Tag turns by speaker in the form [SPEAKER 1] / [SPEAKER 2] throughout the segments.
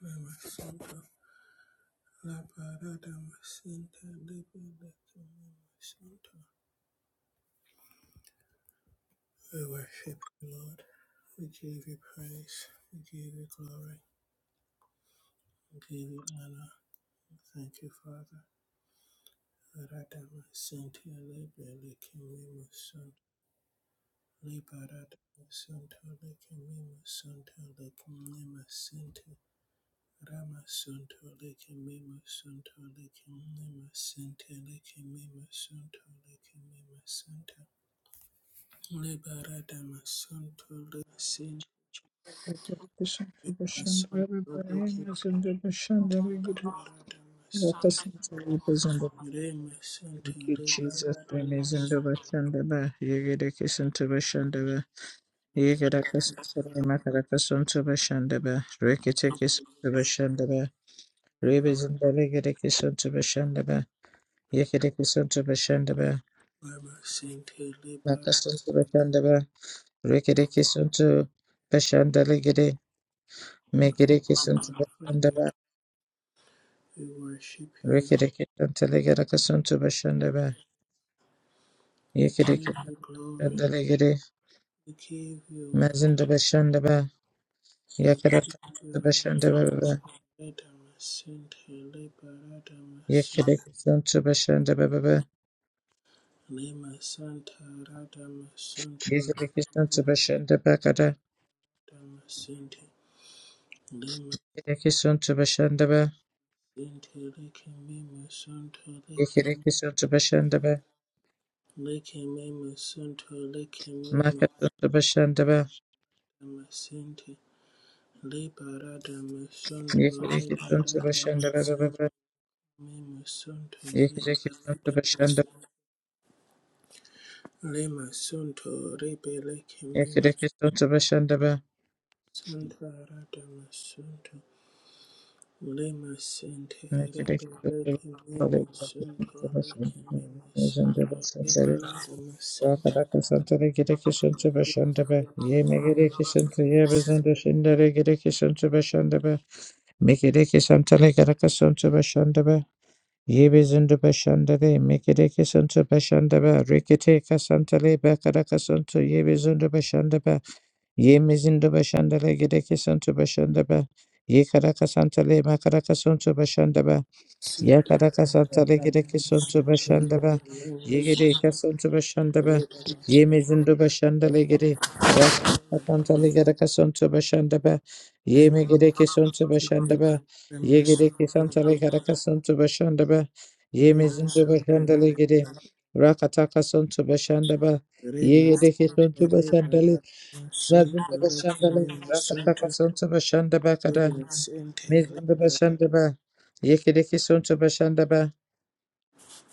[SPEAKER 1] Masanta la parada masanta libera masanta. We worship you, Lord. We give you praise. We give you glory. We give you honor. We Thank you, Father. Parada masanta libera masanta. Libera masanta libera masanta libera masanta. Rama Sunto Lake Mima Sunto Lake Mima Sente Lake Mima Sunto Lake Mima Liberata masanto remasente
[SPEAKER 2] Thank you,
[SPEAKER 1] masanto rekinta liberata masanto remasente
[SPEAKER 2] Jesus.
[SPEAKER 1] liberata
[SPEAKER 2] Amazing
[SPEAKER 1] masanto
[SPEAKER 2] Bashandaba. Yegedekisan to Bashandaba. Yegedakas to Makarakasan to Bashandaba. Rekitekis to Bashandaba. Rebis and the Legedekisan to Bashandaba. Yegedekisan to Bashandaba.
[SPEAKER 1] remasente
[SPEAKER 2] Makasan to
[SPEAKER 1] liberata
[SPEAKER 2] Bashandaba. Rekidekisan to Bashandalegede. Megedekisan to Bashandaba.
[SPEAKER 1] masanto we worship you
[SPEAKER 2] Rikidikidam telegedakasun to Bashandaba,
[SPEAKER 1] we
[SPEAKER 2] Yikidikidam
[SPEAKER 1] give you glory
[SPEAKER 2] Delegede,
[SPEAKER 1] we give you honor
[SPEAKER 2] Mazin to Bashandaba,
[SPEAKER 1] we
[SPEAKER 2] Yakadaka
[SPEAKER 1] give
[SPEAKER 2] to
[SPEAKER 1] you praise
[SPEAKER 2] Bashandaba,
[SPEAKER 1] liberata masanto liberata masanto
[SPEAKER 2] Yikidikisun to Bashandaba,
[SPEAKER 1] Lema Santa Radama Suntura
[SPEAKER 2] Yikidikisun to Bashandabakada,
[SPEAKER 1] Radama Sinti Lema
[SPEAKER 2] Yikidikisun to Bashandaba,
[SPEAKER 1] Sinti Lake Mima Sunto
[SPEAKER 2] Yikidikisun to Bashandaba,
[SPEAKER 1] Lake Lake Mima Sunto Lake Mima
[SPEAKER 2] Makatun to Bashandaba,
[SPEAKER 1] Radama Sinti Leba Radama Sunto Leba
[SPEAKER 2] Yikidikisun to
[SPEAKER 1] Radama
[SPEAKER 2] Bashandaba, Yikidikisun
[SPEAKER 1] Sinti Mima Sunto Leba
[SPEAKER 2] to
[SPEAKER 1] Radama
[SPEAKER 2] Bashandaba,
[SPEAKER 1] Sinti Lema Sunto Rebe Lake Mima
[SPEAKER 2] Yikidikisun to Bashandaba,
[SPEAKER 1] Santa Radama Lima Center, Lima Lake, Lima Center, Lake, Lima Center, Lima Lima Center,
[SPEAKER 2] Ye karaka santale makaraka suntu bashandaba
[SPEAKER 1] Center,
[SPEAKER 2] Yakarakasantale
[SPEAKER 1] Lima
[SPEAKER 2] gerekesuntu
[SPEAKER 1] Center, Lake,
[SPEAKER 2] başandaba.
[SPEAKER 1] Lima
[SPEAKER 2] Yegere
[SPEAKER 1] Center,
[SPEAKER 2] kasuntu
[SPEAKER 1] Lima Center,
[SPEAKER 2] başandaba.
[SPEAKER 1] Lake, Lima
[SPEAKER 2] Yemezindu başandale gere. Rakatantale gerekasuntu başandaba.
[SPEAKER 1] Center,
[SPEAKER 2] Yeme gerekesuntu
[SPEAKER 1] Lima Center, Lake,
[SPEAKER 2] başandaba.
[SPEAKER 1] Lima
[SPEAKER 2] Yegere
[SPEAKER 1] Center, Lima Center,
[SPEAKER 2] kesantale
[SPEAKER 1] Lake,
[SPEAKER 2] gerekasuntu başandaba.
[SPEAKER 1] Lima Center, Lake, Lima
[SPEAKER 2] Yemezindu
[SPEAKER 1] Center,
[SPEAKER 2] başandale gere. Rakatakasuntu başandaba. Yegere
[SPEAKER 1] Lima
[SPEAKER 2] kesuntu başandale. Mazindu başandale. Rakatakasuntu başandaba kada.
[SPEAKER 1] Center, Lake,
[SPEAKER 2] Mezindu başandaba. Yekere kesuntu başandaba.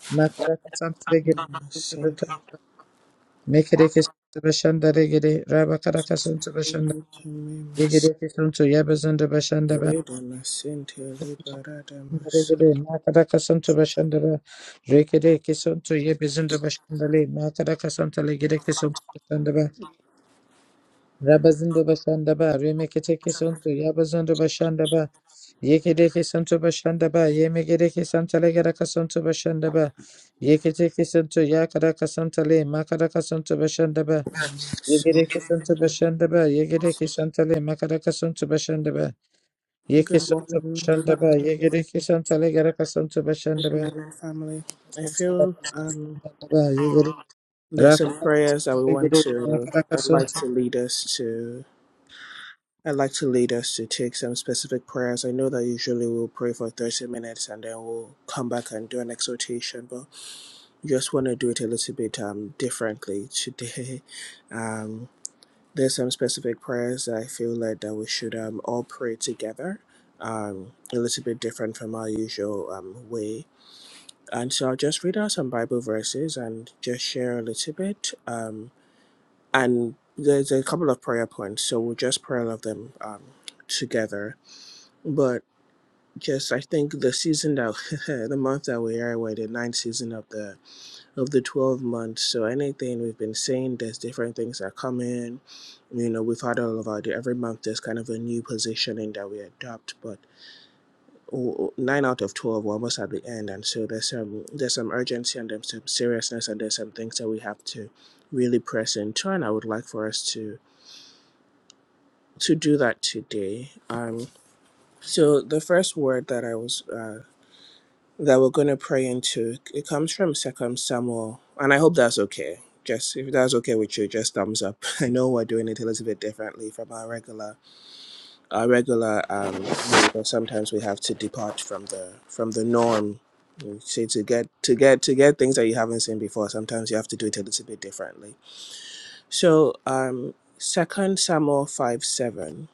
[SPEAKER 2] Makaraka Santa Regede
[SPEAKER 1] Lima Center.
[SPEAKER 2] Mekereke Santa Bashanda Regede Rabakaraka Santa Bashanda
[SPEAKER 1] Mimas,
[SPEAKER 2] Yegereke Santa Yabazanda Bashanda Ba
[SPEAKER 1] Reda Masente, Liberata Masu,
[SPEAKER 2] Regede Makaraka Santa Bashanda Ba Rekereke Santa Yabazanda Bashanda Le Makaraka Santa Legereke Santa Bashanda Ba Rabazanda Bashanda Ba Remeketeke Santa Yabazanda Bashanda Ba Yekereke Santa Bashanda Ba Yemegereke Santa Legeraka Santa Bashanda Ba Yeketeke Santa Yakaraka Santa Le Makaraka Santa Bashanda Ba Yegere kesinti başında be, yegere kesintili, makara kesinti başında be, ye
[SPEAKER 1] Good
[SPEAKER 2] kesinti
[SPEAKER 1] morning,
[SPEAKER 2] başında be,
[SPEAKER 1] family.
[SPEAKER 2] yegere kesintili, gere kesinti başında
[SPEAKER 1] Good
[SPEAKER 2] be,
[SPEAKER 1] morning, family. I feel um,
[SPEAKER 2] yegere
[SPEAKER 1] there's
[SPEAKER 2] rafa
[SPEAKER 1] some prayers that we want
[SPEAKER 2] yegere
[SPEAKER 1] to.
[SPEAKER 2] makara
[SPEAKER 1] I'd like
[SPEAKER 2] kesinti
[SPEAKER 1] to lead us to. I'd like to lead us to take some specific prayers. I know that usually we'll pray for 30 minutes and then we'll come back and do an exhortation, but just want to do it a little bit um, differently today. Um, there's some specific prayers that I feel like that we should um, all pray together, um, a little bit different from our usual um, way. And so I'll just read out some Bible verses and just share a little bit. Um, and there's a couple of prayer points, so we'll just pray all of them um, together. But just I think the season that the month that we are, we're in the ninth season of the of the 12 months. So anything we've been seeing, there's different things that come in. You know, we've had all of our, every month there's kind of a new positioning that we adopt, but nine out of 12 were almost at the end. And so there's some, there's some urgency and there's some seriousness and there's some things that we have to really press into. And I would like for us to, to do that today. Um, so the first word that I was, uh, that we're going to pray into. It comes from Second Samuel, and I hope that's okay. Just if that's okay with you, just thumbs up. I know we're doing it a little bit differently from our regular, our regular. Um, you know, sometimes we have to depart from the from the norm. You See, to get to get to get things that you haven't seen before, sometimes you have to do it a little bit differently. So, um, Second Samuel five seven.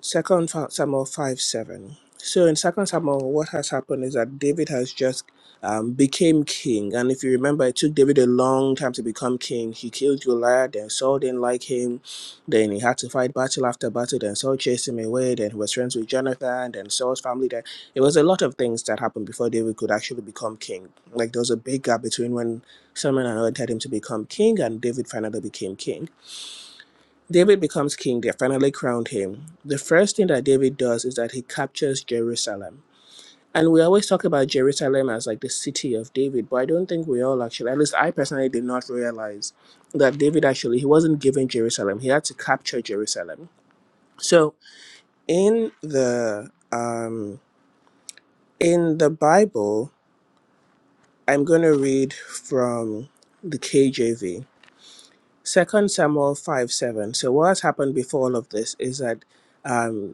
[SPEAKER 1] Second Samuel five seven. So in Second Samuel, what has happened is that David has just um, became king, and if you remember, it took David a long time to become king. He killed Goliath, then Saul didn't like him, then he had to fight battle after battle. Then Saul chased him away. Then he was friends with Jonathan, then Saul's family. Then it was a lot of things that happened before David could actually become king. Like there was a big gap between when Solomon anointed him to become king and David finally became king. David becomes king, they finally crowned him. The first thing that David does is that he captures Jerusalem. And we always talk about Jerusalem as like the city of David, but I don't think we all actually, at least I personally did not realize that David actually, he wasn't given Jerusalem. He had to capture Jerusalem. So in the, um, in the Bible, I'm going to read from the KJV, Second Samuel 5, 7. So what has happened before all of this is that um,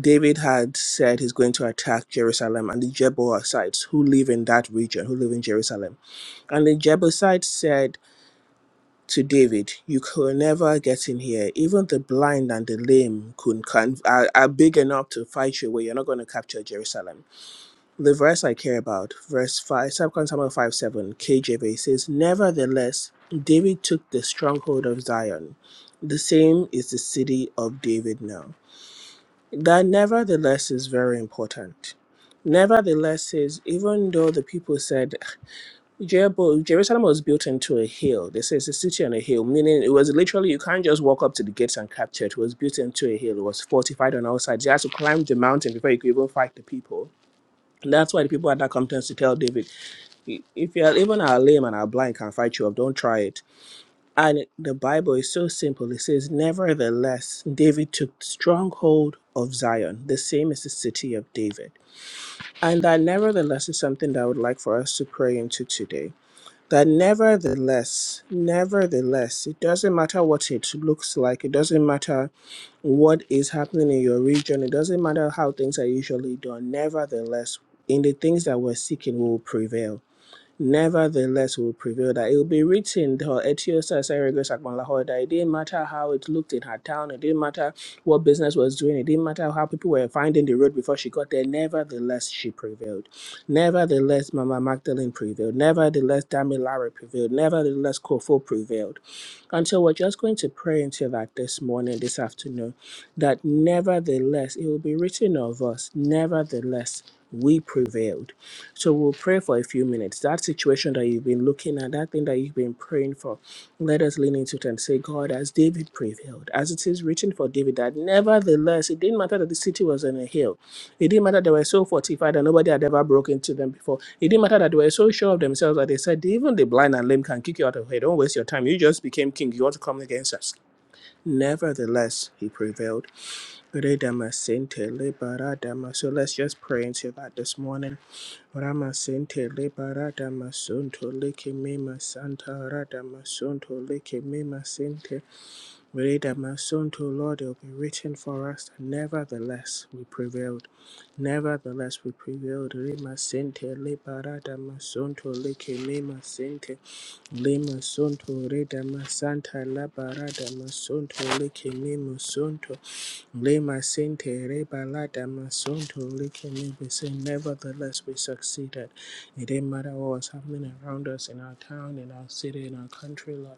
[SPEAKER 1] David had said he's going to attack Jerusalem and the Jebusites who live in that region, who live in Jerusalem. And the Jebusites said to David, You could never get in here. Even the blind and the lame could, can, are, are big enough to fight you, where you're not going to capture Jerusalem. The verse I care about, verse 5, Second Samuel 5 7, KJV says, Nevertheless, David took the stronghold of Zion. The same is the city of David now. That nevertheless is very important. Nevertheless, is even though the people said Jericho- Jerusalem was built into a hill, they say it's a city on a hill, meaning it was literally you can't just walk up to the gates and capture it. It was built into a hill, it was fortified on all sides. You had to climb the mountain before you could even fight the people. And that's why the people had that confidence to tell David, if you're even our lame and our blind can fight you up, don't try it. And the Bible is so simple. It says, Nevertheless, David took strong hold of Zion. The same as the city of David. And that nevertheless is something that I would like for us to pray into today. That nevertheless, nevertheless, it doesn't matter what it looks like, it doesn't matter what is happening in your region, it doesn't matter how things are usually done. Nevertheless, in the things that we're seeking, we will prevail nevertheless will prevail. That it will be written, her Etiosa Seregos Akbanlaho, that it didn't matter how it looked in her town, it didn't matter what business was doing, it didn't matter how people were finding the road before she got there, nevertheless she prevailed. Nevertheless, Mama Magdalene prevailed. Nevertheless, Damilare prevailed. Nevertheless, Kofo prevailed. And so we're just going to pray into that this morning, this afternoon, that nevertheless, it will be written of us, nevertheless, we prevailed so we'll pray for a few minutes. That situation that you've been looking at, that thing that you've been praying for, let us lean into it and say, God, as David prevailed, as it is written for David, that nevertheless, it didn't matter that the city was on a hill. It didn't matter they were so fortified that nobody had ever broken into them before. It didn't matter that they were so sure of themselves that they said, even the blind and lame can kick you out of here. Don't waste your time. You just became king. You want to come against us. Nevertheless, he prevailed. So let's just pray into that this morning. Ramasente Lebarada Masonto Leke Mema Santa Rada Masonto Leke Mema Sente Reda Masonto Lord it will be written for us nevertheless we prevailed nevertheless we prevailed Rema Sente Lebarada Masonto Leke Mema Sente Lema Sonto Reda Masanta Labarada Masonto Leke Mema Sonto Le masente reba lada masonto likene we say nevertheless we succeeded. It didn't matter what was happening around us in our town, in our city, in our country, Lord.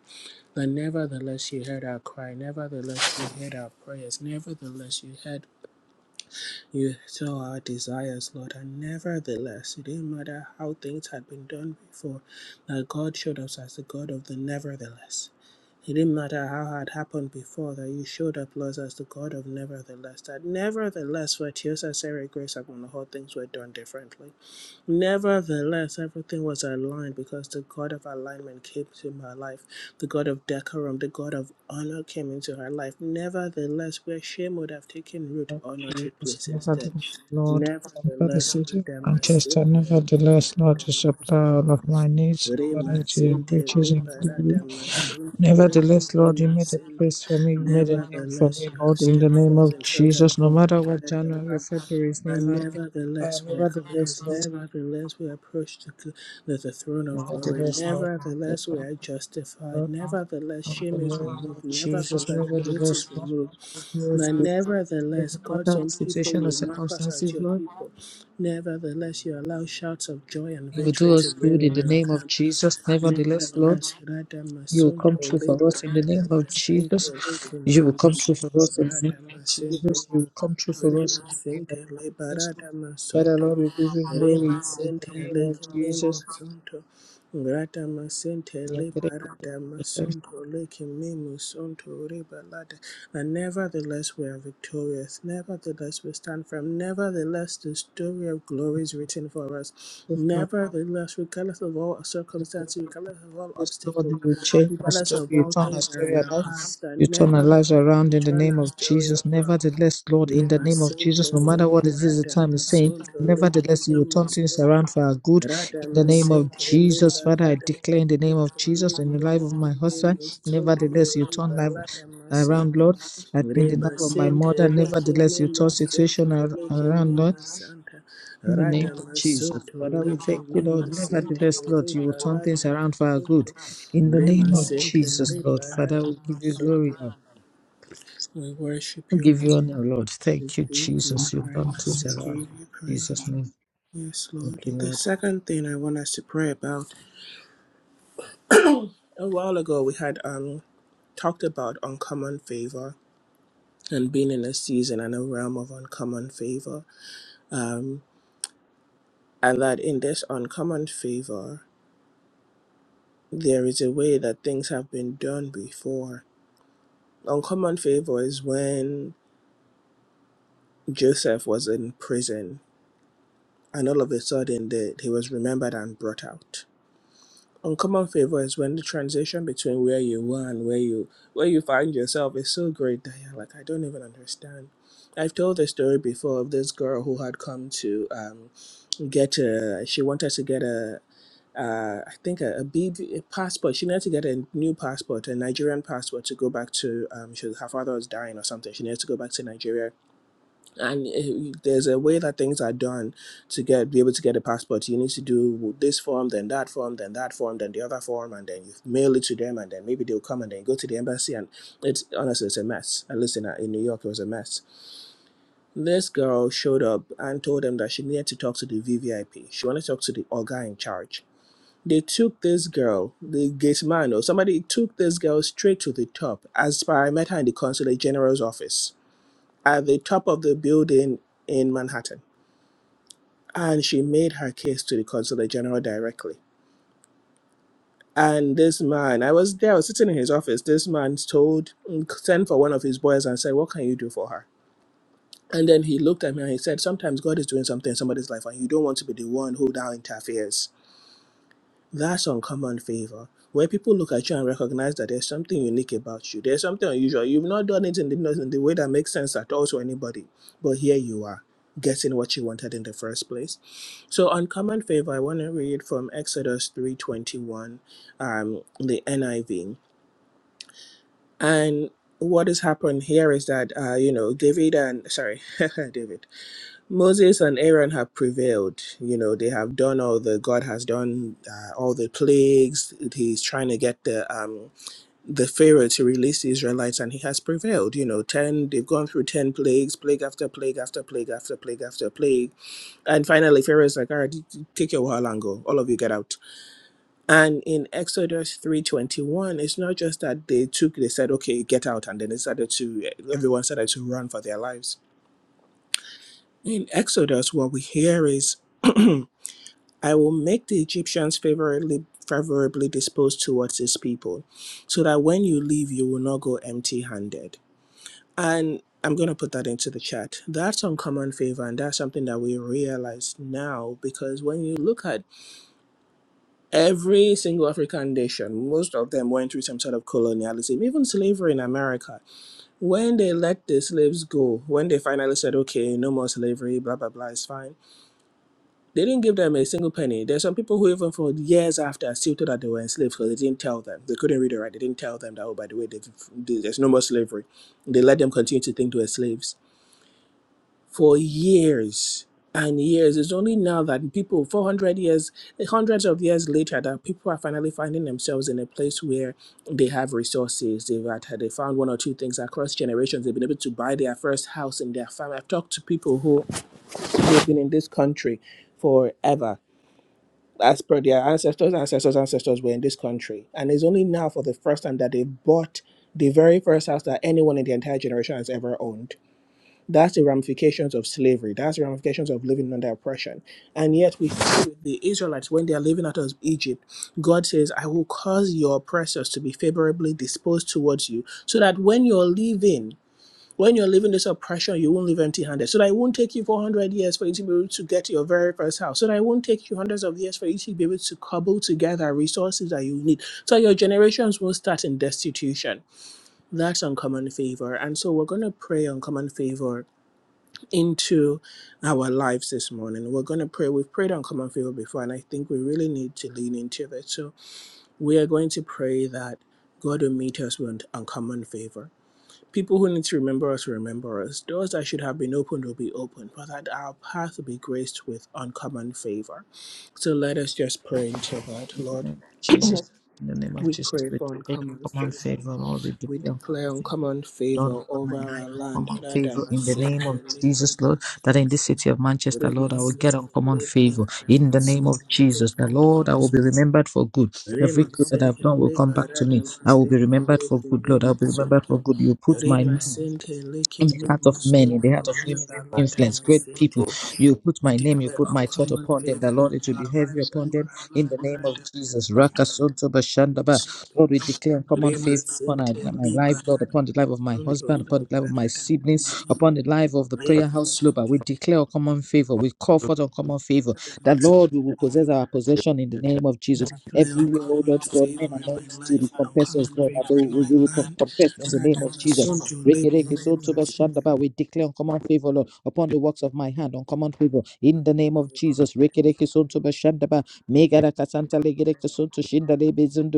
[SPEAKER 1] But nevertheless you heard our cry, nevertheless you heard our prayers, nevertheless you heard you saw our desires, Lord, and nevertheless it didn't matter how things had been done before, that God showed us as the God of the nevertheless. It didn't matter how had happened before that you showed up, Lord, as the God of nevertheless. That nevertheless, for Tiosa Sarah Grace upon the whole things were done differently. Nevertheless, everything was aligned because the God of alignment came to my life. The God of decorum, the God of honor came into her life. Nevertheless, where shame would have taken root, honor took place instead.
[SPEAKER 2] Lord, for the
[SPEAKER 1] Nevertheless,
[SPEAKER 2] city of Manchester, nevertheless, Lord, you supply all of my needs
[SPEAKER 1] Rima
[SPEAKER 2] according to your
[SPEAKER 1] Sente
[SPEAKER 2] riches in glory
[SPEAKER 1] Liberata Masonto Lepe
[SPEAKER 2] Nevertheless, Lord, you
[SPEAKER 1] Rima
[SPEAKER 2] made a
[SPEAKER 1] Sente.
[SPEAKER 2] place for me. You made a name for
[SPEAKER 1] Nevertheless,
[SPEAKER 2] me,
[SPEAKER 1] you have
[SPEAKER 2] Lord, in the
[SPEAKER 1] stepped
[SPEAKER 2] name
[SPEAKER 1] forth
[SPEAKER 2] of
[SPEAKER 1] in front of us
[SPEAKER 2] Jesus. No
[SPEAKER 1] and
[SPEAKER 2] matter what
[SPEAKER 1] cleared the
[SPEAKER 2] January or
[SPEAKER 1] path.
[SPEAKER 2] February is
[SPEAKER 1] But
[SPEAKER 2] in life, uh,
[SPEAKER 1] nevertheless, we are
[SPEAKER 2] nevertheless,
[SPEAKER 1] cleansed.
[SPEAKER 2] Lord,
[SPEAKER 1] Nevertheless, we approach the, cl- the, the throne of glory.
[SPEAKER 2] nevertheless, Lord,
[SPEAKER 1] Nevertheless, we
[SPEAKER 2] nevertheless,
[SPEAKER 1] are justified.
[SPEAKER 2] Lord,
[SPEAKER 1] Nevertheless, shame
[SPEAKER 2] in the
[SPEAKER 1] is
[SPEAKER 2] name
[SPEAKER 1] removed.
[SPEAKER 2] of Jesus,
[SPEAKER 1] Nevertheless, guilt is
[SPEAKER 2] nevertheless, Lord,
[SPEAKER 1] removed.
[SPEAKER 2] you do us
[SPEAKER 1] But
[SPEAKER 2] good. No
[SPEAKER 1] nevertheless, God's
[SPEAKER 2] matter
[SPEAKER 1] own
[SPEAKER 2] the
[SPEAKER 1] people,
[SPEAKER 2] situation or
[SPEAKER 1] you mark us as
[SPEAKER 2] circumstances,
[SPEAKER 1] your
[SPEAKER 2] Lord,
[SPEAKER 1] people. Nevertheless, you allow shouts of joy and
[SPEAKER 2] you will
[SPEAKER 1] victory
[SPEAKER 2] do
[SPEAKER 1] to
[SPEAKER 2] us
[SPEAKER 1] ring
[SPEAKER 2] good in the
[SPEAKER 1] in our
[SPEAKER 2] name of
[SPEAKER 1] camp.
[SPEAKER 2] Jesus. Nevertheless, Lord,
[SPEAKER 1] Nevertheless, Rada
[SPEAKER 2] you will come
[SPEAKER 1] Masonto
[SPEAKER 2] true
[SPEAKER 1] Liba
[SPEAKER 2] for us in the
[SPEAKER 1] Rada
[SPEAKER 2] name of
[SPEAKER 1] Masente
[SPEAKER 2] Jesus. You will
[SPEAKER 1] Lekumi
[SPEAKER 2] come true for
[SPEAKER 1] Masonto
[SPEAKER 2] us in the name
[SPEAKER 1] Rada
[SPEAKER 2] of
[SPEAKER 1] Masente
[SPEAKER 2] Jesus. You will come true for us
[SPEAKER 1] Rema
[SPEAKER 2] in the name of
[SPEAKER 1] Sente Liba
[SPEAKER 2] Jesus.
[SPEAKER 1] Rada
[SPEAKER 2] Father
[SPEAKER 1] Masonto
[SPEAKER 2] Lord, we give you
[SPEAKER 1] Rema
[SPEAKER 2] glory in
[SPEAKER 1] Sente
[SPEAKER 2] the name of
[SPEAKER 1] Lekumi
[SPEAKER 2] Jesus.
[SPEAKER 1] Masonto Grata masente
[SPEAKER 2] you
[SPEAKER 1] le
[SPEAKER 2] pray that
[SPEAKER 1] barada masonto le kimimo sonto re balada. And nevertheless we are victorious. Nevertheless we stand firm. Nevertheless the story of glory is written for us.
[SPEAKER 2] the strength of the
[SPEAKER 1] Nevertheless, regardless of all circumstances, regardless of all
[SPEAKER 2] Lord, Lord, you
[SPEAKER 1] obstacles,
[SPEAKER 2] will change our
[SPEAKER 1] regardless
[SPEAKER 2] story,
[SPEAKER 1] of
[SPEAKER 2] you
[SPEAKER 1] all
[SPEAKER 2] turn our
[SPEAKER 1] things that are
[SPEAKER 2] story
[SPEAKER 1] in our
[SPEAKER 2] around,
[SPEAKER 1] past, that
[SPEAKER 2] you turn our lives
[SPEAKER 1] nevertheless
[SPEAKER 2] around
[SPEAKER 1] we
[SPEAKER 2] in the
[SPEAKER 1] turn
[SPEAKER 2] name
[SPEAKER 1] our
[SPEAKER 2] of
[SPEAKER 1] story
[SPEAKER 2] Jesus.
[SPEAKER 1] around.
[SPEAKER 2] Nevertheless, Lord, in the
[SPEAKER 1] Lima
[SPEAKER 2] name of Jesus,
[SPEAKER 1] Sente
[SPEAKER 2] no
[SPEAKER 1] Lima
[SPEAKER 2] matter what it is the
[SPEAKER 1] Rada
[SPEAKER 2] time is saying,
[SPEAKER 1] Masunto Lika
[SPEAKER 2] nevertheless, you will
[SPEAKER 1] Lima
[SPEAKER 2] turn things
[SPEAKER 1] Sunto
[SPEAKER 2] around for our good
[SPEAKER 1] Rada
[SPEAKER 2] in the name of
[SPEAKER 1] Masente
[SPEAKER 2] Jesus.
[SPEAKER 1] Lima
[SPEAKER 2] Father, I
[SPEAKER 1] Rada
[SPEAKER 2] declare in the name of
[SPEAKER 1] Masunto
[SPEAKER 2] Jesus in
[SPEAKER 1] Lika
[SPEAKER 2] the life of
[SPEAKER 1] Lika
[SPEAKER 2] my husband,
[SPEAKER 1] Lima Sunto
[SPEAKER 2] nevertheless, you turn
[SPEAKER 1] Riba
[SPEAKER 2] life
[SPEAKER 1] Rada
[SPEAKER 2] around,
[SPEAKER 1] Masente
[SPEAKER 2] Lord, and in the life
[SPEAKER 1] Riba
[SPEAKER 2] of my
[SPEAKER 1] Sente
[SPEAKER 2] mother,
[SPEAKER 1] Lika
[SPEAKER 2] nevertheless, you
[SPEAKER 1] Lima
[SPEAKER 2] turn
[SPEAKER 1] Sunto
[SPEAKER 2] situation ar-
[SPEAKER 1] Lika
[SPEAKER 2] around, Lord.
[SPEAKER 1] Lima Santa
[SPEAKER 2] In the name
[SPEAKER 1] Rada
[SPEAKER 2] of Jesus,
[SPEAKER 1] Masunto
[SPEAKER 2] Father, we
[SPEAKER 1] Lika
[SPEAKER 2] thank you, Lord.
[SPEAKER 1] Lima Sente
[SPEAKER 2] Nevertheless, Lord, you
[SPEAKER 1] Riba
[SPEAKER 2] will turn things
[SPEAKER 1] Rada
[SPEAKER 2] around for our
[SPEAKER 1] Masunto
[SPEAKER 2] good. In the
[SPEAKER 1] Rima
[SPEAKER 2] name of
[SPEAKER 1] Sente
[SPEAKER 2] Jesus, Lord,
[SPEAKER 1] Riba
[SPEAKER 2] Father,
[SPEAKER 1] Rada
[SPEAKER 2] we give you
[SPEAKER 1] Masunto
[SPEAKER 2] glory. Lord.
[SPEAKER 1] We worship
[SPEAKER 2] We
[SPEAKER 1] you
[SPEAKER 2] give
[SPEAKER 1] Lord
[SPEAKER 2] you honor, Lord.
[SPEAKER 1] we
[SPEAKER 2] Thank you,
[SPEAKER 1] give you
[SPEAKER 2] Jesus. You turn
[SPEAKER 1] praise.
[SPEAKER 2] things
[SPEAKER 1] We
[SPEAKER 2] around.
[SPEAKER 1] give
[SPEAKER 2] In
[SPEAKER 1] you
[SPEAKER 2] Jesus'
[SPEAKER 1] praise.
[SPEAKER 2] name.
[SPEAKER 1] Yes, Lord.
[SPEAKER 2] Thank you,
[SPEAKER 1] The
[SPEAKER 2] Lord.
[SPEAKER 1] second thing I want us to pray about a while ago, we had um talked about uncommon favor and being in a season and a realm of uncommon favor. Um, and that in this uncommon favor, there is a way that things have been done before. Uncommon favor is when Joseph was in prison and all of a sudden the, he was remembered and brought out Uncommon favor is when the transition between where you were and where you where you find yourself is so great that you're like, I don't even understand. I've told the story before of this girl who had come to um, get a. She wanted to get a. Uh, I think a, a B V a passport. She needed to get a new passport, a Nigerian passport, to go back to. Um, she, her father was dying or something. She needed to go back to Nigeria and it, there's a way that things are done to get be able to get a passport. You need to do this form, then that form, then that form, then the other form, and then you mail it to them, and then maybe they'll come and then go to the embassy. And it's honestly it's a mess. At least in, in New York, it was a mess. This girl showed up and told them that she needed to talk to the VVIP. She wanted to talk to the Oga in charge. They took this girl, the gate man or somebody took this girl straight to the top. As per I met her in the consulate general's office at the top of the building in Manhattan and she made her case to the consular general directly. And this man, I was there, I was sitting in his office. This man told, sent for one of his boys and said, What can you do for her? And then he looked at me and he said, Sometimes God is doing something in somebody's life and you don't want to be the one who now interferes. That's uncommon favor. Where people look at you and recognize that there's something unique about you, there's something unusual. You've not done it in the, in the way that makes sense at all to anybody, but here you are, getting what you wanted in the first place So on common favor, I want to read from Exodus 3:21, um, the NIV. And what has happened here is that uh, you know, David and sorry, David. Moses and Aaron have prevailed. You know, they have done all the God has done uh, all the plagues. He's trying to get the um the Pharaoh to release the Israelites and he has prevailed. You know, 10 they've gone through 10 plagues, plague after plague after plague after plague after plague and finally, Pharaoh is like, all right, take your while and go. All of you get out. And in Exodus 3.21, it's not just that they took, they said, okay, get out. And then they started to, everyone started to run for their lives. In Exodus, what we hear is, I will make the Egyptians favorably, favorably disposed towards this people, so that when you leave, you will not go empty handed. And I'm going to put that into the chat. That's uncommon favor, and that's something that we realize now because when you look at Every single African nation, most of them went through some sort of colonialism, even slavery in America. When they let the slaves go, when they finally said, okay, no more slavery, blah, blah, blah, it's fine, they didn't give them a single penny. There's some people who, even for years after, still thought that they were enslaved because they didn't tell them. They couldn't read or write. They didn't tell them that, oh, by the way, they've, there's no more slavery. They let them continue to think they were slaves for years and years. It's only now that people, 400 years, hundreds of years later, that people are finally finding themselves in a place where they have resources. They've had, they found one or two things across generations. They've been able to buy their first house in their family. I've talked to people who have been in this country forever. As per their ancestors, ancestors, ancestors were in this country. And it's only now for the first time that they bought the very first house that anyone in the entire generation has ever owned that's the ramifications of slavery. That's the ramifications of living under oppression. And yet, we see with the Israelites, when they are living out of Egypt, God says, I will cause your oppressors to be favorably disposed towards you, so that when you're leaving, when you're leaving this oppression, you won't leave empty handed. So that it won't take you 400 years for you to be able to get to your very first house. So that it won't take you hundreds of years for you to be able to cobble together resources that you need. So your generations won't start in destitution. That's uncommon favor. And so we're going to pray uncommon favor into our lives this morning. We're going to pray. We've prayed on common favor before, and I think we really need to lean into that. So we are going to pray that God will meet us with uncommon favor. People who need to remember us remember us. Doors that should have been opened will be opened, but that our path will be graced with uncommon favor. So let us just pray into that,
[SPEAKER 2] In the
[SPEAKER 1] Lord.
[SPEAKER 2] name of Jesus. In the name of
[SPEAKER 1] We
[SPEAKER 2] Jesus,
[SPEAKER 1] pray
[SPEAKER 2] we
[SPEAKER 1] for
[SPEAKER 2] declare
[SPEAKER 1] uncommon
[SPEAKER 2] common
[SPEAKER 1] favor.
[SPEAKER 2] favor, Lord. We
[SPEAKER 1] We
[SPEAKER 2] declare common
[SPEAKER 1] declare
[SPEAKER 2] favor.
[SPEAKER 1] uncommon
[SPEAKER 2] Lord,
[SPEAKER 1] favor
[SPEAKER 2] upon
[SPEAKER 1] over
[SPEAKER 2] my life,
[SPEAKER 1] our land.
[SPEAKER 2] uncommon
[SPEAKER 1] Lord, and
[SPEAKER 2] favor
[SPEAKER 1] our
[SPEAKER 2] in the name of Jesus, Lord, that in this city of Manchester, Lord,
[SPEAKER 1] Rema
[SPEAKER 2] I will get
[SPEAKER 1] sente
[SPEAKER 2] uncommon favor
[SPEAKER 1] liberata
[SPEAKER 2] in the name of
[SPEAKER 1] masunto
[SPEAKER 2] Jesus. The Lord, I
[SPEAKER 1] lekiminus.
[SPEAKER 2] will be remembered for good. Every
[SPEAKER 1] Rema
[SPEAKER 2] good that I've
[SPEAKER 1] sente
[SPEAKER 2] done will come back to
[SPEAKER 1] liberata
[SPEAKER 2] me. I will be
[SPEAKER 1] masente
[SPEAKER 2] remembered for good, Lord. I'll
[SPEAKER 1] lekiminus
[SPEAKER 2] be remembered
[SPEAKER 1] sunto.
[SPEAKER 2] for good. You put my
[SPEAKER 1] Rema
[SPEAKER 2] name
[SPEAKER 1] sente
[SPEAKER 2] in the heart of
[SPEAKER 1] lekiminus
[SPEAKER 2] men, in the
[SPEAKER 1] sunto
[SPEAKER 2] heart of women of
[SPEAKER 1] liberata
[SPEAKER 2] influence, great
[SPEAKER 1] masente.
[SPEAKER 2] people. You put
[SPEAKER 1] We
[SPEAKER 2] my name, you
[SPEAKER 1] declare
[SPEAKER 2] put my thought
[SPEAKER 1] uncommon
[SPEAKER 2] upon them. The
[SPEAKER 1] favor over
[SPEAKER 2] Lord, it will be
[SPEAKER 1] our
[SPEAKER 2] heavy
[SPEAKER 1] lives,
[SPEAKER 2] upon
[SPEAKER 1] over
[SPEAKER 2] them
[SPEAKER 1] our
[SPEAKER 2] in the
[SPEAKER 1] land,
[SPEAKER 2] name of
[SPEAKER 1] matter,
[SPEAKER 2] Jesus. Rakasonto Bashandaba.
[SPEAKER 1] sunto
[SPEAKER 2] Lord, we
[SPEAKER 1] sunto.
[SPEAKER 2] declare common
[SPEAKER 1] Rema
[SPEAKER 2] favor upon our-
[SPEAKER 1] sente
[SPEAKER 2] my life, Lord,
[SPEAKER 1] liberata
[SPEAKER 2] upon the life of my
[SPEAKER 1] sunto
[SPEAKER 2] husband, upon the life of my
[SPEAKER 1] liberata
[SPEAKER 2] siblings,
[SPEAKER 1] masente.
[SPEAKER 2] upon the life of the prayer
[SPEAKER 1] Rema
[SPEAKER 2] house global.
[SPEAKER 1] sunto
[SPEAKER 2] We declare common favor. We call forth common favor.
[SPEAKER 1] liberata
[SPEAKER 2] That Lord, we will
[SPEAKER 1] masente.
[SPEAKER 2] possess our possession in the name of Jesus.
[SPEAKER 1] Declare
[SPEAKER 2] Everywhere, oh
[SPEAKER 1] uncommon
[SPEAKER 2] Lord God, men
[SPEAKER 1] favor
[SPEAKER 2] are
[SPEAKER 1] in my
[SPEAKER 2] meant to
[SPEAKER 1] life,
[SPEAKER 2] recompense us,
[SPEAKER 1] uncommon
[SPEAKER 2] Lord, that they
[SPEAKER 1] favor in
[SPEAKER 2] will
[SPEAKER 1] my
[SPEAKER 2] be
[SPEAKER 1] land,
[SPEAKER 2] recompensed in the
[SPEAKER 1] rather
[SPEAKER 2] name
[SPEAKER 1] than
[SPEAKER 2] of
[SPEAKER 1] the
[SPEAKER 2] Jesus.
[SPEAKER 1] son to labor,
[SPEAKER 2] Rikiriki soto
[SPEAKER 1] labor,
[SPEAKER 2] bashandaba. We declare uncommon favor, Lord, upon the works of my hand, uncommon favor. In the name of Jesus, Rikiriki soto bashandaba. Megara kasanta legere kasonto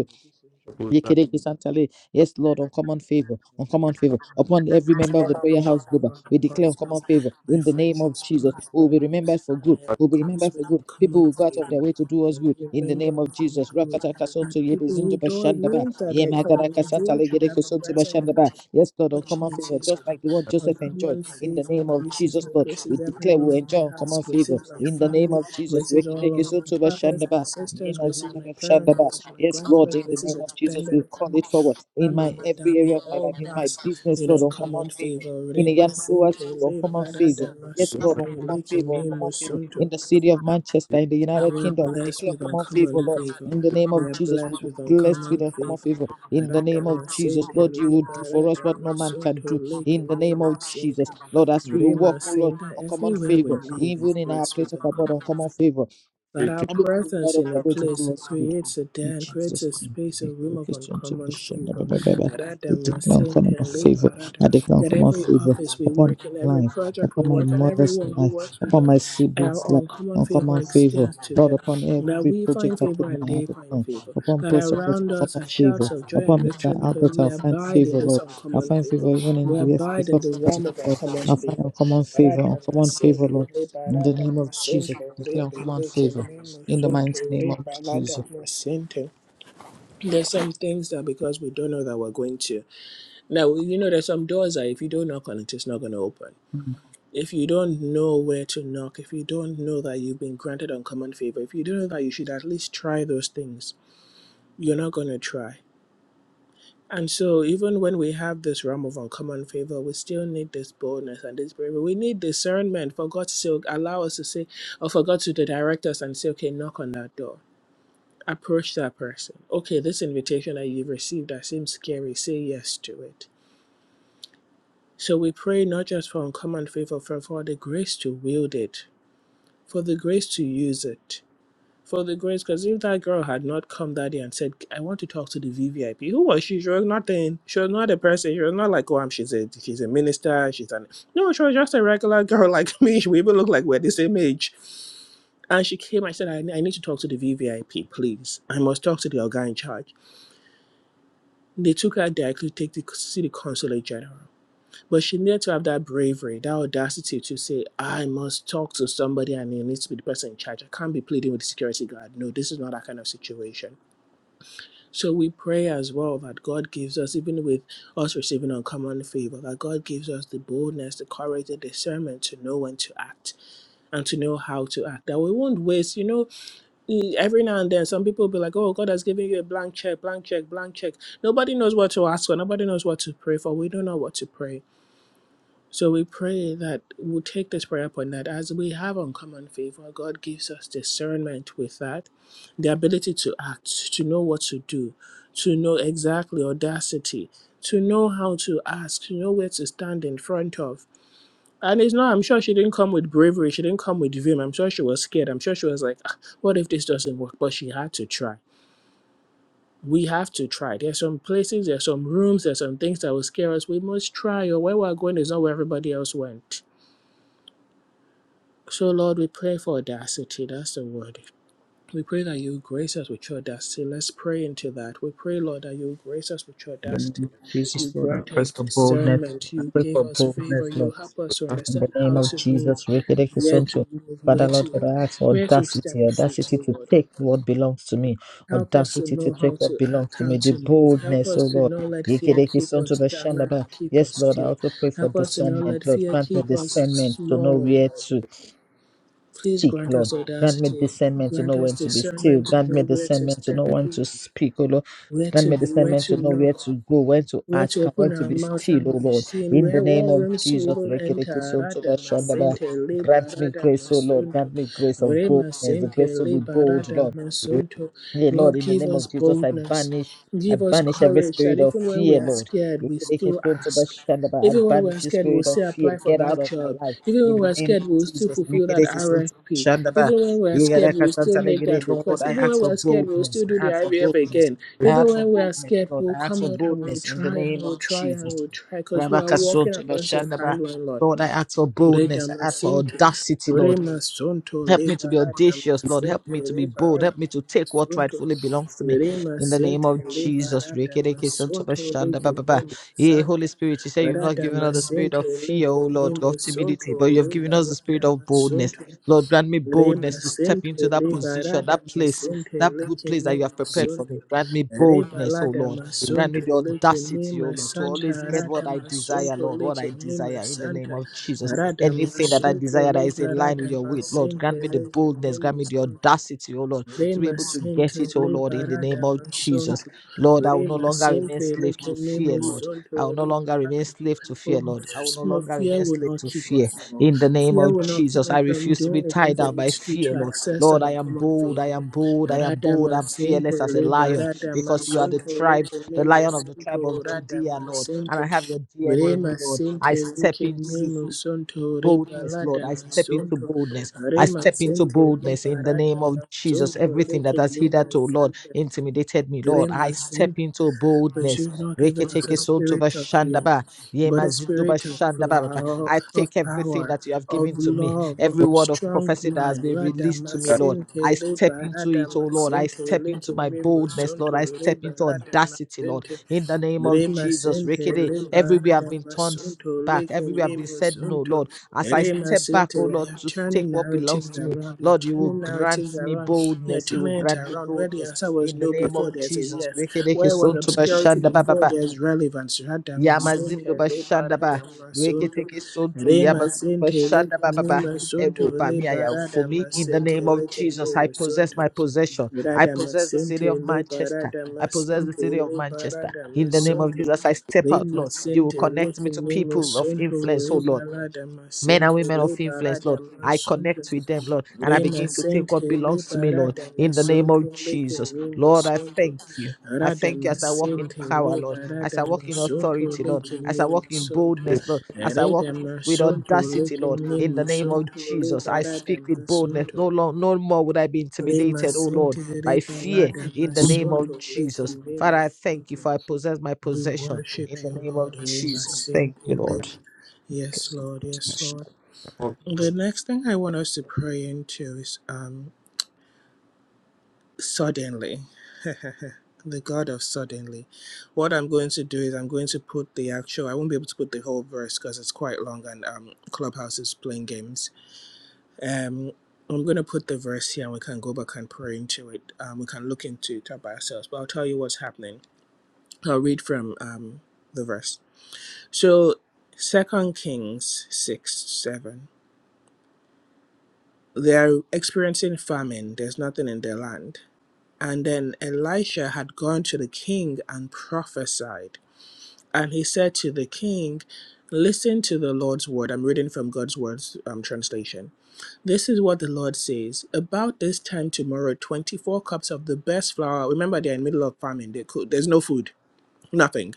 [SPEAKER 2] Yekereke Santale. Yes, Lord, uncommon favor, uncommon favor upon every
[SPEAKER 1] My
[SPEAKER 2] member of the prayer house group.
[SPEAKER 1] God
[SPEAKER 2] We declare uncommon
[SPEAKER 1] prospers.
[SPEAKER 2] favor
[SPEAKER 1] My
[SPEAKER 2] in the name of
[SPEAKER 1] friendships
[SPEAKER 2] Jesus. We will be
[SPEAKER 1] prosper.
[SPEAKER 2] remembered for
[SPEAKER 1] That I
[SPEAKER 2] good. We will
[SPEAKER 1] am
[SPEAKER 2] be remembered
[SPEAKER 1] graced
[SPEAKER 2] for
[SPEAKER 1] with
[SPEAKER 2] good. People
[SPEAKER 1] uncommon
[SPEAKER 2] will go out of their
[SPEAKER 1] favor.
[SPEAKER 2] way to do
[SPEAKER 1] I
[SPEAKER 2] us
[SPEAKER 1] am
[SPEAKER 2] good in the name
[SPEAKER 1] remembered
[SPEAKER 2] of
[SPEAKER 1] from
[SPEAKER 2] Jesus.
[SPEAKER 1] good.
[SPEAKER 2] Rakataka
[SPEAKER 1] That
[SPEAKER 2] Sonto Yebe
[SPEAKER 1] people
[SPEAKER 2] Zindo
[SPEAKER 1] who don't
[SPEAKER 2] Bashandaba.
[SPEAKER 1] mean that I,
[SPEAKER 2] Yemagaraka
[SPEAKER 1] that what
[SPEAKER 2] Santale
[SPEAKER 1] should
[SPEAKER 2] Yereke
[SPEAKER 1] happen,
[SPEAKER 2] Sonto Bashandaba.
[SPEAKER 1] resonant
[SPEAKER 2] Yes, Lord, uncommon favor,
[SPEAKER 1] opportunities
[SPEAKER 2] just like
[SPEAKER 1] come.
[SPEAKER 2] the one Joseph enjoyed
[SPEAKER 1] Uncommon
[SPEAKER 2] in the
[SPEAKER 1] favor
[SPEAKER 2] name of
[SPEAKER 1] graces
[SPEAKER 2] Jesus,
[SPEAKER 1] me,
[SPEAKER 2] Lord. We
[SPEAKER 1] graces every
[SPEAKER 2] declare we
[SPEAKER 1] room in
[SPEAKER 2] enjoy
[SPEAKER 1] my house,
[SPEAKER 2] uncommon favor
[SPEAKER 1] graces my
[SPEAKER 2] in the name
[SPEAKER 1] family,
[SPEAKER 2] of Jesus.
[SPEAKER 1] graces all
[SPEAKER 2] Rekiteke
[SPEAKER 1] of my
[SPEAKER 2] Sonto
[SPEAKER 1] brothers, my
[SPEAKER 2] Bashandaba.
[SPEAKER 1] sisters,
[SPEAKER 2] Yema
[SPEAKER 1] graces
[SPEAKER 2] Zindo
[SPEAKER 1] my parents,
[SPEAKER 2] Bashandaba.
[SPEAKER 1] graces my
[SPEAKER 2] Yes, Lord,
[SPEAKER 1] grandmother,
[SPEAKER 2] in the
[SPEAKER 1] graces
[SPEAKER 2] name of Jesus,
[SPEAKER 1] extended
[SPEAKER 2] we call it
[SPEAKER 1] family
[SPEAKER 2] forward in
[SPEAKER 1] family,
[SPEAKER 2] my
[SPEAKER 1] that
[SPEAKER 2] every
[SPEAKER 1] we
[SPEAKER 2] area of my life,
[SPEAKER 1] all
[SPEAKER 2] in my
[SPEAKER 1] bask
[SPEAKER 2] business,
[SPEAKER 1] in
[SPEAKER 2] Lord, uncommon
[SPEAKER 1] uncommon
[SPEAKER 2] favor,
[SPEAKER 1] favor.
[SPEAKER 2] in a
[SPEAKER 1] Rema
[SPEAKER 2] young school,
[SPEAKER 1] Sente, Le
[SPEAKER 2] uncommon favor.
[SPEAKER 1] Parada
[SPEAKER 2] Yes, Lord,
[SPEAKER 1] Masunto,
[SPEAKER 2] uncommon
[SPEAKER 1] Leke
[SPEAKER 2] favor,
[SPEAKER 1] Nemo
[SPEAKER 2] uncommon favor. In
[SPEAKER 1] Sunto.
[SPEAKER 2] the city of Manchester, in the United
[SPEAKER 1] We are
[SPEAKER 2] Kingdom, we
[SPEAKER 1] blessed
[SPEAKER 2] declare
[SPEAKER 1] with
[SPEAKER 2] uncommon
[SPEAKER 1] uncommon
[SPEAKER 2] favor, Lord.
[SPEAKER 1] favor.
[SPEAKER 2] In the name
[SPEAKER 1] We
[SPEAKER 2] of
[SPEAKER 1] are
[SPEAKER 2] Jesus, we
[SPEAKER 1] blessed
[SPEAKER 2] will be
[SPEAKER 1] with
[SPEAKER 2] blessed
[SPEAKER 1] uncommon
[SPEAKER 2] with uncommon
[SPEAKER 1] favor.
[SPEAKER 2] favor. In the
[SPEAKER 1] Arada
[SPEAKER 2] name of Jesus,
[SPEAKER 1] Masente,
[SPEAKER 2] Lord, you
[SPEAKER 1] Le
[SPEAKER 2] will do for us
[SPEAKER 1] Parada
[SPEAKER 2] what no man can
[SPEAKER 1] Masunto,
[SPEAKER 2] do.
[SPEAKER 1] Leke
[SPEAKER 2] In the name
[SPEAKER 1] Nemo
[SPEAKER 2] of
[SPEAKER 1] Sente.
[SPEAKER 2] Jesus, Lord, as we
[SPEAKER 1] Rema
[SPEAKER 2] walk, oh Lord,
[SPEAKER 1] Sente,
[SPEAKER 2] uncommon
[SPEAKER 1] everywhere we
[SPEAKER 2] favor,
[SPEAKER 1] live is
[SPEAKER 2] even in our
[SPEAKER 1] blessed
[SPEAKER 2] place
[SPEAKER 1] with
[SPEAKER 2] of abode,
[SPEAKER 1] uncommon favor.
[SPEAKER 2] uncommon favor.
[SPEAKER 1] That
[SPEAKER 3] Thank
[SPEAKER 1] our
[SPEAKER 2] Everything we thought
[SPEAKER 1] presence
[SPEAKER 2] of
[SPEAKER 1] in a
[SPEAKER 2] that way to do
[SPEAKER 1] place
[SPEAKER 2] us good.
[SPEAKER 1] creates a
[SPEAKER 2] In
[SPEAKER 1] den, creates
[SPEAKER 2] Jesus'
[SPEAKER 1] a
[SPEAKER 2] name.
[SPEAKER 1] space, a
[SPEAKER 2] We call
[SPEAKER 1] room
[SPEAKER 2] it
[SPEAKER 1] of
[SPEAKER 2] Christian to be
[SPEAKER 1] uncommon
[SPEAKER 2] shown. Ba,
[SPEAKER 1] favor.
[SPEAKER 2] ba, ba,
[SPEAKER 1] Rada
[SPEAKER 2] We declare uncommon
[SPEAKER 1] masente
[SPEAKER 2] favor.
[SPEAKER 1] lebarada.
[SPEAKER 2] I declare
[SPEAKER 1] That
[SPEAKER 2] uncommon
[SPEAKER 1] every
[SPEAKER 2] favor
[SPEAKER 1] office we
[SPEAKER 2] upon
[SPEAKER 1] work in, every
[SPEAKER 2] life,
[SPEAKER 1] project
[SPEAKER 2] upon
[SPEAKER 1] we
[SPEAKER 2] my
[SPEAKER 1] work on,
[SPEAKER 2] mother's
[SPEAKER 1] everyone who
[SPEAKER 2] life,
[SPEAKER 1] works with
[SPEAKER 2] upon
[SPEAKER 1] us
[SPEAKER 2] my
[SPEAKER 1] and
[SPEAKER 2] siblings'
[SPEAKER 1] our
[SPEAKER 2] life.
[SPEAKER 1] uncommon favor
[SPEAKER 2] Uncommon favor.
[SPEAKER 1] extends to
[SPEAKER 2] Lord,
[SPEAKER 1] them,
[SPEAKER 2] upon
[SPEAKER 1] that
[SPEAKER 2] every
[SPEAKER 1] we find
[SPEAKER 2] project I put
[SPEAKER 1] favor and
[SPEAKER 2] my hand
[SPEAKER 1] they find
[SPEAKER 2] upon,
[SPEAKER 1] favor,
[SPEAKER 2] upon
[SPEAKER 1] that
[SPEAKER 2] pro support,
[SPEAKER 1] around us
[SPEAKER 2] uncommon
[SPEAKER 1] are
[SPEAKER 2] favor,
[SPEAKER 1] shouts of joy and
[SPEAKER 2] upon Mr.
[SPEAKER 1] victory because
[SPEAKER 2] Albert,
[SPEAKER 1] we
[SPEAKER 2] I'll find
[SPEAKER 1] abide in
[SPEAKER 2] favor,
[SPEAKER 1] this
[SPEAKER 2] Lord. I'll
[SPEAKER 1] uncommon
[SPEAKER 2] find
[SPEAKER 1] favor.
[SPEAKER 2] favor even in
[SPEAKER 1] We
[SPEAKER 2] the earth
[SPEAKER 1] abide in
[SPEAKER 2] before
[SPEAKER 1] the
[SPEAKER 2] Mr.
[SPEAKER 1] realm
[SPEAKER 2] Mark,
[SPEAKER 1] of
[SPEAKER 2] Lord.
[SPEAKER 1] uncommon
[SPEAKER 2] I'll find
[SPEAKER 1] favor.
[SPEAKER 2] uncommon favor, uncommon favor, Lord. In the name of Jesus, declare uncommon favor. In the mighty name of Jesus.
[SPEAKER 1] There's some things that because we don't know that we're going to. Now, you know, there's some doors that if you don't knock on it, it's not going to open
[SPEAKER 2] In
[SPEAKER 1] if you don't know where to knock, if you don't know that you've been granted uncommon favor, if you don't know that you should at least try those things, you're not going to try. And so, even when we have this realm of uncommon favor, we still need this boldness and this bravery. We need discernment. For God's sake, allow us to say, or for God to direct us and say, okay, knock on that door. Approach that person. Okay, this invitation that you've received that seems scary, say yes to it. So we pray not just for uncommon favor, but for the grace to wield it for the grace to use it. For the grace, because if that girl had not come that day and said, I want to talk to the VVIP, who was she? She was nothing. She was not a person. She was not like, oh, I'm, she's, a, she's a minister. She's an. No, she was just a regular girl like me. We even look like we're the same age. And she came and said, I, I need to talk to the VVIP, please. I must talk to the guy in charge. They took her directly to take the, see the consulate general. But she needed to have that bravery, that audacity to say, I must talk to somebody and it needs to be the person in charge. I can't be pleading with the security guard. No, this is not that kind of situation. So we pray as well that God gives us, even with us receiving uncommon favor, that God gives us the boldness, the courage, the discernment to know when to act and to know how to act. That we won't waste, you know, eh, every now and then some people will be like, oh, God has given you a blank check, blank check, blank check. Nobody knows what to ask for. Nobody knows what to pray for. We don't know what to pray so we pray that we'll take this prayer point that as we have uncommon favor, God gives us discernment with that, the ability to act, to know what to do, to know exactly audacity, to know how to ask, to know where to stand in front of. And it's not, I'm sure she didn't come with bravery, she didn't come with vim. I'm sure she was scared. I'm sure she was like, "Ah, what if this doesn't work? But she had to try. We have to try. There's some places, there's some rooms, there's some things that will scare us. We must try, or where we're going is not where everybody else went So, Lord, we pray for audacity. That's the word. We pray that you grace us with your audacity. Let's pray into that. We pray, Lord, that you grace us with your
[SPEAKER 2] the name
[SPEAKER 1] audacity.
[SPEAKER 2] of Jesus,
[SPEAKER 1] You
[SPEAKER 2] Lord, I
[SPEAKER 1] grant
[SPEAKER 2] pray
[SPEAKER 1] us
[SPEAKER 2] for boldness.
[SPEAKER 1] discernment.
[SPEAKER 2] I
[SPEAKER 1] You
[SPEAKER 2] pray
[SPEAKER 1] give
[SPEAKER 2] for
[SPEAKER 1] us favor.
[SPEAKER 2] boldness,
[SPEAKER 1] You
[SPEAKER 2] Lord.
[SPEAKER 1] help us to
[SPEAKER 2] In the
[SPEAKER 1] understand
[SPEAKER 2] name
[SPEAKER 1] how
[SPEAKER 2] of
[SPEAKER 1] to move,
[SPEAKER 2] Jesus, Rikedek
[SPEAKER 1] where to
[SPEAKER 2] Sonto.
[SPEAKER 1] move,
[SPEAKER 2] Father,
[SPEAKER 1] where
[SPEAKER 2] Lord, God,
[SPEAKER 1] to
[SPEAKER 2] I ask for
[SPEAKER 1] where to step
[SPEAKER 2] audacity,
[SPEAKER 1] foot,
[SPEAKER 2] audacity
[SPEAKER 1] O
[SPEAKER 2] to
[SPEAKER 1] Lord.
[SPEAKER 2] take what belongs to me,
[SPEAKER 1] Help us to
[SPEAKER 2] audacity to
[SPEAKER 1] know
[SPEAKER 2] take
[SPEAKER 1] how
[SPEAKER 2] what
[SPEAKER 1] to
[SPEAKER 2] belongs
[SPEAKER 1] act,
[SPEAKER 2] to
[SPEAKER 1] how
[SPEAKER 2] me, the
[SPEAKER 1] to move. Help
[SPEAKER 2] boldness, oh
[SPEAKER 1] us to
[SPEAKER 2] Lord.
[SPEAKER 1] not let fear
[SPEAKER 2] Yekedeke
[SPEAKER 1] keep
[SPEAKER 2] Sonto
[SPEAKER 1] us stagnant and keep
[SPEAKER 2] Yes,
[SPEAKER 1] us
[SPEAKER 2] Lord, I
[SPEAKER 1] still.
[SPEAKER 2] also pray for
[SPEAKER 1] Help us to not
[SPEAKER 2] discernment,
[SPEAKER 1] let
[SPEAKER 2] Lord.
[SPEAKER 1] fear
[SPEAKER 2] Grant me
[SPEAKER 1] keep us
[SPEAKER 2] discernment to know
[SPEAKER 1] small,
[SPEAKER 2] where
[SPEAKER 1] Lord.
[SPEAKER 2] to.
[SPEAKER 1] Please
[SPEAKER 2] speak,
[SPEAKER 1] grant
[SPEAKER 2] Lord.
[SPEAKER 1] us
[SPEAKER 2] Grant me
[SPEAKER 1] audacity,
[SPEAKER 2] discernment to
[SPEAKER 1] grant
[SPEAKER 2] know
[SPEAKER 1] us
[SPEAKER 2] when to be still.
[SPEAKER 1] discernment to
[SPEAKER 2] Grant me
[SPEAKER 1] know where to
[SPEAKER 2] discernment to
[SPEAKER 1] step
[SPEAKER 2] know when to
[SPEAKER 1] foot,
[SPEAKER 2] speak, O Lord.
[SPEAKER 1] where
[SPEAKER 2] Grant
[SPEAKER 1] to
[SPEAKER 2] me
[SPEAKER 1] be, where
[SPEAKER 2] discernment to
[SPEAKER 1] to
[SPEAKER 2] know where
[SPEAKER 1] knock,
[SPEAKER 2] to go, when to
[SPEAKER 1] we are
[SPEAKER 2] ask,
[SPEAKER 1] to
[SPEAKER 2] and
[SPEAKER 1] open
[SPEAKER 2] when to
[SPEAKER 1] our
[SPEAKER 2] be
[SPEAKER 1] mouth
[SPEAKER 2] still,
[SPEAKER 1] and
[SPEAKER 2] O
[SPEAKER 1] be
[SPEAKER 2] Lord.
[SPEAKER 1] seen.
[SPEAKER 2] In the
[SPEAKER 1] Where
[SPEAKER 2] name
[SPEAKER 1] war
[SPEAKER 2] of
[SPEAKER 1] rooms to
[SPEAKER 2] Jesus,
[SPEAKER 1] even enter. Radama
[SPEAKER 2] Rekerekisonsobashandaba.
[SPEAKER 1] sente liba
[SPEAKER 2] grant me grace,
[SPEAKER 1] radama
[SPEAKER 2] O Lord.
[SPEAKER 1] sunto.
[SPEAKER 2] Grant me grace of
[SPEAKER 1] Rema
[SPEAKER 2] boldness, the
[SPEAKER 1] sente
[SPEAKER 2] grace to be
[SPEAKER 1] liba
[SPEAKER 2] bold, Lord.
[SPEAKER 1] radama sunto.
[SPEAKER 2] Yeah, Lord,
[SPEAKER 1] Lord,
[SPEAKER 2] in the
[SPEAKER 1] give
[SPEAKER 2] name
[SPEAKER 1] us
[SPEAKER 2] of Jesus, I
[SPEAKER 1] boldness.
[SPEAKER 2] banish, I
[SPEAKER 1] Give us
[SPEAKER 2] banish every
[SPEAKER 1] courage that
[SPEAKER 2] spirit of
[SPEAKER 1] even when we
[SPEAKER 2] fear,
[SPEAKER 1] are
[SPEAKER 2] Lord.
[SPEAKER 1] scared, we still ask.
[SPEAKER 2] Yekedekesonsobashandaba, I
[SPEAKER 1] Even when we're
[SPEAKER 2] banish your
[SPEAKER 1] scared, we'll
[SPEAKER 2] spirit of
[SPEAKER 1] still
[SPEAKER 2] fear.
[SPEAKER 1] apply for
[SPEAKER 2] Get
[SPEAKER 1] that
[SPEAKER 2] out of my
[SPEAKER 1] job.
[SPEAKER 2] life.
[SPEAKER 1] Even when
[SPEAKER 2] In the
[SPEAKER 1] we're
[SPEAKER 2] name of
[SPEAKER 1] scared, we'll still
[SPEAKER 2] Jesus.
[SPEAKER 1] fulfill that RFP. Even
[SPEAKER 2] Yekedekesonsobashandaba,
[SPEAKER 1] when we're scared, we'll still make that
[SPEAKER 2] yekedekasantalegede. Lord,
[SPEAKER 1] request.
[SPEAKER 2] I
[SPEAKER 1] Even when
[SPEAKER 2] ask for
[SPEAKER 1] we're scared, we'll still
[SPEAKER 2] boldness.
[SPEAKER 1] do
[SPEAKER 2] I
[SPEAKER 1] the
[SPEAKER 2] ask for
[SPEAKER 1] IVF
[SPEAKER 2] boldness.
[SPEAKER 1] again.
[SPEAKER 2] I
[SPEAKER 1] Even
[SPEAKER 2] ask for
[SPEAKER 1] when we are
[SPEAKER 2] boldness,
[SPEAKER 1] scared,
[SPEAKER 2] Lord.
[SPEAKER 1] we'll
[SPEAKER 2] I ask
[SPEAKER 1] come
[SPEAKER 2] for
[SPEAKER 1] out and we'll
[SPEAKER 2] boldness in the
[SPEAKER 1] try and
[SPEAKER 2] name
[SPEAKER 1] we'll
[SPEAKER 2] of
[SPEAKER 1] try and
[SPEAKER 2] Jesus.
[SPEAKER 1] we'll try because we are walking across your
[SPEAKER 2] Rabakasonsobashandaba.
[SPEAKER 1] timeline, Lord.
[SPEAKER 2] Lord, I ask for
[SPEAKER 1] Reda
[SPEAKER 2] boldness. I ask for
[SPEAKER 1] masente,
[SPEAKER 2] audacity,
[SPEAKER 1] re
[SPEAKER 2] Lord.
[SPEAKER 1] masonto,
[SPEAKER 2] Help me to be
[SPEAKER 1] lebara
[SPEAKER 2] audacious, Lord. Help
[SPEAKER 1] masente,
[SPEAKER 2] me to be bold.
[SPEAKER 1] lebara
[SPEAKER 2] Help me to take what
[SPEAKER 1] masonto,
[SPEAKER 2] rightfully belongs to me.
[SPEAKER 1] re
[SPEAKER 2] In the name
[SPEAKER 1] masente,
[SPEAKER 2] of Jesus.
[SPEAKER 1] lebara
[SPEAKER 2] Rekereke santoba
[SPEAKER 1] masonto,
[SPEAKER 2] shanda ba
[SPEAKER 1] leke
[SPEAKER 2] ba ba.
[SPEAKER 1] me
[SPEAKER 2] Yeah,
[SPEAKER 1] masanta,
[SPEAKER 2] Holy Spirit, you say you've not
[SPEAKER 1] rada
[SPEAKER 2] given us the spirit
[SPEAKER 1] masente,
[SPEAKER 2] of fear,
[SPEAKER 1] leke
[SPEAKER 2] oh
[SPEAKER 1] me
[SPEAKER 2] Lord, of timidity, but
[SPEAKER 1] masonto,
[SPEAKER 2] you've given us the
[SPEAKER 1] rebala
[SPEAKER 2] spirit of boldness.
[SPEAKER 1] masonto,
[SPEAKER 2] Lord, grant me
[SPEAKER 1] Rema
[SPEAKER 2] boldness to step
[SPEAKER 1] sente
[SPEAKER 2] into that position,
[SPEAKER 1] liberada
[SPEAKER 2] that place,
[SPEAKER 1] masente
[SPEAKER 2] that good
[SPEAKER 1] leke
[SPEAKER 2] place
[SPEAKER 1] me
[SPEAKER 2] that you have prepared for
[SPEAKER 1] masonto
[SPEAKER 2] me. Grant me
[SPEAKER 1] reba
[SPEAKER 2] boldness, oh
[SPEAKER 1] lada
[SPEAKER 2] Lord. Grant me
[SPEAKER 1] masonto
[SPEAKER 2] the
[SPEAKER 1] leke me
[SPEAKER 2] audacity, oh Lord, to
[SPEAKER 1] masanta
[SPEAKER 2] always get what
[SPEAKER 1] rada
[SPEAKER 2] I desire,
[SPEAKER 1] masonto
[SPEAKER 2] Lord, what
[SPEAKER 1] leke
[SPEAKER 2] I
[SPEAKER 1] me
[SPEAKER 2] desire in the name
[SPEAKER 1] masanta
[SPEAKER 2] of Jesus.
[SPEAKER 1] rada
[SPEAKER 2] Anything that I
[SPEAKER 1] masonto
[SPEAKER 2] desire that is in line
[SPEAKER 1] liberada
[SPEAKER 2] with your will, Lord,
[SPEAKER 1] masente
[SPEAKER 2] grant me the
[SPEAKER 1] leke me
[SPEAKER 2] boldness, grant me the
[SPEAKER 1] masonto
[SPEAKER 2] audacity, oh Lord, to be
[SPEAKER 1] Rema
[SPEAKER 2] able to
[SPEAKER 1] sente
[SPEAKER 2] get it, oh
[SPEAKER 1] le
[SPEAKER 2] Lord, in the name
[SPEAKER 1] parada
[SPEAKER 2] of Jesus.
[SPEAKER 1] masonto.
[SPEAKER 2] Lord, I will no
[SPEAKER 1] Rema
[SPEAKER 2] longer remain
[SPEAKER 1] sente le
[SPEAKER 2] slave to fear,
[SPEAKER 1] kememo
[SPEAKER 2] Lord.
[SPEAKER 1] sonto.
[SPEAKER 2] I will no
[SPEAKER 1] Re
[SPEAKER 2] longer remain
[SPEAKER 1] parada.
[SPEAKER 2] slave to fear,
[SPEAKER 1] Oh,
[SPEAKER 2] Lord. I will no
[SPEAKER 1] sm-
[SPEAKER 2] longer
[SPEAKER 1] fear
[SPEAKER 2] remain
[SPEAKER 1] will
[SPEAKER 2] slave
[SPEAKER 1] not
[SPEAKER 2] to
[SPEAKER 1] keep
[SPEAKER 2] fear.
[SPEAKER 1] us. Lord.
[SPEAKER 2] In the name
[SPEAKER 1] Fear
[SPEAKER 2] of
[SPEAKER 1] will not keep
[SPEAKER 2] Jesus,
[SPEAKER 1] me
[SPEAKER 2] I
[SPEAKER 1] from
[SPEAKER 2] refuse to
[SPEAKER 1] doing
[SPEAKER 2] be
[SPEAKER 1] the
[SPEAKER 2] tied
[SPEAKER 1] things I
[SPEAKER 2] down
[SPEAKER 1] need
[SPEAKER 2] by
[SPEAKER 1] to do
[SPEAKER 2] fear,
[SPEAKER 1] to
[SPEAKER 2] Lord.
[SPEAKER 1] access that
[SPEAKER 2] Lord, I am
[SPEAKER 1] uncommon
[SPEAKER 2] bold, I
[SPEAKER 1] favor.
[SPEAKER 2] am bold, I am
[SPEAKER 1] Rada
[SPEAKER 2] bold, I'm
[SPEAKER 1] masente
[SPEAKER 2] fearless as a
[SPEAKER 1] le
[SPEAKER 2] lion
[SPEAKER 1] barada
[SPEAKER 2] because you are the
[SPEAKER 1] masonto le
[SPEAKER 2] tribe, the
[SPEAKER 1] kememo
[SPEAKER 2] lion of the tribe
[SPEAKER 1] sonto.
[SPEAKER 2] of
[SPEAKER 1] Rada
[SPEAKER 2] Judea, Lord. And
[SPEAKER 1] masente.
[SPEAKER 2] I have your DNA in
[SPEAKER 1] Rema
[SPEAKER 2] me, Lord. I
[SPEAKER 1] sente
[SPEAKER 2] step
[SPEAKER 1] leke
[SPEAKER 2] into,
[SPEAKER 1] memo sonto reba
[SPEAKER 2] boldness, Lord.
[SPEAKER 1] lada
[SPEAKER 2] I step into
[SPEAKER 1] masonto
[SPEAKER 2] boldness. I
[SPEAKER 1] rema
[SPEAKER 2] step into
[SPEAKER 1] sente
[SPEAKER 2] boldness
[SPEAKER 1] leba
[SPEAKER 2] in the
[SPEAKER 1] rada
[SPEAKER 2] name of Jesus.
[SPEAKER 1] masonto
[SPEAKER 2] Everything that
[SPEAKER 1] leke
[SPEAKER 2] has
[SPEAKER 1] mema
[SPEAKER 2] hitherto, Lord,
[SPEAKER 1] santa
[SPEAKER 2] intimidated me, Lord. I
[SPEAKER 1] rema
[SPEAKER 2] step into
[SPEAKER 1] because
[SPEAKER 2] boldness.
[SPEAKER 1] you've not given us a
[SPEAKER 2] Reketeke soto
[SPEAKER 1] spirit of fear,
[SPEAKER 2] bashandaba,
[SPEAKER 1] but a
[SPEAKER 2] yemazindo
[SPEAKER 1] spirit of
[SPEAKER 2] bashandaba baba.
[SPEAKER 1] power,
[SPEAKER 2] I
[SPEAKER 1] of
[SPEAKER 2] take everything
[SPEAKER 1] power,
[SPEAKER 2] that you have given
[SPEAKER 1] of
[SPEAKER 2] to me,
[SPEAKER 1] love, of
[SPEAKER 2] every
[SPEAKER 1] a
[SPEAKER 2] word of
[SPEAKER 1] strong
[SPEAKER 2] prophecy that has
[SPEAKER 1] mind.
[SPEAKER 2] been released to me, Lord. I
[SPEAKER 1] Radamasente
[SPEAKER 2] step
[SPEAKER 1] leba,
[SPEAKER 2] into it, oh Lord. I
[SPEAKER 1] radamasente
[SPEAKER 2] step into
[SPEAKER 1] leke
[SPEAKER 2] my
[SPEAKER 1] mimo
[SPEAKER 2] boldness, Lord.
[SPEAKER 1] sunto
[SPEAKER 2] I step
[SPEAKER 1] leba,
[SPEAKER 2] into audacity, Lord.
[SPEAKER 1] radamasente
[SPEAKER 2] In the name of
[SPEAKER 1] lema
[SPEAKER 2] Jesus, Rekete,
[SPEAKER 1] leba,
[SPEAKER 2] everywhere I've been turned
[SPEAKER 1] radamasento
[SPEAKER 2] back,
[SPEAKER 1] leke
[SPEAKER 2] everywhere I've been said no, Lord.
[SPEAKER 1] mimo
[SPEAKER 2] As I
[SPEAKER 1] Erema
[SPEAKER 2] step back,
[SPEAKER 1] Sente,
[SPEAKER 2] oh Lord,
[SPEAKER 1] you're
[SPEAKER 2] to take
[SPEAKER 1] turning
[SPEAKER 2] what belongs
[SPEAKER 1] narratives
[SPEAKER 2] to me,
[SPEAKER 1] around. You're
[SPEAKER 2] Lord, you will
[SPEAKER 1] turning
[SPEAKER 2] grant
[SPEAKER 1] narratives
[SPEAKER 2] me
[SPEAKER 1] around. You're
[SPEAKER 2] boldness. You will
[SPEAKER 1] turning it
[SPEAKER 2] grant me
[SPEAKER 1] around. Where the
[SPEAKER 2] boldness
[SPEAKER 1] answer was
[SPEAKER 2] in the
[SPEAKER 1] no
[SPEAKER 2] name of
[SPEAKER 1] before, there's a
[SPEAKER 2] Jesus.
[SPEAKER 1] yes.
[SPEAKER 2] Rekereke
[SPEAKER 1] Where was
[SPEAKER 2] sonto
[SPEAKER 1] obscurity
[SPEAKER 2] bashanda ba ba
[SPEAKER 1] before,
[SPEAKER 2] ba.
[SPEAKER 1] there's relevance. Radama
[SPEAKER 2] Yamazindo
[SPEAKER 1] Sente,
[SPEAKER 2] bashanda ba.
[SPEAKER 1] Lebaradama Sunto.
[SPEAKER 2] Reketeke sonto
[SPEAKER 1] Rema
[SPEAKER 2] yabazindo
[SPEAKER 1] Sente,
[SPEAKER 2] bashanda
[SPEAKER 1] Lekim
[SPEAKER 2] ba ba ba.
[SPEAKER 1] Nima Sunto,
[SPEAKER 2] Ero ba mi aya. For me,
[SPEAKER 1] Lebaradama
[SPEAKER 2] in the
[SPEAKER 1] Sente,
[SPEAKER 2] name of
[SPEAKER 1] Lekim
[SPEAKER 2] Jesus, I
[SPEAKER 1] Miro
[SPEAKER 2] possess
[SPEAKER 1] Sunto,
[SPEAKER 2] my possession. I possess the
[SPEAKER 1] Radamasente
[SPEAKER 2] city of Manchester. I possess the
[SPEAKER 1] lebaradamasente
[SPEAKER 2] city of Manchester. In the name of
[SPEAKER 1] lebaradamasunto
[SPEAKER 2] Jesus, I step out, Lord. You will
[SPEAKER 1] lemasente
[SPEAKER 2] connect me to people of
[SPEAKER 1] lekinemosunto
[SPEAKER 2] influence, oh Lord men and
[SPEAKER 1] lebaradamasente
[SPEAKER 2] women of influence, Lord. I
[SPEAKER 1] lebaradamasunto
[SPEAKER 2] connect with them, Lord, and I begin to take
[SPEAKER 1] lemasente
[SPEAKER 2] what belongs to me, Lord, in the name
[SPEAKER 1] lebaradamasonto
[SPEAKER 2] of Jesus. Lord, I
[SPEAKER 1] lekinemosunto
[SPEAKER 2] thank you. I thank you as I walk in
[SPEAKER 1] radamasente
[SPEAKER 2] power, Lord, as I walk in
[SPEAKER 1] lebaradamasonto
[SPEAKER 2] authority, Lord, as I walk in
[SPEAKER 1] lekinemosunto
[SPEAKER 2] boldness, Lord, as I walk with
[SPEAKER 1] redamasonto
[SPEAKER 2] audacity, Lord, in the name of
[SPEAKER 1] lekinemosunto
[SPEAKER 2] Jesus. I speak with boldness.
[SPEAKER 1] lebaradamasonto
[SPEAKER 2] No, lo- no more would I be
[SPEAKER 1] Lima
[SPEAKER 2] intimidated, oh
[SPEAKER 1] Sinti
[SPEAKER 2] Lord, by
[SPEAKER 1] Riba
[SPEAKER 2] fear,
[SPEAKER 1] Lada
[SPEAKER 2] in the name of
[SPEAKER 1] Masoto Lake
[SPEAKER 2] Jesus. Father,
[SPEAKER 1] Lima
[SPEAKER 2] I thank you
[SPEAKER 1] Sonto.
[SPEAKER 2] for I possess my
[SPEAKER 1] We
[SPEAKER 2] possession
[SPEAKER 1] worship
[SPEAKER 2] in the
[SPEAKER 1] you,
[SPEAKER 2] name
[SPEAKER 1] Lord.
[SPEAKER 2] of
[SPEAKER 1] Lima
[SPEAKER 2] Jesus. Thank
[SPEAKER 1] Sinti
[SPEAKER 2] you, Lord.
[SPEAKER 1] Riba. Yes, Lord. Yes, Lord. The next thing I want us to pray into is um suddenly. the God of suddenly. What I'm going to do is I'm going to put the actual. I won't be able to put the whole verse because it's quite long and um Clubhouse is playing games Um, I'm going to put the verse here and we can go back and pray into it. Um, we can look into it up by ourselves, but I'll tell you what's happening. I'll read from um, the verse. So, Second Kings 6 7. They're experiencing famine, there's nothing in their land. And then Elisha had gone to the king and prophesied. And he said to the king, Listen to the Lord's word. I'm reading from God's words um, translation. This is what the Lord says. About this time tomorrow, 24 cups of the best flour. Remember, they're in the middle of farming. They could, there's no food, nothing.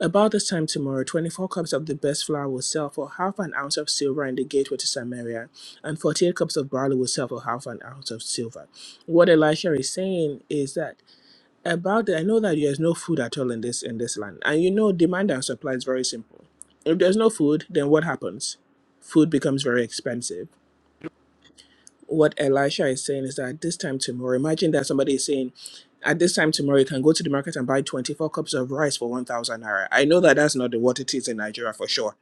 [SPEAKER 1] About this time tomorrow, 24 cups of the best flour will sell for half an ounce of silver in the gateway to Samaria, and 48 cups of barley will sell for half an ounce of silver. What Elisha is saying is that about the, I know that there's no food at all in this in this land, and you know demand and supply is very simple. If there's no food, then what happens? Food becomes very expensive what Elisha is saying is that at this time tomorrow, imagine that somebody is saying, at this time tomorrow, you can go to the market and buy 24 cups of rice for 1,000 naira. I know that that's not the what it is in Nigeria for sure.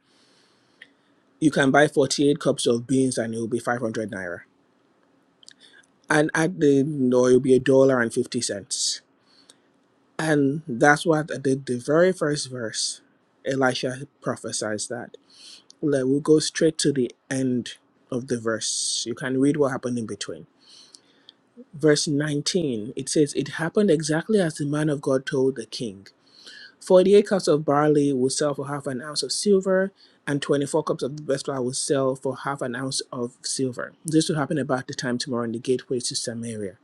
[SPEAKER 1] You can buy 48 cups of beans and it will be 500 naira. And at the, no, it will be a dollar and 50 cents. And that's what the, the very first verse, Elisha prophesies that. Like, we'll go straight to the end of the verse. You can read what happened in between. verse 19, it says, It happened exactly as the man of God told the king. 48 cups of barley will sell for half an ounce of silver, and 24 cups of the best flour will sell for half an ounce of silver. This will happen about the time tomorrow in the gateway to Samaria.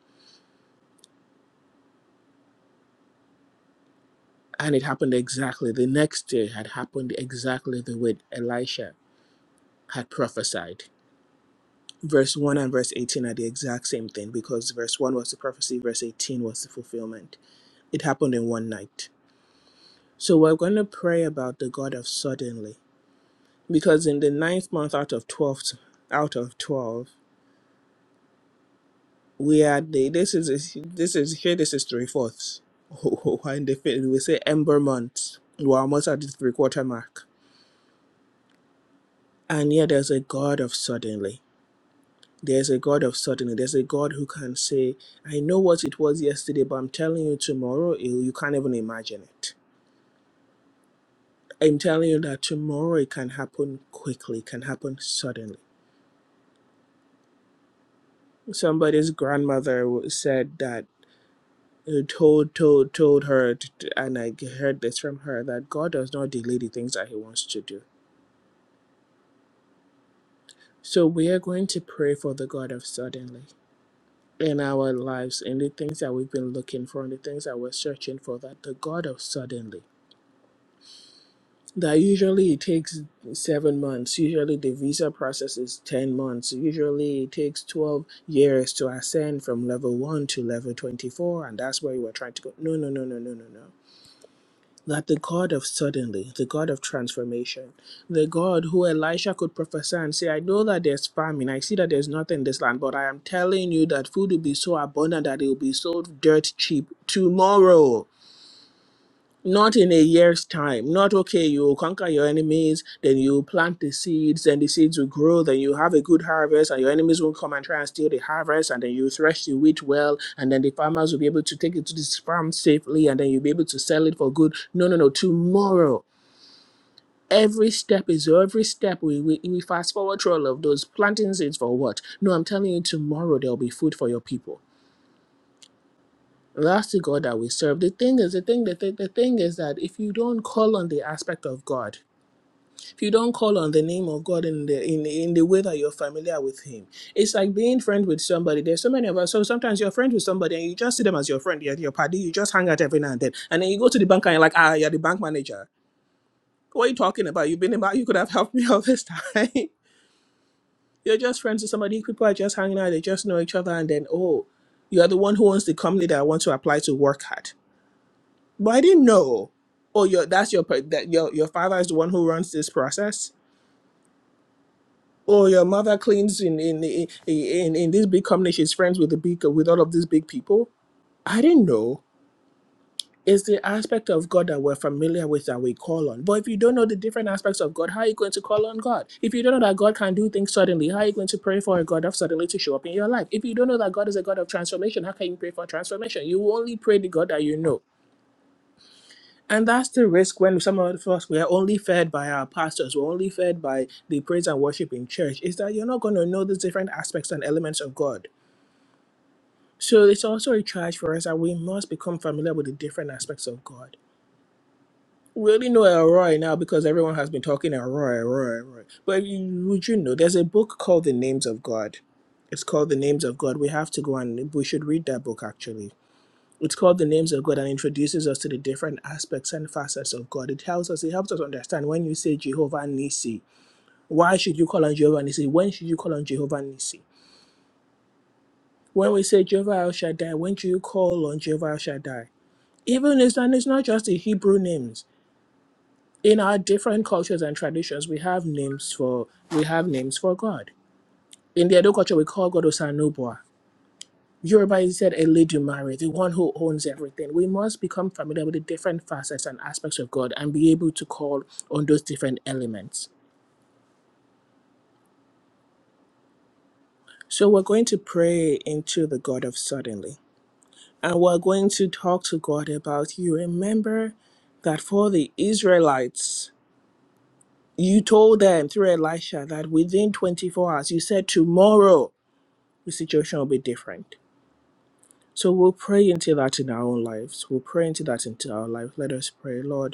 [SPEAKER 1] And it happened exactly. The next day had happened exactly the way Elisha had prophesied. Verse 1 and verse 18 are the exact same thing because verse 1 was the prophecy, verse 18 was the fulfillment. It happened in one night. So we're going to pray about the God of suddenly, because in the ninth month out of twelve, out of twelve, we are the this is this is here. This is three fourths. and the fifth, we say ember months. We're almost at the three quarter mark, and yet there's a God of suddenly. There's a God of suddenly. There's a God who can say, "I know what it was yesterday, but I'm telling you, tomorrow you you can't even imagine it." I'm telling you that tomorrow it can happen quickly, it can happen suddenly. somebody's grandmother said that uh, told told told her and I heard this from her that god does not delay the things that he wants to do so we are going to pray for the god of suddenly in our lives in the things that we've been looking for and the things that we're searching for that the god of suddenly that usually it takes seven months usually the visa process is 10 months usually it takes 12 years to ascend from level 1 to level 24 and that's where you were trying to go no no no no no no no that the God of suddenly, the God of transformation, the God who Elisha could prophesy and say, I know that there's famine, I see that there's nothing in this land, but I am telling you that food will be so abundant that it will be sold dirt cheap tomorrow not in a year's time not okay you conquer your enemies then you plant the seeds then the seeds will grow then you have a good harvest and your enemies won't come and try and steal the harvest and then you thresh the wheat well and then the farmers will be able to take it to the farm safely and then you'll be able to sell it for good no no no tomorrow Every step is every step. We, we, we fast forward through all of those planting seeds for what? No, I'm telling you, tomorrow there'll be food for your people. That's the God that we serve. The thing is, the thing, the, thing- the thing is that if you don't call on the aspect of God, if you don't call on the name of God in the in, in the way that you're familiar with Him, it's like being friends with somebody. There's so many of us. So sometimes you're friends with somebody and you just see them as your friend, you're your party, you just hang out every now and then. And then you go to the bank and you're like, ah, you're the bank manager. What are you talking about? You've been about you could have helped me all this time. you're just friends with somebody, people are just hanging out, they just know each other, and then oh, you are the one who owns the company that I want to apply to work at. But I didn't know. Oh, your that's your per- that your your father is the one who runs this process Oh, your mother cleans in in in in, in this big company. She's friends with the big with all of these big people. I didn't know. It's the aspect of God that we're familiar with that we call on. But if you don't know the different aspects of God, how are you going to call on God? If you don't know that God can do things suddenly, how are you going to pray for a God of suddenly to show up in your life? If you don't know that God is a God of transformation, how can you pray for transformation? You only pray the God that you know. And that's the risk when some of us we are only fed by our pastors, we're only fed by the praise and worship in church, is that you're not going to know the different aspects and elements of God. So it's also a charge for us that we must become familiar with the different aspects of God. We only know Elroy now because everyone has been talking Elroy, Elroy, Elroy. But you, would you know, there's a book called The Names of God. It's called The Names of God. We have to go and we should read that book actually it's called the names of God and introduces us to the different aspects and facets of God. It tells us, it helps us understand when you say Jehovah Nisi, why should you call on Jehovah Nisi? When should you call on Jehovah Nisi? When we say Jehovah El Shaddai, when do you call on Jehovah El Shaddai? Even it's and it's not just the Hebrew names. In our different cultures and traditions, we have names for we have names for God. In the Edo culture, we call God Osanubwa. Yoruba said Eledumare, the one who owns everything. We must become familiar with the different facets and aspects of God and be able to call on those different elements. So we're going to pray into the God of suddenly. And we're going to talk to God about you. Remember that for the Israelites, you told them through Elisha that within 24 hours, you said tomorrow the situation will be different. So we'll pray into that in our own lives. We'll pray into that into our life. Let us pray, Lord.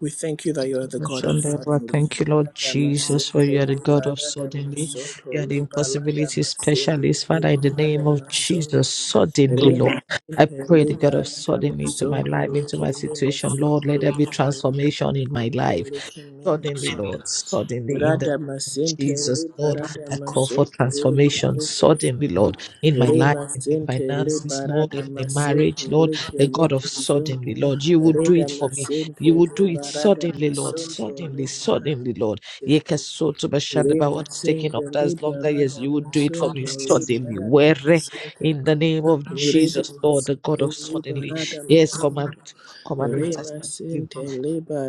[SPEAKER 1] We thank you that you are the God of
[SPEAKER 2] Ashandeva,
[SPEAKER 1] suddenly.
[SPEAKER 2] Thank you, Lord Jesus, for
[SPEAKER 1] Adamasinte
[SPEAKER 2] you are the God
[SPEAKER 1] liba
[SPEAKER 2] of suddenly.
[SPEAKER 1] radamasunto
[SPEAKER 2] You are the
[SPEAKER 1] liba
[SPEAKER 2] impossibility
[SPEAKER 1] ladamasinte
[SPEAKER 2] specialist. Father,
[SPEAKER 1] liba
[SPEAKER 2] in the name of
[SPEAKER 1] radamasunto
[SPEAKER 2] Jesus, suddenly, Lord.
[SPEAKER 1] lima
[SPEAKER 2] I
[SPEAKER 1] sinte
[SPEAKER 2] pray the God
[SPEAKER 1] liba
[SPEAKER 2] of suddenly into my
[SPEAKER 1] radamasunto
[SPEAKER 2] life, into my
[SPEAKER 1] likimimo
[SPEAKER 2] situation. Lord,
[SPEAKER 1] sunto
[SPEAKER 2] let there be
[SPEAKER 1] liba
[SPEAKER 2] transformation in my
[SPEAKER 1] ladamasinte
[SPEAKER 2] life.
[SPEAKER 1] likimimo
[SPEAKER 2] Suddenly,
[SPEAKER 1] sunto
[SPEAKER 2] Lord, suddenly in the
[SPEAKER 1] Rada
[SPEAKER 2] name of
[SPEAKER 1] Masente
[SPEAKER 2] Jesus, Lord,
[SPEAKER 1] Liberada
[SPEAKER 2] I call for
[SPEAKER 1] Masonto Lake
[SPEAKER 2] transformation.
[SPEAKER 1] Nivo
[SPEAKER 2] Suddenly, Lord,
[SPEAKER 1] Sonto
[SPEAKER 2] in my life,
[SPEAKER 1] Rema
[SPEAKER 2] in my
[SPEAKER 1] Sente
[SPEAKER 2] finances, Lord,
[SPEAKER 1] Liberada
[SPEAKER 2] in my marriage,
[SPEAKER 1] Masente
[SPEAKER 2] Lord,
[SPEAKER 1] Lake
[SPEAKER 2] the God of
[SPEAKER 1] Nivo Sonto
[SPEAKER 2] suddenly, Lord, you will do
[SPEAKER 1] Reda
[SPEAKER 2] it for me. You
[SPEAKER 1] Masente
[SPEAKER 2] will do it
[SPEAKER 1] Liberada
[SPEAKER 2] suddenly, Lord,
[SPEAKER 1] Masonto
[SPEAKER 2] suddenly,
[SPEAKER 1] Liberada
[SPEAKER 2] suddenly, Lord.
[SPEAKER 1] Sente
[SPEAKER 2] Yekesotobashandaba,
[SPEAKER 1] Rema
[SPEAKER 2] What is taking
[SPEAKER 1] Sente
[SPEAKER 2] others longer? Yes,
[SPEAKER 1] Liberada
[SPEAKER 2] you will do it for me
[SPEAKER 1] Masonto
[SPEAKER 2] suddenly.
[SPEAKER 1] Liberada
[SPEAKER 2] Where
[SPEAKER 1] Masente
[SPEAKER 2] in the name of
[SPEAKER 1] Reda
[SPEAKER 2] Jesus, Lord, the God
[SPEAKER 1] Masente
[SPEAKER 2] of suddenly.
[SPEAKER 1] Liberada
[SPEAKER 2] Yes, come and
[SPEAKER 1] Masonto
[SPEAKER 2] come and
[SPEAKER 1] Rema
[SPEAKER 2] intercede
[SPEAKER 1] Sente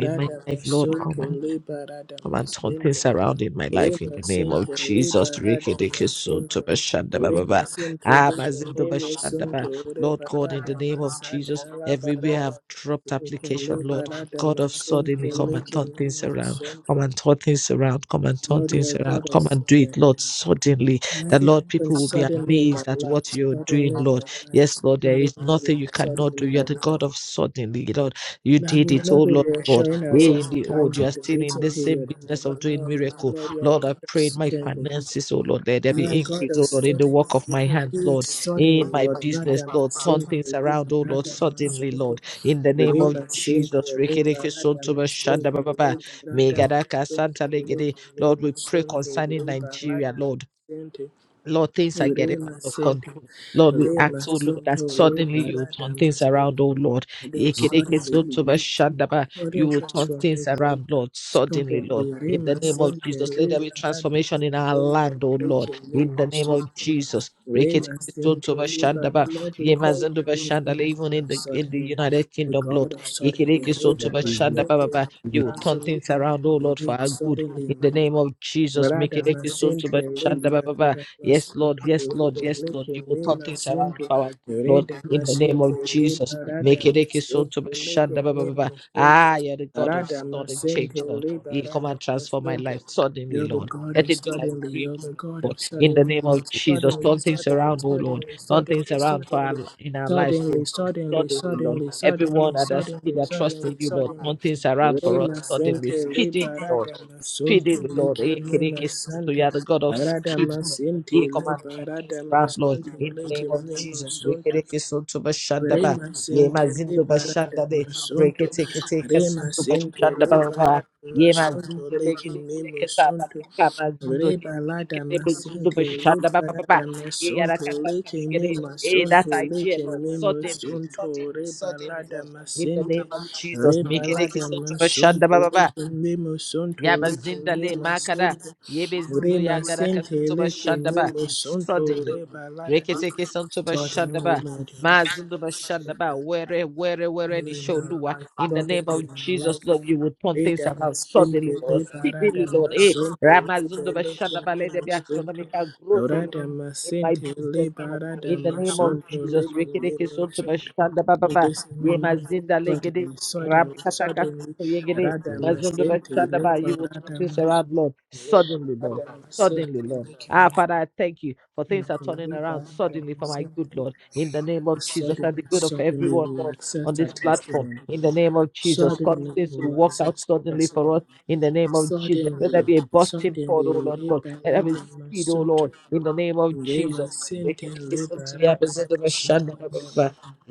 [SPEAKER 2] in my life, Lord. Come
[SPEAKER 1] Masonto Liberada
[SPEAKER 2] Come and turn
[SPEAKER 1] Masente
[SPEAKER 2] things around in my life in
[SPEAKER 1] Rima
[SPEAKER 2] the name
[SPEAKER 1] Sinti
[SPEAKER 2] of
[SPEAKER 1] Liba
[SPEAKER 2] Jesus.
[SPEAKER 1] Adam
[SPEAKER 2] Rikidikisun to
[SPEAKER 1] Masunto
[SPEAKER 2] Bashanda ba ba
[SPEAKER 1] Rima
[SPEAKER 2] ba.
[SPEAKER 1] Sinti
[SPEAKER 2] Ah,
[SPEAKER 1] Liba
[SPEAKER 2] Mazindo
[SPEAKER 1] Nemo
[SPEAKER 2] Bashanda
[SPEAKER 1] Sunto
[SPEAKER 2] ba. Lord
[SPEAKER 1] Riba
[SPEAKER 2] God, in the
[SPEAKER 1] Adam
[SPEAKER 2] name of Jesus,
[SPEAKER 1] Masanta Laba
[SPEAKER 2] everywhere
[SPEAKER 1] Rada
[SPEAKER 2] I've dropped
[SPEAKER 1] Sinti
[SPEAKER 2] application,
[SPEAKER 1] Liba
[SPEAKER 2] Lord,
[SPEAKER 1] Adam
[SPEAKER 2] God of
[SPEAKER 1] Masunto
[SPEAKER 2] suddenly come and
[SPEAKER 1] Lika
[SPEAKER 2] turn things
[SPEAKER 1] Nemo
[SPEAKER 2] around. Come
[SPEAKER 1] Sunto
[SPEAKER 2] and turn things around. Come and turn things
[SPEAKER 1] Warrior God
[SPEAKER 2] around.
[SPEAKER 1] of
[SPEAKER 2] Come and do
[SPEAKER 1] Sudden
[SPEAKER 2] it, Lord, suddenly.
[SPEAKER 1] Let
[SPEAKER 2] That,
[SPEAKER 1] it
[SPEAKER 2] Lord,
[SPEAKER 1] happen
[SPEAKER 2] people will be
[SPEAKER 1] suddenly in my
[SPEAKER 2] amazed at
[SPEAKER 1] life,
[SPEAKER 2] what you're
[SPEAKER 1] suddenly in
[SPEAKER 2] doing,
[SPEAKER 1] my
[SPEAKER 2] Lord. Yes,
[SPEAKER 1] life,
[SPEAKER 2] Lord, there
[SPEAKER 1] suddenly in
[SPEAKER 2] is
[SPEAKER 1] my life,
[SPEAKER 2] nothing you cannot
[SPEAKER 1] suddenly
[SPEAKER 2] do.
[SPEAKER 1] in my
[SPEAKER 2] You're the
[SPEAKER 1] life.
[SPEAKER 2] God of suddenly, Lord. You
[SPEAKER 1] Now we
[SPEAKER 2] did
[SPEAKER 1] will
[SPEAKER 2] it,
[SPEAKER 1] not
[SPEAKER 2] oh
[SPEAKER 1] be
[SPEAKER 2] Lord God.
[SPEAKER 1] reassuring
[SPEAKER 2] Hey,
[SPEAKER 1] ourselves
[SPEAKER 2] in
[SPEAKER 1] in
[SPEAKER 2] the old,
[SPEAKER 1] times
[SPEAKER 2] you are
[SPEAKER 1] of the
[SPEAKER 2] still in
[SPEAKER 1] waiting
[SPEAKER 2] the same
[SPEAKER 1] period and the
[SPEAKER 2] business of
[SPEAKER 1] what
[SPEAKER 2] doing
[SPEAKER 1] no no no
[SPEAKER 2] miracle.
[SPEAKER 1] Lord you are
[SPEAKER 2] Lord, I
[SPEAKER 1] God of
[SPEAKER 2] prayed my
[SPEAKER 1] suddenly
[SPEAKER 2] finances, oh Lord, there, there be
[SPEAKER 1] Lord God
[SPEAKER 2] increase,
[SPEAKER 1] of
[SPEAKER 2] oh Lord, in the
[SPEAKER 1] suddenly,
[SPEAKER 2] work of
[SPEAKER 1] you
[SPEAKER 2] my
[SPEAKER 1] can
[SPEAKER 2] hands,
[SPEAKER 1] do it
[SPEAKER 2] Lord, in
[SPEAKER 1] suddenly,
[SPEAKER 2] my
[SPEAKER 1] Lord.
[SPEAKER 2] business,
[SPEAKER 1] Nada
[SPEAKER 2] Lord, turn
[SPEAKER 1] masin,
[SPEAKER 2] things
[SPEAKER 1] reba,
[SPEAKER 2] around, oh Lord,
[SPEAKER 1] nada
[SPEAKER 2] suddenly,
[SPEAKER 1] masonto,
[SPEAKER 2] Lord, in the name of
[SPEAKER 1] reba sin,
[SPEAKER 2] Jesus.
[SPEAKER 1] reba,
[SPEAKER 2] Rekereke
[SPEAKER 1] nada
[SPEAKER 2] sontoba shanda ba,
[SPEAKER 1] masonto,
[SPEAKER 2] ba ba.
[SPEAKER 1] reba, nada
[SPEAKER 2] megadaka
[SPEAKER 1] masonto,
[SPEAKER 2] santa
[SPEAKER 1] leki,
[SPEAKER 2] legede.
[SPEAKER 1] me
[SPEAKER 2] Lord, we pray
[SPEAKER 1] masonto,
[SPEAKER 2] concerning
[SPEAKER 1] reba,
[SPEAKER 2] Nigeria,
[SPEAKER 1] nada
[SPEAKER 2] Lord.
[SPEAKER 1] masente,
[SPEAKER 2] Lord, things are getting out
[SPEAKER 1] rema
[SPEAKER 2] of
[SPEAKER 1] sente,
[SPEAKER 2] control. Lord, we
[SPEAKER 1] rema
[SPEAKER 2] ask, oh Lord,
[SPEAKER 1] sonto,
[SPEAKER 2] that
[SPEAKER 1] reba,
[SPEAKER 2] suddenly you will
[SPEAKER 1] nada
[SPEAKER 2] turn things around,
[SPEAKER 1] masonto.
[SPEAKER 2] oh Lord.
[SPEAKER 1] They'll suddenly be people,
[SPEAKER 2] Ekerekesotobashandaba.
[SPEAKER 1] sudden
[SPEAKER 2] You will turn things
[SPEAKER 1] transformation,
[SPEAKER 2] around, Lord, suddenly,
[SPEAKER 1] Suddenly,
[SPEAKER 2] Lord. In
[SPEAKER 1] Rima
[SPEAKER 2] the name of
[SPEAKER 1] Senke
[SPEAKER 2] Jesus, let there be
[SPEAKER 1] Liberador
[SPEAKER 2] transformation in our land, oh Lord. In the name of Jesus.
[SPEAKER 1] Rima Senke Libera,
[SPEAKER 2] Reketekesotobashandaba.
[SPEAKER 1] Lord, we call on you,
[SPEAKER 2] Yemazendobashandale,
[SPEAKER 1] the
[SPEAKER 2] Even
[SPEAKER 1] God
[SPEAKER 2] in
[SPEAKER 1] of
[SPEAKER 2] the in the
[SPEAKER 1] suddenly,
[SPEAKER 2] United
[SPEAKER 1] the
[SPEAKER 2] Kingdom,
[SPEAKER 1] God
[SPEAKER 2] Lord.
[SPEAKER 1] of suddenly, Rima
[SPEAKER 3] you.
[SPEAKER 1] Senke,
[SPEAKER 2] Ekerekesotobashandababa. You will turn things
[SPEAKER 1] transformation
[SPEAKER 2] around,
[SPEAKER 1] can
[SPEAKER 2] oh
[SPEAKER 1] be
[SPEAKER 2] Lord, for
[SPEAKER 1] made
[SPEAKER 2] our good.
[SPEAKER 1] suddenly
[SPEAKER 2] In
[SPEAKER 1] in my
[SPEAKER 2] the
[SPEAKER 1] life.
[SPEAKER 2] name of Jesus, make
[SPEAKER 1] Rada
[SPEAKER 2] it a soul to
[SPEAKER 1] masente lepa
[SPEAKER 2] Bashandaba.
[SPEAKER 1] rada
[SPEAKER 2] Yes, Lord.
[SPEAKER 1] masunto
[SPEAKER 2] Yes, Lord.
[SPEAKER 1] lepe
[SPEAKER 2] Yes, Lord.
[SPEAKER 1] leke
[SPEAKER 2] You will
[SPEAKER 1] le
[SPEAKER 2] turn things around
[SPEAKER 1] masunto
[SPEAKER 2] for our good, Lord.
[SPEAKER 1] rada
[SPEAKER 2] In the name
[SPEAKER 1] masente
[SPEAKER 2] of Jesus.
[SPEAKER 1] lepa rada
[SPEAKER 2] Make it a it so to
[SPEAKER 1] masunto leke
[SPEAKER 2] Bashanda. ba, ba,
[SPEAKER 1] le
[SPEAKER 2] ba, ba.
[SPEAKER 1] masunto
[SPEAKER 2] Ah, you're the God of
[SPEAKER 1] rada
[SPEAKER 2] sudden
[SPEAKER 1] masente
[SPEAKER 2] change, Lord.
[SPEAKER 1] lepa
[SPEAKER 2] You come
[SPEAKER 1] rada
[SPEAKER 2] and transform my
[SPEAKER 1] masunto
[SPEAKER 2] life suddenly,
[SPEAKER 1] You're the
[SPEAKER 2] Lord.
[SPEAKER 1] God
[SPEAKER 2] Let
[SPEAKER 1] of
[SPEAKER 2] it be like
[SPEAKER 1] suddenly,
[SPEAKER 2] dream,
[SPEAKER 1] you're
[SPEAKER 2] oh
[SPEAKER 1] the God
[SPEAKER 2] Lord.
[SPEAKER 1] of
[SPEAKER 2] In the
[SPEAKER 1] suddenly,
[SPEAKER 2] name of
[SPEAKER 1] Lord.
[SPEAKER 2] Jesus.
[SPEAKER 1] suddenly,
[SPEAKER 2] Turn things
[SPEAKER 1] suddenly,
[SPEAKER 2] around, oh Lord.
[SPEAKER 1] suddenly,
[SPEAKER 2] Turn things
[SPEAKER 1] suddenly,
[SPEAKER 2] around for
[SPEAKER 1] suddenly,
[SPEAKER 2] our, in our lives, Lord.
[SPEAKER 1] suddenly, suddenly,
[SPEAKER 2] Suddenly, Lord.
[SPEAKER 1] suddenly, suddenly,
[SPEAKER 2] Everyone that has
[SPEAKER 1] suddenly,
[SPEAKER 2] that trust
[SPEAKER 1] suddenly,
[SPEAKER 2] in you, Lord.
[SPEAKER 1] suddenly.
[SPEAKER 2] Turn things around for us
[SPEAKER 1] Lima
[SPEAKER 2] suddenly.
[SPEAKER 1] Santa
[SPEAKER 2] Speedily, Lord
[SPEAKER 1] Liberada Masonto
[SPEAKER 2] Speedy, Lord.
[SPEAKER 1] Lekimina
[SPEAKER 2] Ekerekes to you
[SPEAKER 1] Santa
[SPEAKER 2] are the God of
[SPEAKER 1] Arada
[SPEAKER 2] speed, Lord.
[SPEAKER 1] Masente
[SPEAKER 2] Ye command
[SPEAKER 1] Liberada
[SPEAKER 2] conquest ground, Lord.
[SPEAKER 1] Masonto
[SPEAKER 2] In the name of
[SPEAKER 1] Lekimina
[SPEAKER 2] Jesus.
[SPEAKER 1] Sonto
[SPEAKER 2] Ekerekes to Bashandaba.
[SPEAKER 1] Rema
[SPEAKER 2] Ye
[SPEAKER 1] sente
[SPEAKER 2] mazindo
[SPEAKER 1] lebara de
[SPEAKER 2] Bashandabe.
[SPEAKER 1] masonto,
[SPEAKER 2] Reketeketekes
[SPEAKER 1] rema
[SPEAKER 2] to
[SPEAKER 1] sente lebara
[SPEAKER 2] Bashandaba. Ye
[SPEAKER 1] masonto,
[SPEAKER 2] mazindo
[SPEAKER 1] leke nemo
[SPEAKER 2] Begedekedeketa.
[SPEAKER 1] sonto,
[SPEAKER 2] Bakinka mazindo
[SPEAKER 1] reba lada
[SPEAKER 2] Kedekete Bezindo
[SPEAKER 1] masente
[SPEAKER 2] Bashandaba.
[SPEAKER 1] lebara de
[SPEAKER 2] Papa. Ye
[SPEAKER 1] masonto,
[SPEAKER 2] Yarakasanta
[SPEAKER 1] leke me
[SPEAKER 2] Begede. Hey,
[SPEAKER 1] masonto,
[SPEAKER 2] that idea,
[SPEAKER 1] leke
[SPEAKER 2] Lord.
[SPEAKER 1] nemo
[SPEAKER 2] Suddenly,
[SPEAKER 1] sonto,
[SPEAKER 2] suddenly,
[SPEAKER 1] reba
[SPEAKER 2] suddenly,
[SPEAKER 1] lada
[SPEAKER 2] Lord. In the
[SPEAKER 1] masente,
[SPEAKER 2] name of Jesus.
[SPEAKER 1] reba
[SPEAKER 2] Mekerekes
[SPEAKER 1] lada
[SPEAKER 2] to
[SPEAKER 1] masonto,
[SPEAKER 2] Bashandaba.
[SPEAKER 1] leke nemo sonto, leke
[SPEAKER 2] Yabazinda
[SPEAKER 1] me
[SPEAKER 2] le makada
[SPEAKER 1] masente,
[SPEAKER 2] yebezindu
[SPEAKER 1] rema
[SPEAKER 2] yagara
[SPEAKER 1] sente
[SPEAKER 2] kasuntuba
[SPEAKER 1] leke
[SPEAKER 2] shandaba
[SPEAKER 1] nemo sonto,
[SPEAKER 2] suddenly
[SPEAKER 1] reba lada.
[SPEAKER 2] reketeke santuba
[SPEAKER 1] Lord, you know, you
[SPEAKER 2] shandaba
[SPEAKER 1] the King of
[SPEAKER 2] mazunduba
[SPEAKER 1] Sodom.
[SPEAKER 2] shandaba where where where ni
[SPEAKER 1] in
[SPEAKER 2] show
[SPEAKER 1] our
[SPEAKER 2] Lua
[SPEAKER 1] life,
[SPEAKER 2] in the
[SPEAKER 1] Lord,
[SPEAKER 2] name of
[SPEAKER 1] in our
[SPEAKER 2] Jesus
[SPEAKER 1] life.
[SPEAKER 2] Lord you will turn things
[SPEAKER 1] Reda
[SPEAKER 2] around
[SPEAKER 1] masente
[SPEAKER 2] suddenly
[SPEAKER 1] le
[SPEAKER 2] Lord
[SPEAKER 1] parada
[SPEAKER 2] speedily Lord eh
[SPEAKER 1] masonto le
[SPEAKER 2] ramazunduba
[SPEAKER 1] belete
[SPEAKER 2] shandaba
[SPEAKER 1] le
[SPEAKER 2] let there be astronomical growth oh Lord
[SPEAKER 1] Rada
[SPEAKER 2] in my
[SPEAKER 1] masente le
[SPEAKER 2] business Lord
[SPEAKER 1] parada
[SPEAKER 2] in the name of
[SPEAKER 1] masonto le
[SPEAKER 2] Jesus
[SPEAKER 1] kele
[SPEAKER 2] reketeke santuba shandaba baba
[SPEAKER 1] This is my mouth.
[SPEAKER 2] yemazinda legede
[SPEAKER 1] Suddenly, suddenly,
[SPEAKER 2] rabkataka
[SPEAKER 1] suddenly. Rada
[SPEAKER 2] Mazunda
[SPEAKER 1] masente
[SPEAKER 2] Bashanda
[SPEAKER 1] le
[SPEAKER 2] Ba, You will turn
[SPEAKER 1] parada
[SPEAKER 2] things
[SPEAKER 1] masonto.
[SPEAKER 2] around, Lord.
[SPEAKER 1] Le
[SPEAKER 2] Suddenly, Lord.
[SPEAKER 1] parada
[SPEAKER 2] Suddenly,
[SPEAKER 1] masente
[SPEAKER 2] Lord.
[SPEAKER 1] le kele
[SPEAKER 2] Ah, Father, I thank you for things are
[SPEAKER 1] masonto.
[SPEAKER 2] turning
[SPEAKER 1] Le
[SPEAKER 2] around
[SPEAKER 1] parada
[SPEAKER 2] suddenly for my
[SPEAKER 1] masente.
[SPEAKER 2] good Lord. In the name of Jesus
[SPEAKER 1] Suddenly,
[SPEAKER 2] and the good of
[SPEAKER 1] suddenly
[SPEAKER 2] everyone,
[SPEAKER 1] we will
[SPEAKER 2] Lord, on
[SPEAKER 1] accept our
[SPEAKER 2] this platform.
[SPEAKER 1] testimony.
[SPEAKER 2] In the name of Jesus, cause
[SPEAKER 1] Suddenly
[SPEAKER 2] things
[SPEAKER 1] we
[SPEAKER 2] to
[SPEAKER 1] will
[SPEAKER 2] work out
[SPEAKER 1] accept our
[SPEAKER 2] suddenly for
[SPEAKER 1] testimony.
[SPEAKER 2] us. In the name of Jesus, let there
[SPEAKER 1] Suddenly,
[SPEAKER 2] be a busting
[SPEAKER 1] suddenly,
[SPEAKER 2] forward, oh Lord God.
[SPEAKER 1] Reba
[SPEAKER 2] Let there be
[SPEAKER 1] Lada
[SPEAKER 2] speed, oh
[SPEAKER 1] Masunto,
[SPEAKER 2] Lord. In the name of
[SPEAKER 1] Rema
[SPEAKER 2] Jesus. We
[SPEAKER 1] Sinte
[SPEAKER 2] can listen
[SPEAKER 1] Reba
[SPEAKER 2] to you.
[SPEAKER 1] Lada
[SPEAKER 2] Mazunda
[SPEAKER 1] Masunto.
[SPEAKER 2] Bashanda Ba Ba Ba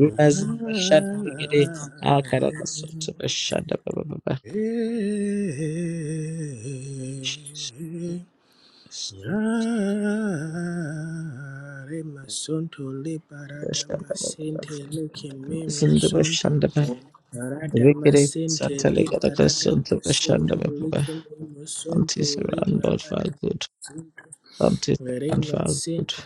[SPEAKER 1] Ah,
[SPEAKER 2] Bashanda Ba Ah, Karakasutu Bashanda Ba Ba
[SPEAKER 1] eh, ah, Rema Sunto Reba Lada Masinte Leke me,
[SPEAKER 2] Zindaba
[SPEAKER 1] Sunto.
[SPEAKER 2] Shandaba Rikiri
[SPEAKER 1] Paradamasinti
[SPEAKER 2] Santali Yadaka Sundaba
[SPEAKER 1] liberadamasunto
[SPEAKER 2] Shandaba
[SPEAKER 1] licum imusunto
[SPEAKER 2] Aunties around Lord for our good.
[SPEAKER 1] liberadamasunto
[SPEAKER 2] Aunties around for our good.
[SPEAKER 1] verimasinti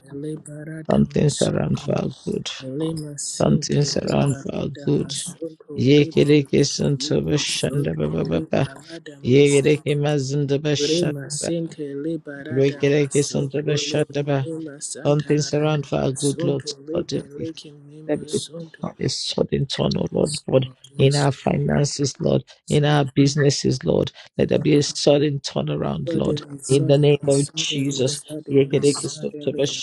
[SPEAKER 2] Aunties around for
[SPEAKER 1] liberadamasunto
[SPEAKER 2] our good.
[SPEAKER 1] verimasinti
[SPEAKER 2] Aunties around for our good.
[SPEAKER 1] liberadamasunto
[SPEAKER 2] Yekiriki
[SPEAKER 1] liberadicum
[SPEAKER 2] Sundaba
[SPEAKER 1] imusunto
[SPEAKER 2] Shandaba Baba Yekiriki
[SPEAKER 1] liberadamasunto
[SPEAKER 2] Mazindaba Shandaba
[SPEAKER 1] verimasinti
[SPEAKER 2] Rikiriki
[SPEAKER 1] liberadamasunto
[SPEAKER 2] Sundaba
[SPEAKER 1] licum
[SPEAKER 2] Shandaba
[SPEAKER 1] imusanta
[SPEAKER 2] Aunties around for our good
[SPEAKER 1] radamasunto
[SPEAKER 2] Lord. Spotted.
[SPEAKER 1] liberadicum
[SPEAKER 2] Let it
[SPEAKER 1] imusunto
[SPEAKER 2] turn, a sudden turn, oh Lord God,
[SPEAKER 1] Oh,
[SPEAKER 2] in
[SPEAKER 1] yes.
[SPEAKER 2] our
[SPEAKER 1] Yes.
[SPEAKER 2] finances, Lord, in our businesses, Lord. Let there be a
[SPEAKER 1] Suddenly,
[SPEAKER 2] sudden turnaround, Lord.
[SPEAKER 1] suddenly,
[SPEAKER 2] In the
[SPEAKER 1] suddenly,
[SPEAKER 2] name of
[SPEAKER 1] suddenly,
[SPEAKER 2] Jesus.
[SPEAKER 1] suddenly suddenly,
[SPEAKER 2] Yes,
[SPEAKER 1] in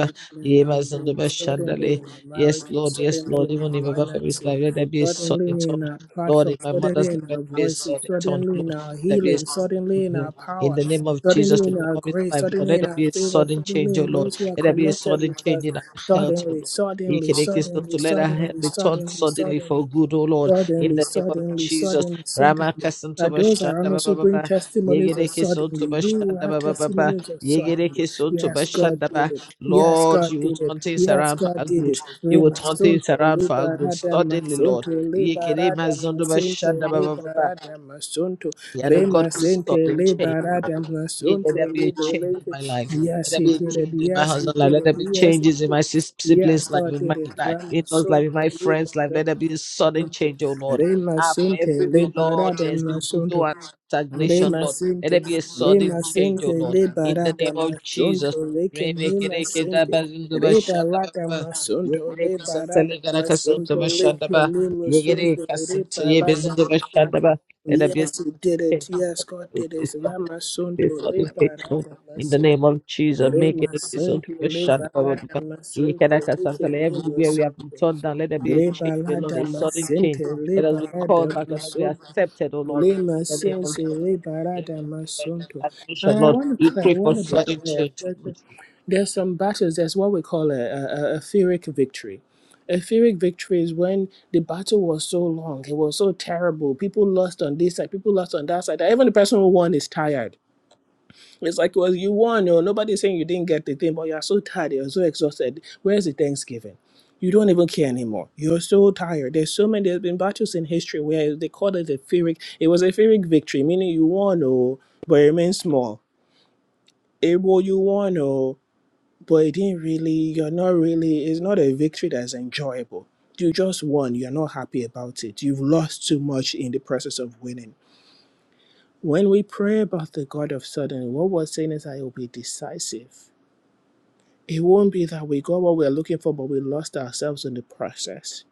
[SPEAKER 1] our suddenly in our home, suddenly in our marriage,
[SPEAKER 2] Lord, yes,
[SPEAKER 1] suddenly
[SPEAKER 2] Lord.
[SPEAKER 1] in
[SPEAKER 2] Even
[SPEAKER 1] our
[SPEAKER 2] in my family's
[SPEAKER 1] finances,
[SPEAKER 2] life, let there be a sudden
[SPEAKER 1] suddenly in
[SPEAKER 2] turn.
[SPEAKER 1] our
[SPEAKER 2] Lord,
[SPEAKER 1] platform,
[SPEAKER 2] in my
[SPEAKER 1] suddenly
[SPEAKER 2] mother's
[SPEAKER 1] in
[SPEAKER 2] life, let
[SPEAKER 1] our
[SPEAKER 2] there be a
[SPEAKER 1] voices,
[SPEAKER 2] sudden turn,
[SPEAKER 1] suddenly in
[SPEAKER 2] Lord.
[SPEAKER 1] our
[SPEAKER 2] Let there be a
[SPEAKER 1] healing,
[SPEAKER 2] sudden turn,
[SPEAKER 1] suddenly in our
[SPEAKER 2] Lord. In
[SPEAKER 1] power,
[SPEAKER 2] the name of
[SPEAKER 1] suddenly
[SPEAKER 2] Jesus,
[SPEAKER 1] in
[SPEAKER 2] in my
[SPEAKER 1] our
[SPEAKER 2] mommy's
[SPEAKER 1] grace,
[SPEAKER 2] life, Lord,
[SPEAKER 1] suddenly
[SPEAKER 2] let
[SPEAKER 1] in
[SPEAKER 2] there
[SPEAKER 1] our
[SPEAKER 2] be a
[SPEAKER 1] favor,
[SPEAKER 2] sudden
[SPEAKER 1] suddenly
[SPEAKER 2] change, oh
[SPEAKER 1] in
[SPEAKER 2] Lord.
[SPEAKER 1] those who are
[SPEAKER 2] Let there be a
[SPEAKER 1] connected
[SPEAKER 2] sudden
[SPEAKER 1] with us,
[SPEAKER 2] change in our health, oh
[SPEAKER 1] suddenly,
[SPEAKER 2] Lord.
[SPEAKER 1] suddenly,
[SPEAKER 2] To
[SPEAKER 1] suddenly,
[SPEAKER 2] let our head
[SPEAKER 1] suddenly,
[SPEAKER 2] be turned
[SPEAKER 1] suddenly,
[SPEAKER 2] suddenly for
[SPEAKER 1] suddenly.
[SPEAKER 2] good, O Lord, in
[SPEAKER 1] Suddenly,
[SPEAKER 2] the name of
[SPEAKER 1] suddenly,
[SPEAKER 2] Jesus.
[SPEAKER 1] suddenly,
[SPEAKER 2] Rama
[SPEAKER 1] suddenly. That
[SPEAKER 2] Ramakasantoba
[SPEAKER 1] those around
[SPEAKER 2] Shanda
[SPEAKER 1] us who bring
[SPEAKER 2] Baba,
[SPEAKER 1] testimonies of suddenly.
[SPEAKER 2] Yegedekisantoba
[SPEAKER 1] We will
[SPEAKER 2] Shanda
[SPEAKER 1] have
[SPEAKER 2] Baba,
[SPEAKER 1] testimonies of suddenly.
[SPEAKER 2] Yegedekisantoba
[SPEAKER 1] Yes, God
[SPEAKER 2] Shanda
[SPEAKER 1] did
[SPEAKER 2] Baba.
[SPEAKER 1] it. Yes,
[SPEAKER 2] Lord,
[SPEAKER 1] God
[SPEAKER 2] you will
[SPEAKER 1] did it.
[SPEAKER 2] turn things
[SPEAKER 1] Yes,
[SPEAKER 2] around for
[SPEAKER 1] God
[SPEAKER 2] our
[SPEAKER 1] did it.
[SPEAKER 2] good. You will turn things
[SPEAKER 1] Remasunto
[SPEAKER 2] around for our good
[SPEAKER 1] liberada
[SPEAKER 2] suddenly,
[SPEAKER 1] masunto
[SPEAKER 2] Lord. Yekere
[SPEAKER 1] liberada
[SPEAKER 2] Mazondoba
[SPEAKER 1] masente
[SPEAKER 2] Shanda Baba. Baba.
[SPEAKER 1] liberada masunto.
[SPEAKER 2] You are the God of
[SPEAKER 1] Remasente
[SPEAKER 2] sudden change.
[SPEAKER 1] liberada
[SPEAKER 2] Yeah, Let there
[SPEAKER 1] masunto
[SPEAKER 2] be a change in
[SPEAKER 1] liberada.
[SPEAKER 2] my life. Let
[SPEAKER 1] Yes,
[SPEAKER 2] there
[SPEAKER 1] he
[SPEAKER 2] be a
[SPEAKER 1] did it.
[SPEAKER 2] change in my
[SPEAKER 1] Yes, he
[SPEAKER 2] husband's life.
[SPEAKER 1] did
[SPEAKER 2] Let
[SPEAKER 1] it.
[SPEAKER 2] there be
[SPEAKER 1] Yes, he
[SPEAKER 2] changes in my
[SPEAKER 1] did it.
[SPEAKER 2] sis-
[SPEAKER 1] Yes,
[SPEAKER 2] siblings' life,
[SPEAKER 1] God
[SPEAKER 2] in my
[SPEAKER 1] did it.
[SPEAKER 2] life, in those
[SPEAKER 1] Ramasunto
[SPEAKER 2] life, in my friends' life. Let there be
[SPEAKER 1] liberada.
[SPEAKER 2] a sudden change, oh Lord.
[SPEAKER 1] Rema
[SPEAKER 2] Ah, for
[SPEAKER 1] sente le
[SPEAKER 2] everywhere, Lord,
[SPEAKER 1] barada
[SPEAKER 2] there's been
[SPEAKER 1] masonto.
[SPEAKER 2] slow and stagnation,
[SPEAKER 1] Rema
[SPEAKER 2] Lord. Let
[SPEAKER 1] sente
[SPEAKER 2] there be a
[SPEAKER 1] rema
[SPEAKER 2] sudden change, oh
[SPEAKER 1] sente
[SPEAKER 2] Lord.
[SPEAKER 1] le
[SPEAKER 2] In the
[SPEAKER 1] barada
[SPEAKER 2] name of
[SPEAKER 1] masonto
[SPEAKER 2] Jesus.
[SPEAKER 1] leke rema sente re barada
[SPEAKER 2] Remekerekedabazindobashandababa.
[SPEAKER 1] masonto le barada masonto leke
[SPEAKER 2] Yegerekesantelegarakasantobashandaba.
[SPEAKER 1] rema sonto re barada masonto.
[SPEAKER 2] Yegerekasanteyebezindobashandaba. Let there be a
[SPEAKER 1] Yes, he
[SPEAKER 2] sudden
[SPEAKER 1] did it. Yes, God did it.
[SPEAKER 2] change
[SPEAKER 1] Rama Santo
[SPEAKER 2] this
[SPEAKER 1] le
[SPEAKER 2] fornication
[SPEAKER 1] barada
[SPEAKER 2] in the
[SPEAKER 1] masonto.
[SPEAKER 2] name of Jesus. Make
[SPEAKER 1] Rema
[SPEAKER 2] it this
[SPEAKER 1] santo le
[SPEAKER 2] operation.
[SPEAKER 1] barada
[SPEAKER 2] Everywhere we
[SPEAKER 1] masonto leke rema
[SPEAKER 2] have been
[SPEAKER 1] sonto.
[SPEAKER 2] turned down, let there be a change, oh Lord,
[SPEAKER 1] Rebalada
[SPEAKER 2] a sudden
[SPEAKER 1] masente,
[SPEAKER 2] change. Let us be
[SPEAKER 1] rebalada
[SPEAKER 2] called back, let us be
[SPEAKER 1] masonto,
[SPEAKER 2] accepted, oh Lord, in
[SPEAKER 1] lema
[SPEAKER 2] the name of
[SPEAKER 1] sense,
[SPEAKER 2] Jesus.
[SPEAKER 1] rebalada masonto.
[SPEAKER 2] Admission,
[SPEAKER 1] And I
[SPEAKER 2] Lord,
[SPEAKER 1] want to
[SPEAKER 2] we
[SPEAKER 1] clear, I
[SPEAKER 2] pray for
[SPEAKER 1] want to be
[SPEAKER 2] sudden
[SPEAKER 1] clear.
[SPEAKER 2] change,
[SPEAKER 1] but
[SPEAKER 2] Lord.
[SPEAKER 1] There's some battles. That's what we call a, a, a Pyrrhic victory. A Pyrrhic victory is when the battle was so long, it was so terrible. People lost on this side, people lost on that side. Even the person who won is tired it's like, well, you won, or nobody's saying you didn't get the thing, but you're so tired, you're so exhausted. Where's the Thanksgiving? You don't even care anymore. You're so tired. There's so many. There's been battles in history where they called it a Pyrrhic. It was a Pyrrhic victory, meaning you won, oh, but it remains small. It well, you won, oh, but it didn't really. You're not really. It's not a victory that's enjoyable. You just won. You're not happy about it. You've lost too much in the process of winning. When we pray about the God of sudden, what we're saying is, I will be decisive. It won't be that we got what we're looking for, but we lost ourselves in the process.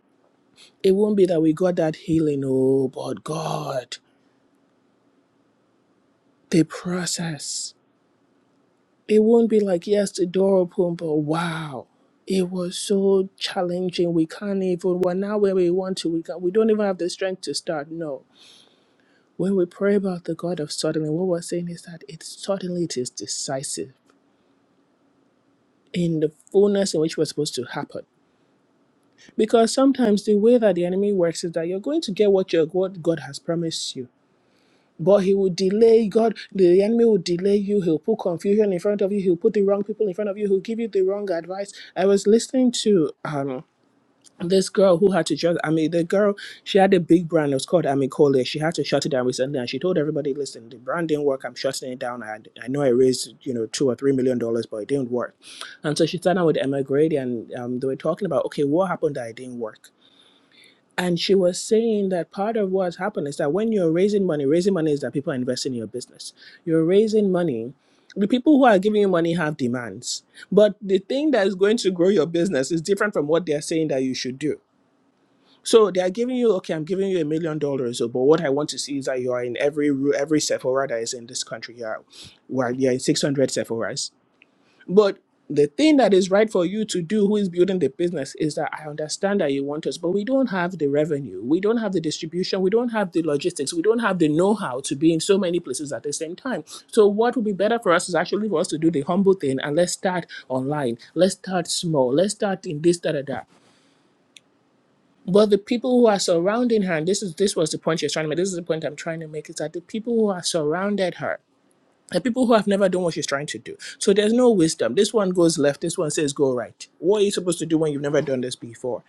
[SPEAKER 1] It won't be that we got that healing, oh, but God, the process. It won't be like, yes, the door opened, but wow, it was so challenging. We can't even, we're not where we want to. We, can, we don't even have the strength to start. No. When we pray about the God of suddenly, what we're saying is that it suddenly it is decisive in the fullness in which we're supposed to happen. Because sometimes the way that the enemy works is that you're going to get what your what God has promised you. But he will delay God, the enemy will delay you, he'll put confusion in front of you, he'll put the wrong people in front of you, he'll give you the wrong advice. I was listening to um this girl who had to just I mean the girl she had a big brand, it was called Amicole. She had to shut it down recently and she told everybody, listen, the brand didn't work, I'm shutting it down. I, I know I raised, you know, two or three million dollars, but it didn't work. And so she sat down with Emma Grady and um, they were talking about okay, what happened that it didn't work? And she was saying that part of what's happened is that when you're raising money, raising money is that people are investing in your business. You're raising money. The people who are giving you money have demands. But the thing that is going to grow your business is different from what they're saying that you should do. So they are giving you, okay, I'm giving you a million dollars, oh, but what I want to see is that you are in every ru- every Sephora that is in this country here. Well, you're in 600 Sephoras but the thing that is right for you to do, who is building the business, is that I understand that you want us, but we don't have the revenue, we don't have the distribution, we don't have the logistics, we don't have the know how to be in so many places at the same time. So, what would be better for us is actually for us to do the humble thing and let's start online, let's start small, let's start in this, da da da. But the people who are surrounding her, and this is this was the point she was trying to make, this is the point I'm trying to make, is that the people who are surrounded her and people who have never done what she's trying to do. So there's no wisdom. This one goes left, this one says go right. What are you supposed to do when you've never done this before?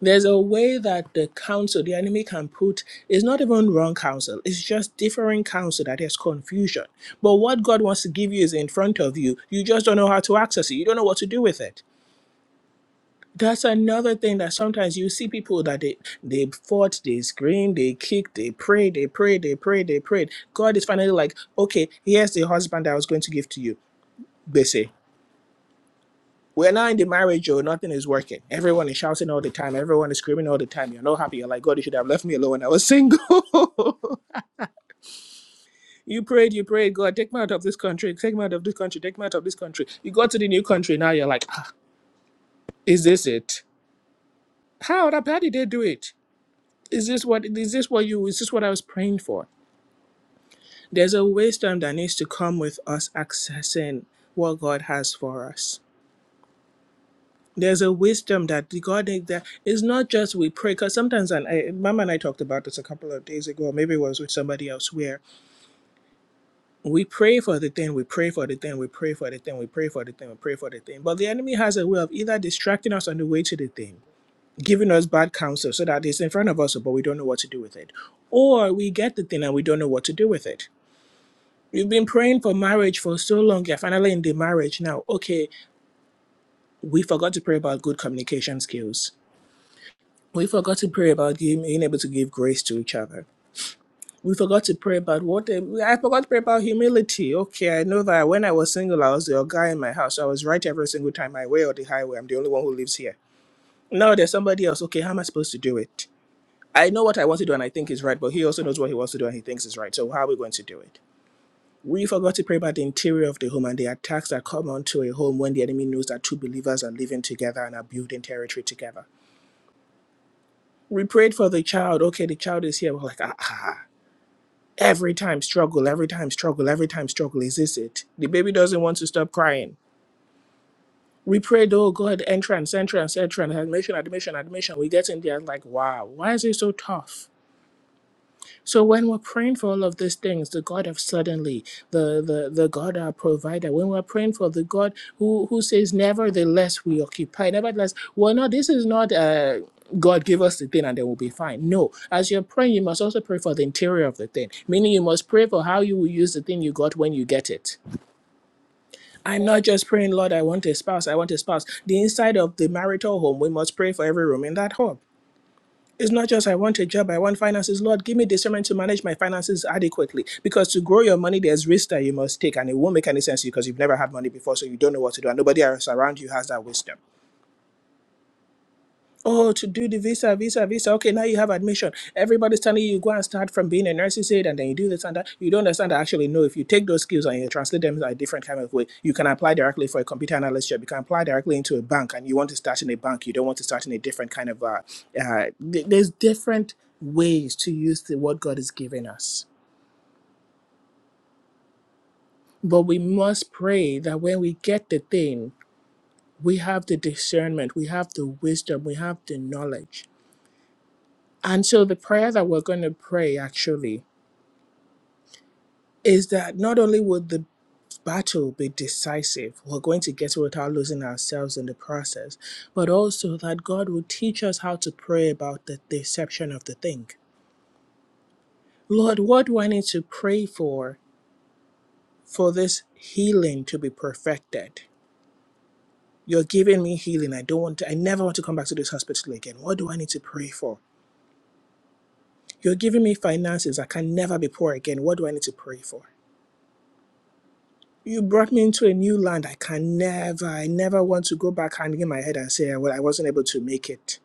[SPEAKER 1] There's a way that the counsel, the enemy can put, is not even wrong counsel, it's just differing counsel that has confusion. But what God wants to give you is in front of you. You just don't know how to access it, you don't know what to do with it. That's another thing that sometimes you see people that they they fought, they screamed, they kicked, they prayed, they prayed, they prayed, they prayed. God is finally like, okay, here's the husband that I was going to give to you They say, We're not in the marriage, or nothing is working. Everyone is shouting all the time. Everyone is screaming all the time. You're not happy. You're like, God, you should have left me alone when I was single. you prayed, you prayed, God, take me out of this country. Take me out of this country. Take me out of this country. You got to the new country. Now you're like, ah, Is this it? How? the- How did they do it? Is this what is this what you is this what I was praying for? There's a wisdom that needs to come with us accessing what God has for us. there's a wisdom that the God that is not just we pray because sometimes and I, Mama and I talked about this a couple of days ago, maybe it was with somebody else where we pray for the thing, we pray for the thing, we pray for the thing, we pray for the thing, we pray for the thing. But the enemy has a way of either distracting us on the way to the thing, giving us bad counsel so that it's in front of us, but we don't know what to do with it, or we get the thing and we don't know what to do with it. We've been praying for marriage for so long. You're finally in the marriage now. Okay, we forgot to pray about good communication skills We forgot to pray about him being able to give grace to each other. We forgot to pray about what I forgot to pray about humility. Okay, I know that when I was single, I was the guy in my house. So I was right every single time, my way or the highway. I'm the only one who lives here. Now there's somebody else. Okay, how am I supposed to do it? I know what I want to do and I think is right, but he also knows what he wants to do and he thinks is right. So how are we going to do it? We forgot to pray about the interior of the home and the attacks that come onto a home when the enemy knows that two believers are living together and are building territory together we prayed for the child. Okay, the child is here. We're like, ah, ah, Every time struggle, every time struggle, every time struggle. Is this it? The baby doesn't want to stop crying. We prayed, oh God, entrance, entrance, entrance, admission, admission, admission. We get in there like, wow, why is it so tough? So when we're praying for all of these things, the God of suddenly, the the, the God our provider, when we're praying for the God who who says, nevertheless we occupy, nevertheless, well, no, this is not uh, God give us the thing and then we'll be fine. No, as you're praying, you must also pray for the interior of the thing, meaning you must pray for how you will use the thing you got when you get it. I'm not just praying, Lord, I want a spouse, I want a spouse. The inside of the marital home, we must pray for every room in that home. It's not just I want a job, I want finances. Lord, give me discernment to manage my finances adequately. Because to grow your money, there's risk that you must take, and it won't make any sense to you because you've never had money before, so you don't know what to do, and nobody else around you has that wisdom. Oh, to do the visa, visa, visa. Okay, now you have admission. Everybody's telling you, you go and start from being a nurse's aide and then you do this and that. You don't understand that actually, no, if you take those skills and you translate them in a different kind of way, you can apply directly for a computer analyst job. You can apply directly into a bank and you want to start in a bank. You don't want to start in a different kind of, uh, uh, th- there's different ways to use the, what God has given us. But we must pray that when we get the thing, we have the discernment, we have the wisdom, we have the knowledge And so the prayer that we're going to pray actually is that not only would the battle be decisive, we're going to get it without losing ourselves in the process, but also that God will teach us how to pray about the deception of the thing. Lord, what do I need to pray for for this healing to be perfected? You're giving me healing. I don't want to, I never want to come back to this hospital again. What do I need to pray for? You're giving me finances. I can never be poor again. What do I need to pray for? you brought me into a new land. I can never, I never want to go back hanging my head and say, well, I wasn't able to make it.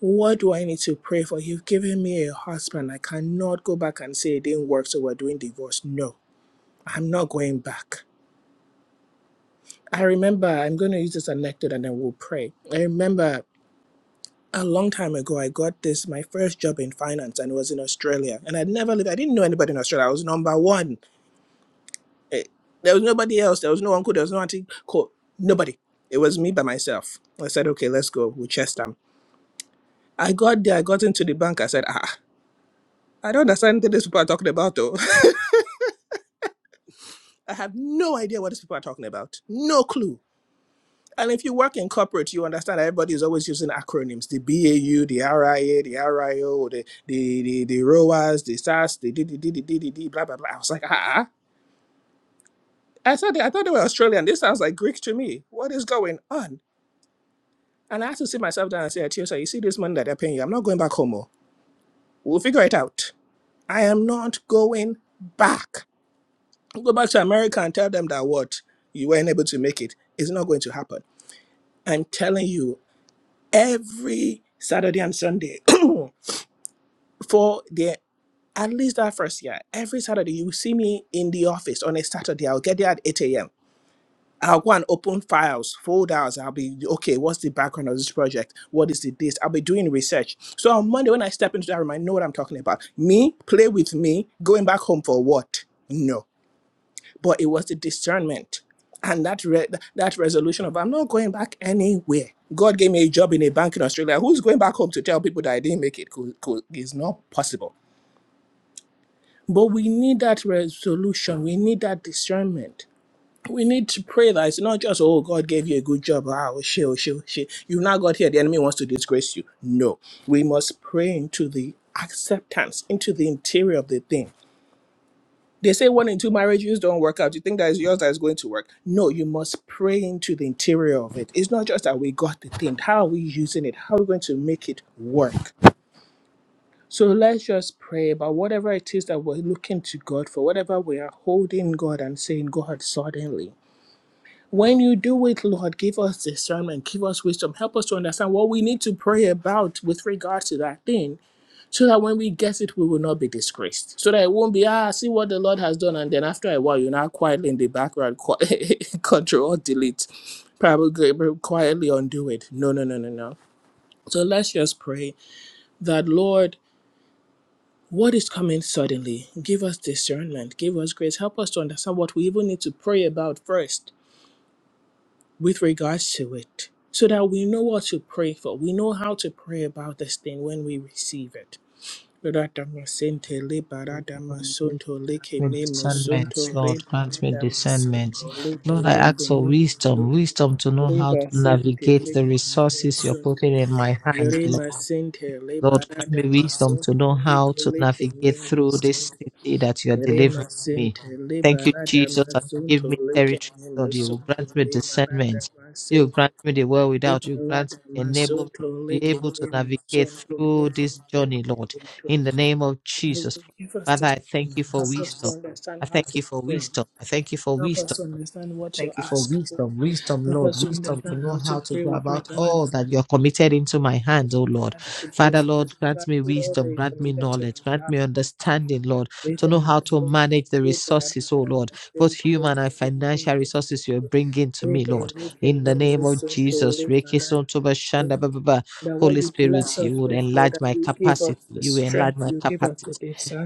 [SPEAKER 1] What do I need to pray for? You've given me a husband. I cannot go back and say it didn't work, so we're doing divorce. No, I'm not going back. I remember, I'm going to use this anecdote and then we'll pray. I remember a long time ago, I got this, my first job in finance, and it was in Australia. And I'd never lived, I didn't know anybody in Australia. I was number one Eh, there was nobody else. There was no uncle. There was no auntie. Cool. Nobody. It was me by myself. I said, okay, let's go. We chest I got there. I got into the bank. I said, ah, I don't understand what these people are talking about, though. I have no idea what these people are talking about. No clue. And if you work in corporate, you understand that everybody is always using acronyms: the BAU, the RIA, the RIO, the the the, the ROAS, the SAS, the DDDDDD, blah blah blah. I was like, ah. I said, I thought they were Australian. This sounds like Greek to me. What is going on? And I had to sit myself down and say, Atiosa, you see this money that they're paying you? I'm not going back home. oh. We'll figure it out. I am not going back. I'll go back to America and tell them that what you weren't able to make it. It's not going to happen. I'm telling you, every Saturday and Sunday for the at least that first year, every Saturday you see me in the office on a Saturday. I'll get there at 8 a.m. I'll go and open files, folders. I'll be okay. What's the background of this project? What is the this? I'll be doing research. So on Monday, when I step into that room, I know what I'm talking about. Me, play with me, going back home for what? No. But it was the discernment and that re- that resolution of I'm not going back anywhere. God gave me a job in a bank in Australia. Who's going back home to tell people that I didn't make it? Cool, cool. It's not possible. But we need that resolution. We need that discernment we need to pray that it's not just, oh, God gave you a good job. Ah, oh, shit, oh, shit, oh, shit. You've now got here. The enemy wants to disgrace you. No. We must pray into the acceptance, into the interior of the thing. They say one in two marriages don't work out. You think that is yours that is going to work. No, you must pray into the interior of it. It's not just that we got the thing. How are we using it? How are we going to make it work? So let's just pray about whatever it is that we're looking to God for, whatever we are holding God and saying, God, suddenly. When you do it, Lord, give us discernment, give us wisdom, help us to understand what we need to pray about with regard to that thing, so that when we get it, we will not be disgraced. So that it won't be, ah, see what the Lord has done, and then after a while, you're not quietly in the background, control or delete, probably quietly undo it. No, no, no, no, no. So let's just pray that, Lord, what is coming suddenly? Give us discernment, give us grace, help us to understand what we even need to pray about first with regards to it so that we know what to pray for. We know how to pray about this thing when we receive it. Radhamasente
[SPEAKER 2] Grant
[SPEAKER 1] lebaradamasunto
[SPEAKER 2] me discernment,
[SPEAKER 1] lekenemosunto
[SPEAKER 2] Lord. Grant me discernment.
[SPEAKER 1] rebaradamasunto
[SPEAKER 2] Lord, I ask for wisdom,
[SPEAKER 1] lebelekenemosunto
[SPEAKER 2] wisdom to know how to
[SPEAKER 1] rebasente
[SPEAKER 2] navigate the resources you're
[SPEAKER 1] lekenemosunto
[SPEAKER 2] putting in my hand,
[SPEAKER 1] remasente
[SPEAKER 2] Lord, grant me wisdom to
[SPEAKER 1] lebaradamasunto
[SPEAKER 2] know how to navigate through this
[SPEAKER 1] lebelekenemosunto
[SPEAKER 2] city that you are delivering
[SPEAKER 1] Rema
[SPEAKER 2] me.
[SPEAKER 1] sente
[SPEAKER 2] Thank you,
[SPEAKER 1] liberada
[SPEAKER 2] Jesus, that you
[SPEAKER 1] masunto
[SPEAKER 2] give me territory,
[SPEAKER 1] lekene
[SPEAKER 2] Lord. You will
[SPEAKER 1] masunto
[SPEAKER 2] grant me
[SPEAKER 1] liberada
[SPEAKER 2] discernment. You will
[SPEAKER 1] masente
[SPEAKER 2] grant me the world without. You will grant
[SPEAKER 1] liberada
[SPEAKER 2] me enablement
[SPEAKER 1] masunto
[SPEAKER 2] to be
[SPEAKER 1] lekene
[SPEAKER 2] able to navigate
[SPEAKER 1] masunto
[SPEAKER 2] through this
[SPEAKER 1] lekene
[SPEAKER 2] journey, Lord.
[SPEAKER 1] masunto.
[SPEAKER 2] In the name of
[SPEAKER 1] That
[SPEAKER 2] Jesus.
[SPEAKER 1] you give us
[SPEAKER 2] Father,
[SPEAKER 1] this.
[SPEAKER 2] I thank you for
[SPEAKER 1] Help us to
[SPEAKER 2] wisdom.
[SPEAKER 1] understand
[SPEAKER 2] I
[SPEAKER 1] how
[SPEAKER 2] thank you
[SPEAKER 1] to
[SPEAKER 2] for
[SPEAKER 1] pray.
[SPEAKER 2] wisdom. I thank you for
[SPEAKER 1] Help
[SPEAKER 2] wisdom.
[SPEAKER 1] us to understand what to
[SPEAKER 2] Thank you for
[SPEAKER 1] ask for.
[SPEAKER 2] wisdom, wisdom,
[SPEAKER 1] Help
[SPEAKER 2] Lord,
[SPEAKER 1] us to
[SPEAKER 2] wisdom to
[SPEAKER 1] understand how
[SPEAKER 2] know
[SPEAKER 1] to
[SPEAKER 2] how to
[SPEAKER 1] pray
[SPEAKER 2] go
[SPEAKER 1] with
[SPEAKER 2] about
[SPEAKER 1] regard
[SPEAKER 2] all
[SPEAKER 1] to,
[SPEAKER 2] that you're committed into my hands, oh Lord.
[SPEAKER 1] regard to this,
[SPEAKER 2] Father, Lord, grant
[SPEAKER 1] regard
[SPEAKER 2] me
[SPEAKER 1] to all that
[SPEAKER 2] wisdom,
[SPEAKER 1] you
[SPEAKER 2] grant me
[SPEAKER 1] committed to
[SPEAKER 2] knowledge, grant
[SPEAKER 1] us.
[SPEAKER 2] me understanding, Lord, to
[SPEAKER 1] Leta
[SPEAKER 2] know how to
[SPEAKER 1] masenta
[SPEAKER 2] manage the
[SPEAKER 1] masenta
[SPEAKER 2] resources, oh Lord, both
[SPEAKER 1] masenta
[SPEAKER 2] human and financial resources you're bringing to me,
[SPEAKER 1] leta
[SPEAKER 2] Lord.
[SPEAKER 1] leaking
[SPEAKER 2] In the name of
[SPEAKER 1] masenta
[SPEAKER 2] Jesus,
[SPEAKER 1] leta masenta.
[SPEAKER 2] Rekisun Toba Shanda Ba Ba
[SPEAKER 1] That
[SPEAKER 2] Ba.
[SPEAKER 1] That what
[SPEAKER 2] Holy
[SPEAKER 1] you
[SPEAKER 2] Spirit,
[SPEAKER 1] bless us
[SPEAKER 2] you would
[SPEAKER 1] with, Lord,
[SPEAKER 2] enlarge
[SPEAKER 1] that
[SPEAKER 2] my
[SPEAKER 1] you give us
[SPEAKER 2] capacity,
[SPEAKER 1] the
[SPEAKER 2] you enlarge
[SPEAKER 1] strength,
[SPEAKER 2] my
[SPEAKER 1] you give us
[SPEAKER 2] capacity,
[SPEAKER 1] the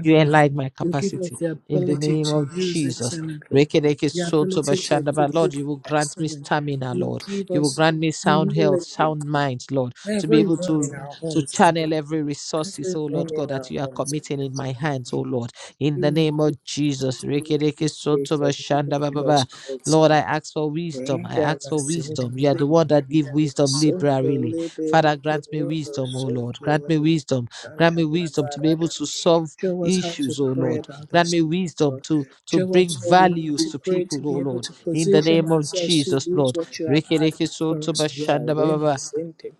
[SPEAKER 2] you enlarge my
[SPEAKER 1] you give us
[SPEAKER 2] capacity.
[SPEAKER 1] the
[SPEAKER 2] In the
[SPEAKER 1] ability
[SPEAKER 2] name
[SPEAKER 1] to
[SPEAKER 2] of
[SPEAKER 1] use
[SPEAKER 2] Jesus.
[SPEAKER 1] excellently,
[SPEAKER 2] Rekereke
[SPEAKER 1] the
[SPEAKER 2] soto
[SPEAKER 1] ability to
[SPEAKER 2] bashanda ba.
[SPEAKER 1] execute
[SPEAKER 2] Lord, you
[SPEAKER 1] with
[SPEAKER 2] will grant me
[SPEAKER 1] excellence.
[SPEAKER 2] stamina,
[SPEAKER 1] You
[SPEAKER 2] Lord.
[SPEAKER 1] give
[SPEAKER 2] You will
[SPEAKER 1] us
[SPEAKER 2] grant me sound health,
[SPEAKER 1] humility.
[SPEAKER 2] sound mind, Lord, to be
[SPEAKER 1] Every
[SPEAKER 2] able
[SPEAKER 1] room
[SPEAKER 2] to
[SPEAKER 1] in our
[SPEAKER 2] to
[SPEAKER 1] homes is
[SPEAKER 2] channel
[SPEAKER 1] blessed.
[SPEAKER 2] every resources,
[SPEAKER 1] Every
[SPEAKER 2] oh
[SPEAKER 1] room
[SPEAKER 2] Lord God,
[SPEAKER 1] in
[SPEAKER 2] that
[SPEAKER 1] our
[SPEAKER 2] you are
[SPEAKER 1] homes is
[SPEAKER 2] committing
[SPEAKER 1] blessed.
[SPEAKER 2] in my hands, oh Lord. In the
[SPEAKER 1] You
[SPEAKER 2] name of
[SPEAKER 1] grant
[SPEAKER 2] Jesus.
[SPEAKER 1] us good
[SPEAKER 2] Rekereke soto
[SPEAKER 1] communication. You
[SPEAKER 2] bashanda ba ba
[SPEAKER 1] grant us
[SPEAKER 2] ba.
[SPEAKER 1] grace.
[SPEAKER 2] Lord, I ask for wisdom. I ask
[SPEAKER 1] Radama
[SPEAKER 2] for
[SPEAKER 1] Sinti
[SPEAKER 2] wisdom. You are the one that give
[SPEAKER 1] Liberadama
[SPEAKER 2] wisdom
[SPEAKER 1] Sunto
[SPEAKER 2] liberally.
[SPEAKER 1] Libe
[SPEAKER 2] Father, grant me
[SPEAKER 1] Kimimo
[SPEAKER 2] wisdom, oh Lord. Grant
[SPEAKER 1] Sunto
[SPEAKER 2] me wisdom. Grant
[SPEAKER 1] Santa
[SPEAKER 2] me wisdom to be able
[SPEAKER 1] Labarada.
[SPEAKER 2] to solve
[SPEAKER 1] Show us how to
[SPEAKER 2] issues, oh
[SPEAKER 1] pray
[SPEAKER 2] Lord
[SPEAKER 1] about
[SPEAKER 2] Grant
[SPEAKER 1] this.
[SPEAKER 2] me wisdom
[SPEAKER 1] Lord.
[SPEAKER 2] to, to
[SPEAKER 1] Show
[SPEAKER 2] bring
[SPEAKER 1] us what we need
[SPEAKER 2] values
[SPEAKER 1] to
[SPEAKER 2] to
[SPEAKER 1] pray to
[SPEAKER 2] people, oh
[SPEAKER 1] be able
[SPEAKER 2] Lord,
[SPEAKER 1] to
[SPEAKER 2] in the
[SPEAKER 1] position
[SPEAKER 2] name of
[SPEAKER 1] ourselves to
[SPEAKER 2] Jesus,
[SPEAKER 1] use
[SPEAKER 2] Lord.
[SPEAKER 1] what you have
[SPEAKER 2] Rikki,
[SPEAKER 1] had
[SPEAKER 2] rikki,
[SPEAKER 1] for
[SPEAKER 2] soto,
[SPEAKER 1] us well.
[SPEAKER 2] bashanda, ba,
[SPEAKER 1] Rema Sinti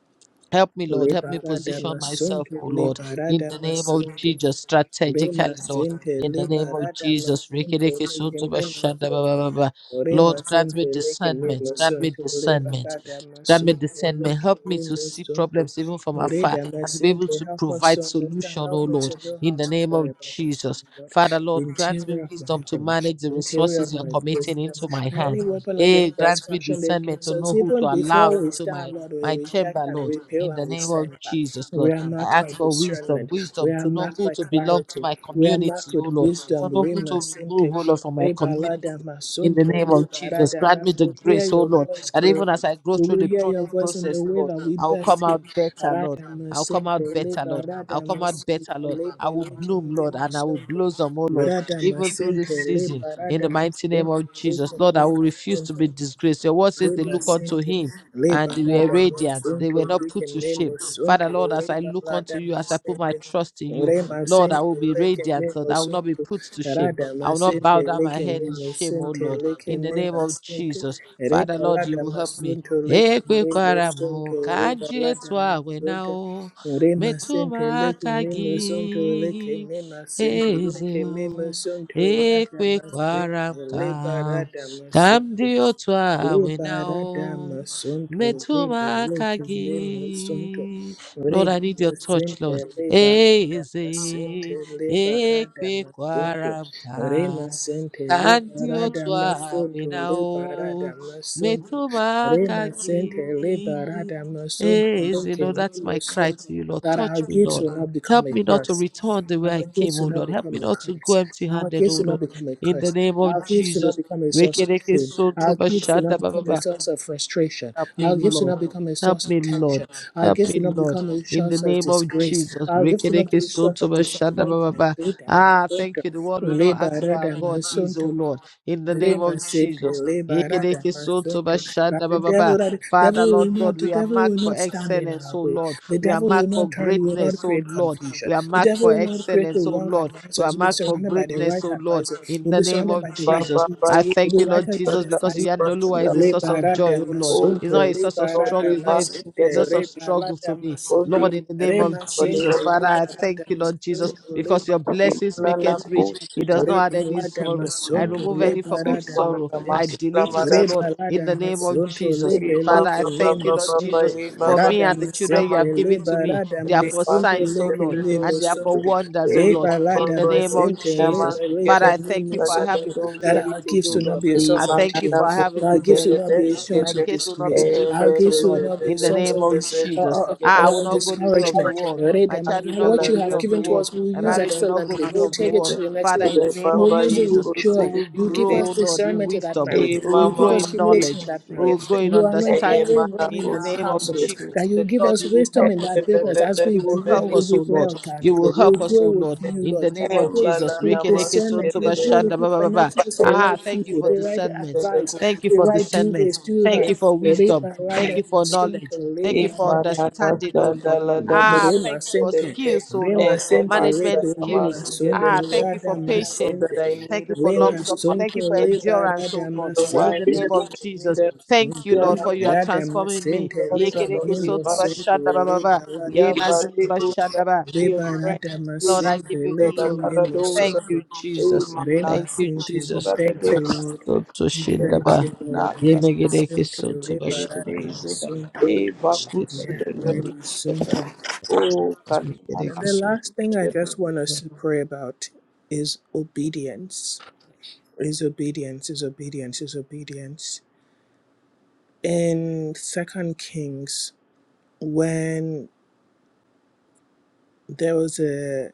[SPEAKER 2] Help me, Lord. Help me position
[SPEAKER 1] Liberadama
[SPEAKER 2] myself,
[SPEAKER 1] Sunto
[SPEAKER 2] oh Lord, in the
[SPEAKER 1] Liberadama
[SPEAKER 2] name of
[SPEAKER 1] Sinti
[SPEAKER 2] Jesus,
[SPEAKER 1] Lema
[SPEAKER 2] strategically, Lord.
[SPEAKER 1] sente
[SPEAKER 2] In the name of
[SPEAKER 1] liberada
[SPEAKER 2] Jesus,
[SPEAKER 1] masunto
[SPEAKER 2] Rikidiki
[SPEAKER 1] leke
[SPEAKER 2] Suntuba
[SPEAKER 1] lema
[SPEAKER 2] bashanda, ba ba
[SPEAKER 1] sunto.
[SPEAKER 2] ba ba. Lord,
[SPEAKER 1] Lema
[SPEAKER 2] grant
[SPEAKER 1] sente
[SPEAKER 2] me
[SPEAKER 1] leke
[SPEAKER 2] discernment,
[SPEAKER 1] lema
[SPEAKER 2] grant me
[SPEAKER 1] sunto
[SPEAKER 2] discernment,
[SPEAKER 1] liberada
[SPEAKER 2] grant me
[SPEAKER 1] masunto
[SPEAKER 2] discernment.
[SPEAKER 1] leke
[SPEAKER 2] Help me to
[SPEAKER 1] lema
[SPEAKER 2] see
[SPEAKER 1] sunto.
[SPEAKER 2] problems even from afar
[SPEAKER 1] Reda
[SPEAKER 2] and to be
[SPEAKER 1] masente,
[SPEAKER 2] able to
[SPEAKER 1] help us
[SPEAKER 2] provide
[SPEAKER 1] to understand,
[SPEAKER 2] solution,
[SPEAKER 1] help
[SPEAKER 2] oh
[SPEAKER 1] me
[SPEAKER 2] Lord,
[SPEAKER 1] to know
[SPEAKER 2] in
[SPEAKER 1] how
[SPEAKER 2] the
[SPEAKER 1] to
[SPEAKER 2] name of
[SPEAKER 1] pray about this,
[SPEAKER 2] Jesus.
[SPEAKER 1] Lord.
[SPEAKER 2] Father,
[SPEAKER 1] The
[SPEAKER 2] Lord, grant me
[SPEAKER 1] interior of my
[SPEAKER 2] wisdom to
[SPEAKER 1] home,
[SPEAKER 2] manage the
[SPEAKER 1] the interior
[SPEAKER 2] resources
[SPEAKER 1] of
[SPEAKER 2] you are
[SPEAKER 1] my
[SPEAKER 2] committing into
[SPEAKER 1] business,
[SPEAKER 2] my
[SPEAKER 1] any
[SPEAKER 2] hands.
[SPEAKER 1] weapon of the
[SPEAKER 2] Eh,
[SPEAKER 1] enemy that's
[SPEAKER 2] grant me
[SPEAKER 1] fashioned
[SPEAKER 2] discernment
[SPEAKER 1] against
[SPEAKER 2] to
[SPEAKER 1] us,
[SPEAKER 2] know who
[SPEAKER 1] even
[SPEAKER 2] to allow
[SPEAKER 1] before we
[SPEAKER 2] into
[SPEAKER 1] stand,
[SPEAKER 2] my,
[SPEAKER 1] Lord, we
[SPEAKER 2] my chamber,
[SPEAKER 1] reject and
[SPEAKER 2] Lord
[SPEAKER 1] repel
[SPEAKER 2] in the
[SPEAKER 1] and we
[SPEAKER 2] name of
[SPEAKER 1] send back.
[SPEAKER 2] Jesus,
[SPEAKER 1] We
[SPEAKER 2] Lord.
[SPEAKER 1] are marked
[SPEAKER 2] I
[SPEAKER 1] by
[SPEAKER 2] ask for wisdom,
[SPEAKER 1] discernment. We
[SPEAKER 2] wisdom
[SPEAKER 1] are
[SPEAKER 2] to know
[SPEAKER 1] marked
[SPEAKER 2] who
[SPEAKER 1] by
[SPEAKER 2] to belong to
[SPEAKER 1] clarity.
[SPEAKER 2] my
[SPEAKER 1] We are marked
[SPEAKER 2] community, oh
[SPEAKER 1] with
[SPEAKER 2] Lord, to
[SPEAKER 1] wisdom.
[SPEAKER 2] know who
[SPEAKER 1] Rima
[SPEAKER 2] to
[SPEAKER 1] sente.
[SPEAKER 2] remove, oh Lord, from my
[SPEAKER 1] Rebalada
[SPEAKER 2] community. In the
[SPEAKER 1] masunto.
[SPEAKER 2] name of Jesus,
[SPEAKER 1] Libarada.
[SPEAKER 2] grant me
[SPEAKER 1] We
[SPEAKER 2] the
[SPEAKER 1] will hear
[SPEAKER 2] grace, oh
[SPEAKER 1] your
[SPEAKER 2] Lord,
[SPEAKER 1] voice
[SPEAKER 2] that even
[SPEAKER 1] clearly.
[SPEAKER 2] as I go
[SPEAKER 1] We
[SPEAKER 2] through
[SPEAKER 1] will
[SPEAKER 2] the
[SPEAKER 1] hear your
[SPEAKER 2] pruning
[SPEAKER 1] voice in the
[SPEAKER 2] process,
[SPEAKER 1] way
[SPEAKER 2] Lord,
[SPEAKER 1] that we
[SPEAKER 2] I will
[SPEAKER 1] best
[SPEAKER 2] come
[SPEAKER 1] hear.
[SPEAKER 2] out better,
[SPEAKER 1] Rada
[SPEAKER 2] Lord. I'll come
[SPEAKER 1] masente.
[SPEAKER 2] out better, Lord. I'll
[SPEAKER 1] Libarada
[SPEAKER 2] come out better,
[SPEAKER 1] masunto.
[SPEAKER 2] Lord. I will bloom,
[SPEAKER 1] Libelikim
[SPEAKER 2] Lord, and I will
[SPEAKER 1] limasunto.
[SPEAKER 2] blossom, oh Lord,
[SPEAKER 1] Rada
[SPEAKER 2] even through this
[SPEAKER 1] masente.
[SPEAKER 2] season. In the
[SPEAKER 1] Libarada
[SPEAKER 2] mighty name
[SPEAKER 1] masunto.
[SPEAKER 2] of Jesus, Lord, I
[SPEAKER 1] Likim
[SPEAKER 2] will refuse to be
[SPEAKER 1] masunto.
[SPEAKER 2] disgraced. Your word says they
[SPEAKER 1] Leba
[SPEAKER 2] look unto
[SPEAKER 1] sente,
[SPEAKER 2] him
[SPEAKER 1] leba
[SPEAKER 2] and they were
[SPEAKER 1] lada
[SPEAKER 2] radiant. They
[SPEAKER 1] masunto,
[SPEAKER 2] were not
[SPEAKER 1] rike
[SPEAKER 2] put to
[SPEAKER 1] me
[SPEAKER 2] shame. Father,
[SPEAKER 1] masunto,
[SPEAKER 2] Lord, as I
[SPEAKER 1] leba
[SPEAKER 2] look unto
[SPEAKER 1] lada
[SPEAKER 2] you, as I put my
[SPEAKER 1] masente,
[SPEAKER 2] trust in you,
[SPEAKER 1] rema
[SPEAKER 2] Lord, I
[SPEAKER 1] sente,
[SPEAKER 2] will be
[SPEAKER 1] leke me
[SPEAKER 2] radiant, Lord. I will not be
[SPEAKER 1] masunto,
[SPEAKER 2] put to shame.
[SPEAKER 1] rada
[SPEAKER 2] I will not
[SPEAKER 1] masente,
[SPEAKER 2] bow down my
[SPEAKER 1] leke
[SPEAKER 2] head
[SPEAKER 1] me
[SPEAKER 2] in shame, oh
[SPEAKER 1] masente,
[SPEAKER 2] Lord.
[SPEAKER 1] leke
[SPEAKER 2] In the
[SPEAKER 1] me
[SPEAKER 2] name of
[SPEAKER 1] masente,
[SPEAKER 2] Jesus, Father,
[SPEAKER 1] reba
[SPEAKER 2] Lord, you
[SPEAKER 1] lada
[SPEAKER 2] will help me.
[SPEAKER 1] masunto, leke me
[SPEAKER 2] Ekwekwara m
[SPEAKER 1] masunto,
[SPEAKER 2] ka m
[SPEAKER 1] reba
[SPEAKER 2] ji
[SPEAKER 1] lada
[SPEAKER 2] etu a na
[SPEAKER 1] masunto,
[SPEAKER 2] o,
[SPEAKER 1] rema
[SPEAKER 2] metụ m
[SPEAKER 1] sente, leke
[SPEAKER 2] aka
[SPEAKER 1] me masunto, leke
[SPEAKER 2] gị,
[SPEAKER 1] me masente,
[SPEAKER 2] eze
[SPEAKER 1] leke me
[SPEAKER 2] o.
[SPEAKER 1] masunto, rada masente,
[SPEAKER 2] Ekwekwara m
[SPEAKER 1] leba
[SPEAKER 2] ka m
[SPEAKER 1] rada
[SPEAKER 2] ka m
[SPEAKER 1] masunto.
[SPEAKER 2] dị otu a na
[SPEAKER 1] Liberada
[SPEAKER 2] o
[SPEAKER 1] Masunto, Libre
[SPEAKER 2] metuma
[SPEAKER 1] Lucas Lima Sunto,
[SPEAKER 2] akagi. Lord,
[SPEAKER 1] Reda
[SPEAKER 2] I need your touch,
[SPEAKER 1] Masente,
[SPEAKER 2] Lord.
[SPEAKER 1] Liberada Masente,
[SPEAKER 2] Eze,
[SPEAKER 1] Liberada
[SPEAKER 2] ekwe
[SPEAKER 1] Masunto, Rema
[SPEAKER 2] kwaramka,
[SPEAKER 1] Sente,
[SPEAKER 2] kandi
[SPEAKER 1] Liberada
[SPEAKER 2] otu awe
[SPEAKER 1] Masunto, Liberada
[SPEAKER 2] o,
[SPEAKER 1] Masunto,
[SPEAKER 2] metuma
[SPEAKER 1] Rema sente
[SPEAKER 2] akagi.
[SPEAKER 1] leba rada masonte
[SPEAKER 2] Eze,
[SPEAKER 1] leke
[SPEAKER 2] Lord, that's
[SPEAKER 1] nilo
[SPEAKER 2] my cry
[SPEAKER 1] sonte.
[SPEAKER 2] to you, Lord.
[SPEAKER 1] That our
[SPEAKER 2] Touch me,
[SPEAKER 1] gifts
[SPEAKER 2] Lord.
[SPEAKER 1] will not become
[SPEAKER 2] Help
[SPEAKER 1] a
[SPEAKER 2] me not to
[SPEAKER 1] curse.
[SPEAKER 2] return the way I
[SPEAKER 1] Our
[SPEAKER 2] came,
[SPEAKER 1] gifts
[SPEAKER 2] oh
[SPEAKER 1] will not
[SPEAKER 2] Lord. Help
[SPEAKER 1] become
[SPEAKER 2] me
[SPEAKER 1] a
[SPEAKER 2] not to go
[SPEAKER 1] curse.
[SPEAKER 2] empty
[SPEAKER 1] Our
[SPEAKER 2] handed,
[SPEAKER 1] gifts
[SPEAKER 2] oh
[SPEAKER 1] will not
[SPEAKER 2] Lord.
[SPEAKER 1] become a
[SPEAKER 2] In the
[SPEAKER 1] curse.
[SPEAKER 2] name
[SPEAKER 1] Our
[SPEAKER 2] of
[SPEAKER 1] gifts will not
[SPEAKER 2] Jesus.
[SPEAKER 1] become a source of
[SPEAKER 2] Rekereke
[SPEAKER 1] shame.
[SPEAKER 2] sonto
[SPEAKER 1] Our gifts will not
[SPEAKER 2] bashanda
[SPEAKER 1] become
[SPEAKER 2] baba.
[SPEAKER 1] a source of frustration.
[SPEAKER 2] Help me,
[SPEAKER 1] Our gifts will
[SPEAKER 2] Lord.
[SPEAKER 1] not become a
[SPEAKER 2] Help
[SPEAKER 1] source of
[SPEAKER 2] me, Lord.
[SPEAKER 1] tension. Our
[SPEAKER 2] Help
[SPEAKER 1] gifts
[SPEAKER 2] me,
[SPEAKER 1] will not
[SPEAKER 2] Lord.
[SPEAKER 1] become a
[SPEAKER 2] In the
[SPEAKER 1] source of
[SPEAKER 2] name of
[SPEAKER 1] disgrace.
[SPEAKER 2] Jesus.
[SPEAKER 1] Our gifts will not
[SPEAKER 2] Rekereke
[SPEAKER 1] be a source
[SPEAKER 2] soto
[SPEAKER 1] of
[SPEAKER 2] ba shanda ba ba
[SPEAKER 1] disappointment.
[SPEAKER 2] ba.
[SPEAKER 1] Rada
[SPEAKER 2] Ah,
[SPEAKER 1] masonte.
[SPEAKER 2] thank you. The word will not
[SPEAKER 1] Leba
[SPEAKER 2] ask where our
[SPEAKER 1] rada
[SPEAKER 2] God
[SPEAKER 1] mason
[SPEAKER 2] is, O
[SPEAKER 1] to.
[SPEAKER 2] Lord. In the name
[SPEAKER 1] Lima
[SPEAKER 2] of
[SPEAKER 1] Sinti,
[SPEAKER 2] Jesus.
[SPEAKER 1] Liba Rada
[SPEAKER 2] Rekereke soto ba
[SPEAKER 1] Masunto. But
[SPEAKER 2] shanda
[SPEAKER 1] the
[SPEAKER 2] ba ba ba.
[SPEAKER 1] devil that
[SPEAKER 2] Father,
[SPEAKER 1] devil will
[SPEAKER 2] Lord God,
[SPEAKER 1] not the
[SPEAKER 2] we are
[SPEAKER 1] devil will
[SPEAKER 2] marked for
[SPEAKER 1] not stand in
[SPEAKER 2] excellence,
[SPEAKER 1] our
[SPEAKER 2] O
[SPEAKER 1] way.
[SPEAKER 2] Lord.
[SPEAKER 1] The
[SPEAKER 2] We are
[SPEAKER 1] devil will
[SPEAKER 2] marked for
[SPEAKER 1] not turn, will not
[SPEAKER 2] greatness, O
[SPEAKER 1] create
[SPEAKER 2] Lord.
[SPEAKER 1] confusion.
[SPEAKER 2] We are
[SPEAKER 1] The
[SPEAKER 2] marked
[SPEAKER 1] devil
[SPEAKER 2] for
[SPEAKER 1] will not create the
[SPEAKER 2] excellence, O
[SPEAKER 1] wrong
[SPEAKER 2] Lord. We are
[SPEAKER 1] advisors. We'll be
[SPEAKER 2] marked for
[SPEAKER 1] surrounded by the right
[SPEAKER 2] greatness, O Lord.
[SPEAKER 1] advisor.
[SPEAKER 2] In
[SPEAKER 1] We'll
[SPEAKER 2] the
[SPEAKER 1] be
[SPEAKER 2] name
[SPEAKER 1] surrounded by
[SPEAKER 2] of
[SPEAKER 1] the right
[SPEAKER 4] Baba
[SPEAKER 2] Jesus.
[SPEAKER 1] peace.
[SPEAKER 2] I
[SPEAKER 4] Bayi
[SPEAKER 2] thank
[SPEAKER 1] We'll
[SPEAKER 2] you,
[SPEAKER 1] be
[SPEAKER 2] Lord
[SPEAKER 1] righted by
[SPEAKER 2] Jesus,
[SPEAKER 1] the
[SPEAKER 2] because
[SPEAKER 1] first
[SPEAKER 4] Libra
[SPEAKER 1] hand.
[SPEAKER 2] Yanolua is a source
[SPEAKER 1] Liba
[SPEAKER 2] of
[SPEAKER 1] Rada
[SPEAKER 2] joy, O Lord.
[SPEAKER 4] Oh
[SPEAKER 2] It's
[SPEAKER 1] Masunto,
[SPEAKER 4] thank
[SPEAKER 2] not a source
[SPEAKER 4] you,
[SPEAKER 2] of
[SPEAKER 1] Liba
[SPEAKER 4] Lord they
[SPEAKER 1] Rada
[SPEAKER 2] struggle. It's not a,
[SPEAKER 4] must
[SPEAKER 2] a
[SPEAKER 4] get a
[SPEAKER 1] Masinte,
[SPEAKER 2] source of
[SPEAKER 1] Reba
[SPEAKER 4] produce
[SPEAKER 2] struggle
[SPEAKER 1] Rada
[SPEAKER 2] to me.
[SPEAKER 4] for
[SPEAKER 1] Masunto.
[SPEAKER 4] being
[SPEAKER 2] Lord, in the name of
[SPEAKER 1] Rema
[SPEAKER 4] for the
[SPEAKER 1] Sinti,
[SPEAKER 2] Jesus, Father,
[SPEAKER 1] Liba
[SPEAKER 2] I
[SPEAKER 1] Rada
[SPEAKER 2] thank you, Lord Jesus,
[SPEAKER 1] Masunto,
[SPEAKER 2] because your
[SPEAKER 1] Liba
[SPEAKER 2] blessings make
[SPEAKER 4] Nana
[SPEAKER 2] it rich. It
[SPEAKER 4] Kusuta.
[SPEAKER 2] does not add any
[SPEAKER 1] Rebalada
[SPEAKER 2] sorrow. I
[SPEAKER 1] masonto
[SPEAKER 2] remove any
[SPEAKER 4] Thank
[SPEAKER 2] form
[SPEAKER 4] you,
[SPEAKER 2] of
[SPEAKER 1] lebarada
[SPEAKER 4] Father
[SPEAKER 2] sorrow. I
[SPEAKER 1] masente
[SPEAKER 4] Masla
[SPEAKER 2] delete it, oh
[SPEAKER 4] Madata.
[SPEAKER 2] Lord, in
[SPEAKER 1] rebalada
[SPEAKER 2] the name of
[SPEAKER 1] masonto
[SPEAKER 2] Jesus.
[SPEAKER 4] Baba
[SPEAKER 2] Father,
[SPEAKER 1] lebeleke
[SPEAKER 2] I
[SPEAKER 1] le
[SPEAKER 2] thank you,
[SPEAKER 4] Baba
[SPEAKER 2] Lord
[SPEAKER 4] Baba
[SPEAKER 2] Jesus,
[SPEAKER 4] eh,
[SPEAKER 2] for
[SPEAKER 4] Baba
[SPEAKER 2] me
[SPEAKER 1] rada
[SPEAKER 2] and the children you
[SPEAKER 4] Nana
[SPEAKER 1] masente
[SPEAKER 2] have given to me.
[SPEAKER 1] lebarada
[SPEAKER 2] They are
[SPEAKER 4] They
[SPEAKER 2] for
[SPEAKER 4] must
[SPEAKER 1] masonto
[SPEAKER 2] signs, oh
[SPEAKER 4] get a
[SPEAKER 1] leke
[SPEAKER 2] Lord,
[SPEAKER 1] le
[SPEAKER 2] and they
[SPEAKER 4] produce.
[SPEAKER 2] are for wonders, oh Lord,
[SPEAKER 4] Baba
[SPEAKER 2] in
[SPEAKER 1] rebalada
[SPEAKER 2] the name
[SPEAKER 4] Bayi
[SPEAKER 2] of
[SPEAKER 1] masente
[SPEAKER 4] Namas
[SPEAKER 2] Jesus.
[SPEAKER 4] get
[SPEAKER 2] Father,
[SPEAKER 1] rebeleke
[SPEAKER 4] a
[SPEAKER 2] I
[SPEAKER 1] le
[SPEAKER 2] thank you for I have a good
[SPEAKER 1] that
[SPEAKER 4] produce.
[SPEAKER 1] our
[SPEAKER 2] heritage,
[SPEAKER 1] gifts
[SPEAKER 2] oh
[SPEAKER 1] will not
[SPEAKER 2] Lord.
[SPEAKER 1] be a
[SPEAKER 2] I
[SPEAKER 1] source of
[SPEAKER 2] thank you
[SPEAKER 4] Imanana
[SPEAKER 1] shame
[SPEAKER 2] for I have a
[SPEAKER 1] our
[SPEAKER 2] good
[SPEAKER 1] gifts
[SPEAKER 4] kutibele
[SPEAKER 1] will not
[SPEAKER 2] heritage.
[SPEAKER 1] be a
[SPEAKER 2] My
[SPEAKER 1] source
[SPEAKER 4] deskete
[SPEAKER 1] of
[SPEAKER 2] case will not
[SPEAKER 4] e
[SPEAKER 1] disgrace
[SPEAKER 2] be
[SPEAKER 1] our
[SPEAKER 4] be
[SPEAKER 2] different, oh
[SPEAKER 4] be
[SPEAKER 1] gifts will
[SPEAKER 4] be
[SPEAKER 2] Lord,
[SPEAKER 1] not
[SPEAKER 4] be
[SPEAKER 1] be a
[SPEAKER 2] in
[SPEAKER 4] be
[SPEAKER 2] the
[SPEAKER 4] be
[SPEAKER 1] source
[SPEAKER 2] name
[SPEAKER 1] of
[SPEAKER 2] of
[SPEAKER 4] be
[SPEAKER 1] this
[SPEAKER 4] be
[SPEAKER 1] uh,
[SPEAKER 2] Jesus.
[SPEAKER 1] uh, uh,
[SPEAKER 2] Ah,
[SPEAKER 4] liskete
[SPEAKER 2] I will
[SPEAKER 1] uh,
[SPEAKER 4] be
[SPEAKER 2] not go the way of the
[SPEAKER 1] discouragement
[SPEAKER 4] liskete
[SPEAKER 2] world. My child will
[SPEAKER 1] Rebalada
[SPEAKER 2] not
[SPEAKER 1] and
[SPEAKER 4] ala
[SPEAKER 1] what
[SPEAKER 2] go
[SPEAKER 1] you
[SPEAKER 2] the way
[SPEAKER 1] have
[SPEAKER 2] of the
[SPEAKER 1] given
[SPEAKER 4] kati
[SPEAKER 1] to
[SPEAKER 2] world.
[SPEAKER 1] us, we'll
[SPEAKER 2] My
[SPEAKER 1] use
[SPEAKER 2] marriage
[SPEAKER 4] kada
[SPEAKER 2] will not go
[SPEAKER 1] excellently.
[SPEAKER 2] the way
[SPEAKER 1] We'll
[SPEAKER 2] of the
[SPEAKER 1] take it
[SPEAKER 2] world.
[SPEAKER 4] limaskete
[SPEAKER 1] to the next
[SPEAKER 2] Father, in
[SPEAKER 4] le
[SPEAKER 1] level.
[SPEAKER 2] the name
[SPEAKER 1] We'll
[SPEAKER 2] of
[SPEAKER 4] baba
[SPEAKER 1] use it with
[SPEAKER 4] iko
[SPEAKER 2] Jesus, we
[SPEAKER 1] joy.
[SPEAKER 2] will
[SPEAKER 1] You
[SPEAKER 2] grow,
[SPEAKER 1] give
[SPEAKER 4] sekete
[SPEAKER 1] us
[SPEAKER 2] oh Lord, in
[SPEAKER 1] discernment in that
[SPEAKER 2] wisdom.
[SPEAKER 1] marriage.
[SPEAKER 4] Eye
[SPEAKER 2] We will
[SPEAKER 1] You
[SPEAKER 4] mama
[SPEAKER 2] grow
[SPEAKER 1] give us
[SPEAKER 2] in
[SPEAKER 4] mande
[SPEAKER 1] humility in
[SPEAKER 2] knowledge.
[SPEAKER 1] that
[SPEAKER 2] We
[SPEAKER 1] marriage.
[SPEAKER 2] will
[SPEAKER 4] kisikete.
[SPEAKER 2] grow in
[SPEAKER 1] You anoint
[SPEAKER 4] Eye
[SPEAKER 2] understanding.
[SPEAKER 4] mana
[SPEAKER 1] everyone
[SPEAKER 2] In
[SPEAKER 1] in
[SPEAKER 2] the
[SPEAKER 1] our
[SPEAKER 2] name
[SPEAKER 4] kusile
[SPEAKER 2] of
[SPEAKER 4] bede
[SPEAKER 1] households. That
[SPEAKER 2] Jesus.
[SPEAKER 1] you give
[SPEAKER 4] kisikete.
[SPEAKER 2] Lord,
[SPEAKER 1] us
[SPEAKER 2] you will
[SPEAKER 1] wisdom
[SPEAKER 4] Eye
[SPEAKER 2] help
[SPEAKER 1] in
[SPEAKER 2] us,
[SPEAKER 1] that
[SPEAKER 2] oh
[SPEAKER 4] bebe
[SPEAKER 2] Lord.
[SPEAKER 1] business.
[SPEAKER 4] bebe
[SPEAKER 1] As we
[SPEAKER 2] You will
[SPEAKER 1] grow,
[SPEAKER 2] help
[SPEAKER 4] beli
[SPEAKER 1] we
[SPEAKER 2] us, oh
[SPEAKER 1] will
[SPEAKER 4] kete
[SPEAKER 2] Lord.
[SPEAKER 1] grow
[SPEAKER 2] You
[SPEAKER 1] organically.
[SPEAKER 2] will
[SPEAKER 4] kisikete
[SPEAKER 1] We will
[SPEAKER 2] help
[SPEAKER 4] bede
[SPEAKER 2] us, oh
[SPEAKER 1] grow with
[SPEAKER 2] Lord.
[SPEAKER 4] kisikete.
[SPEAKER 1] you,
[SPEAKER 2] In
[SPEAKER 1] Lord.
[SPEAKER 2] the
[SPEAKER 1] You
[SPEAKER 2] name
[SPEAKER 4] Eye
[SPEAKER 1] will
[SPEAKER 2] of
[SPEAKER 1] grow
[SPEAKER 4] mbala
[SPEAKER 2] Jesus.
[SPEAKER 1] with
[SPEAKER 4] nama
[SPEAKER 2] Rekeleke
[SPEAKER 1] discernment.
[SPEAKER 2] sonto
[SPEAKER 1] You
[SPEAKER 4] sikete
[SPEAKER 1] will
[SPEAKER 4] de
[SPEAKER 1] grow
[SPEAKER 2] bashanda
[SPEAKER 1] with
[SPEAKER 2] ba
[SPEAKER 1] you
[SPEAKER 2] ba ba ba.
[SPEAKER 1] connecting
[SPEAKER 4] kisikete.
[SPEAKER 1] us to the
[SPEAKER 4] Eye
[SPEAKER 2] Ah,
[SPEAKER 1] right
[SPEAKER 2] thank you
[SPEAKER 1] people,
[SPEAKER 4] bebe
[SPEAKER 2] for
[SPEAKER 1] the
[SPEAKER 4] beli
[SPEAKER 1] right
[SPEAKER 2] discernment.
[SPEAKER 4] bele
[SPEAKER 1] advice,
[SPEAKER 2] Thank you
[SPEAKER 1] the
[SPEAKER 2] for
[SPEAKER 4] kusikete.
[SPEAKER 1] right do
[SPEAKER 2] discernment.
[SPEAKER 1] this, do
[SPEAKER 2] Thank
[SPEAKER 4] Eye
[SPEAKER 2] you
[SPEAKER 1] that.
[SPEAKER 2] for wisdom.
[SPEAKER 1] Labor
[SPEAKER 4] kisikete.
[SPEAKER 2] Thank
[SPEAKER 1] rather
[SPEAKER 2] you
[SPEAKER 1] than
[SPEAKER 2] for
[SPEAKER 1] soon to
[SPEAKER 2] knowledge. Thank
[SPEAKER 1] labor
[SPEAKER 2] you for
[SPEAKER 4] Wisdom
[SPEAKER 1] rather
[SPEAKER 2] understanding, oh Lord.
[SPEAKER 4] that
[SPEAKER 2] Ah,
[SPEAKER 1] Rema
[SPEAKER 2] thank you for
[SPEAKER 1] sente,
[SPEAKER 2] skills, oh
[SPEAKER 1] rema
[SPEAKER 2] Lord.
[SPEAKER 1] sente,
[SPEAKER 2] Management
[SPEAKER 1] repe
[SPEAKER 2] skills.
[SPEAKER 1] lema sonto,
[SPEAKER 2] Ah, thank you for
[SPEAKER 1] rada
[SPEAKER 2] patience.
[SPEAKER 1] masente,
[SPEAKER 4] I
[SPEAKER 2] Thank
[SPEAKER 4] need,
[SPEAKER 2] you for long
[SPEAKER 4] Lord,
[SPEAKER 1] lema
[SPEAKER 4] give
[SPEAKER 2] suffering.
[SPEAKER 4] us
[SPEAKER 2] Thank
[SPEAKER 1] sonto,
[SPEAKER 2] you for
[SPEAKER 4] get
[SPEAKER 1] leba
[SPEAKER 2] endurance, oh
[SPEAKER 1] rada
[SPEAKER 2] Lord.
[SPEAKER 4] your
[SPEAKER 2] In
[SPEAKER 4] wife,
[SPEAKER 2] the
[SPEAKER 1] masente,
[SPEAKER 2] name of
[SPEAKER 1] leke
[SPEAKER 4] give
[SPEAKER 2] Jesus.
[SPEAKER 1] nemo
[SPEAKER 4] them.
[SPEAKER 2] Thank you,
[SPEAKER 4] We
[SPEAKER 1] sonto,
[SPEAKER 4] are
[SPEAKER 2] Lord, for
[SPEAKER 4] not
[SPEAKER 2] you are
[SPEAKER 4] going
[SPEAKER 1] rada
[SPEAKER 2] transforming me.
[SPEAKER 1] masente,
[SPEAKER 4] to daughter,
[SPEAKER 1] leke
[SPEAKER 4] Lord,
[SPEAKER 2] Yekereke
[SPEAKER 4] leave
[SPEAKER 1] nemo
[SPEAKER 2] soto ba
[SPEAKER 4] us.
[SPEAKER 1] sonto,
[SPEAKER 2] shanda ba ba ba.
[SPEAKER 1] reba rada
[SPEAKER 2] Ye
[SPEAKER 1] mas,
[SPEAKER 2] mazin ba
[SPEAKER 4] Yabarigo,
[SPEAKER 2] shanda ba.
[SPEAKER 4] your
[SPEAKER 1] reba
[SPEAKER 4] friend,
[SPEAKER 1] rada
[SPEAKER 2] Lord,
[SPEAKER 4] please,
[SPEAKER 2] I
[SPEAKER 1] masente,
[SPEAKER 2] give you
[SPEAKER 4] the
[SPEAKER 1] leke
[SPEAKER 2] glory.
[SPEAKER 1] nemo
[SPEAKER 4] Labaradosa,
[SPEAKER 2] Thank you,
[SPEAKER 1] sonto,
[SPEAKER 2] Jesus.
[SPEAKER 4] Emana,
[SPEAKER 1] rema
[SPEAKER 2] Thank you,
[SPEAKER 1] sente. We
[SPEAKER 2] Jesus.
[SPEAKER 1] thank you,
[SPEAKER 4] Barados,
[SPEAKER 1] Lord.
[SPEAKER 2] Nakasoto
[SPEAKER 1] We thank
[SPEAKER 2] shindaba.
[SPEAKER 1] you, Lord.
[SPEAKER 4] Manacas.
[SPEAKER 1] Rema
[SPEAKER 2] Yemegedeke
[SPEAKER 1] sente,
[SPEAKER 2] soto
[SPEAKER 1] leba rada
[SPEAKER 4] Kerereze.
[SPEAKER 2] bashandaba.
[SPEAKER 1] masonto,
[SPEAKER 4] Eva Kutsu
[SPEAKER 2] Thank
[SPEAKER 1] yeah,
[SPEAKER 4] de
[SPEAKER 2] you, Lord.
[SPEAKER 4] Bredi.
[SPEAKER 1] rema sonto.
[SPEAKER 4] Oh,
[SPEAKER 1] And
[SPEAKER 4] Kalimana
[SPEAKER 2] Yemegedeke
[SPEAKER 1] the
[SPEAKER 2] soto
[SPEAKER 1] last thing I
[SPEAKER 4] de
[SPEAKER 1] just want us
[SPEAKER 2] bashandaba.
[SPEAKER 1] to pray about is obedience. Is obedience, is obedience, is obedience. In Second Kings, when there was a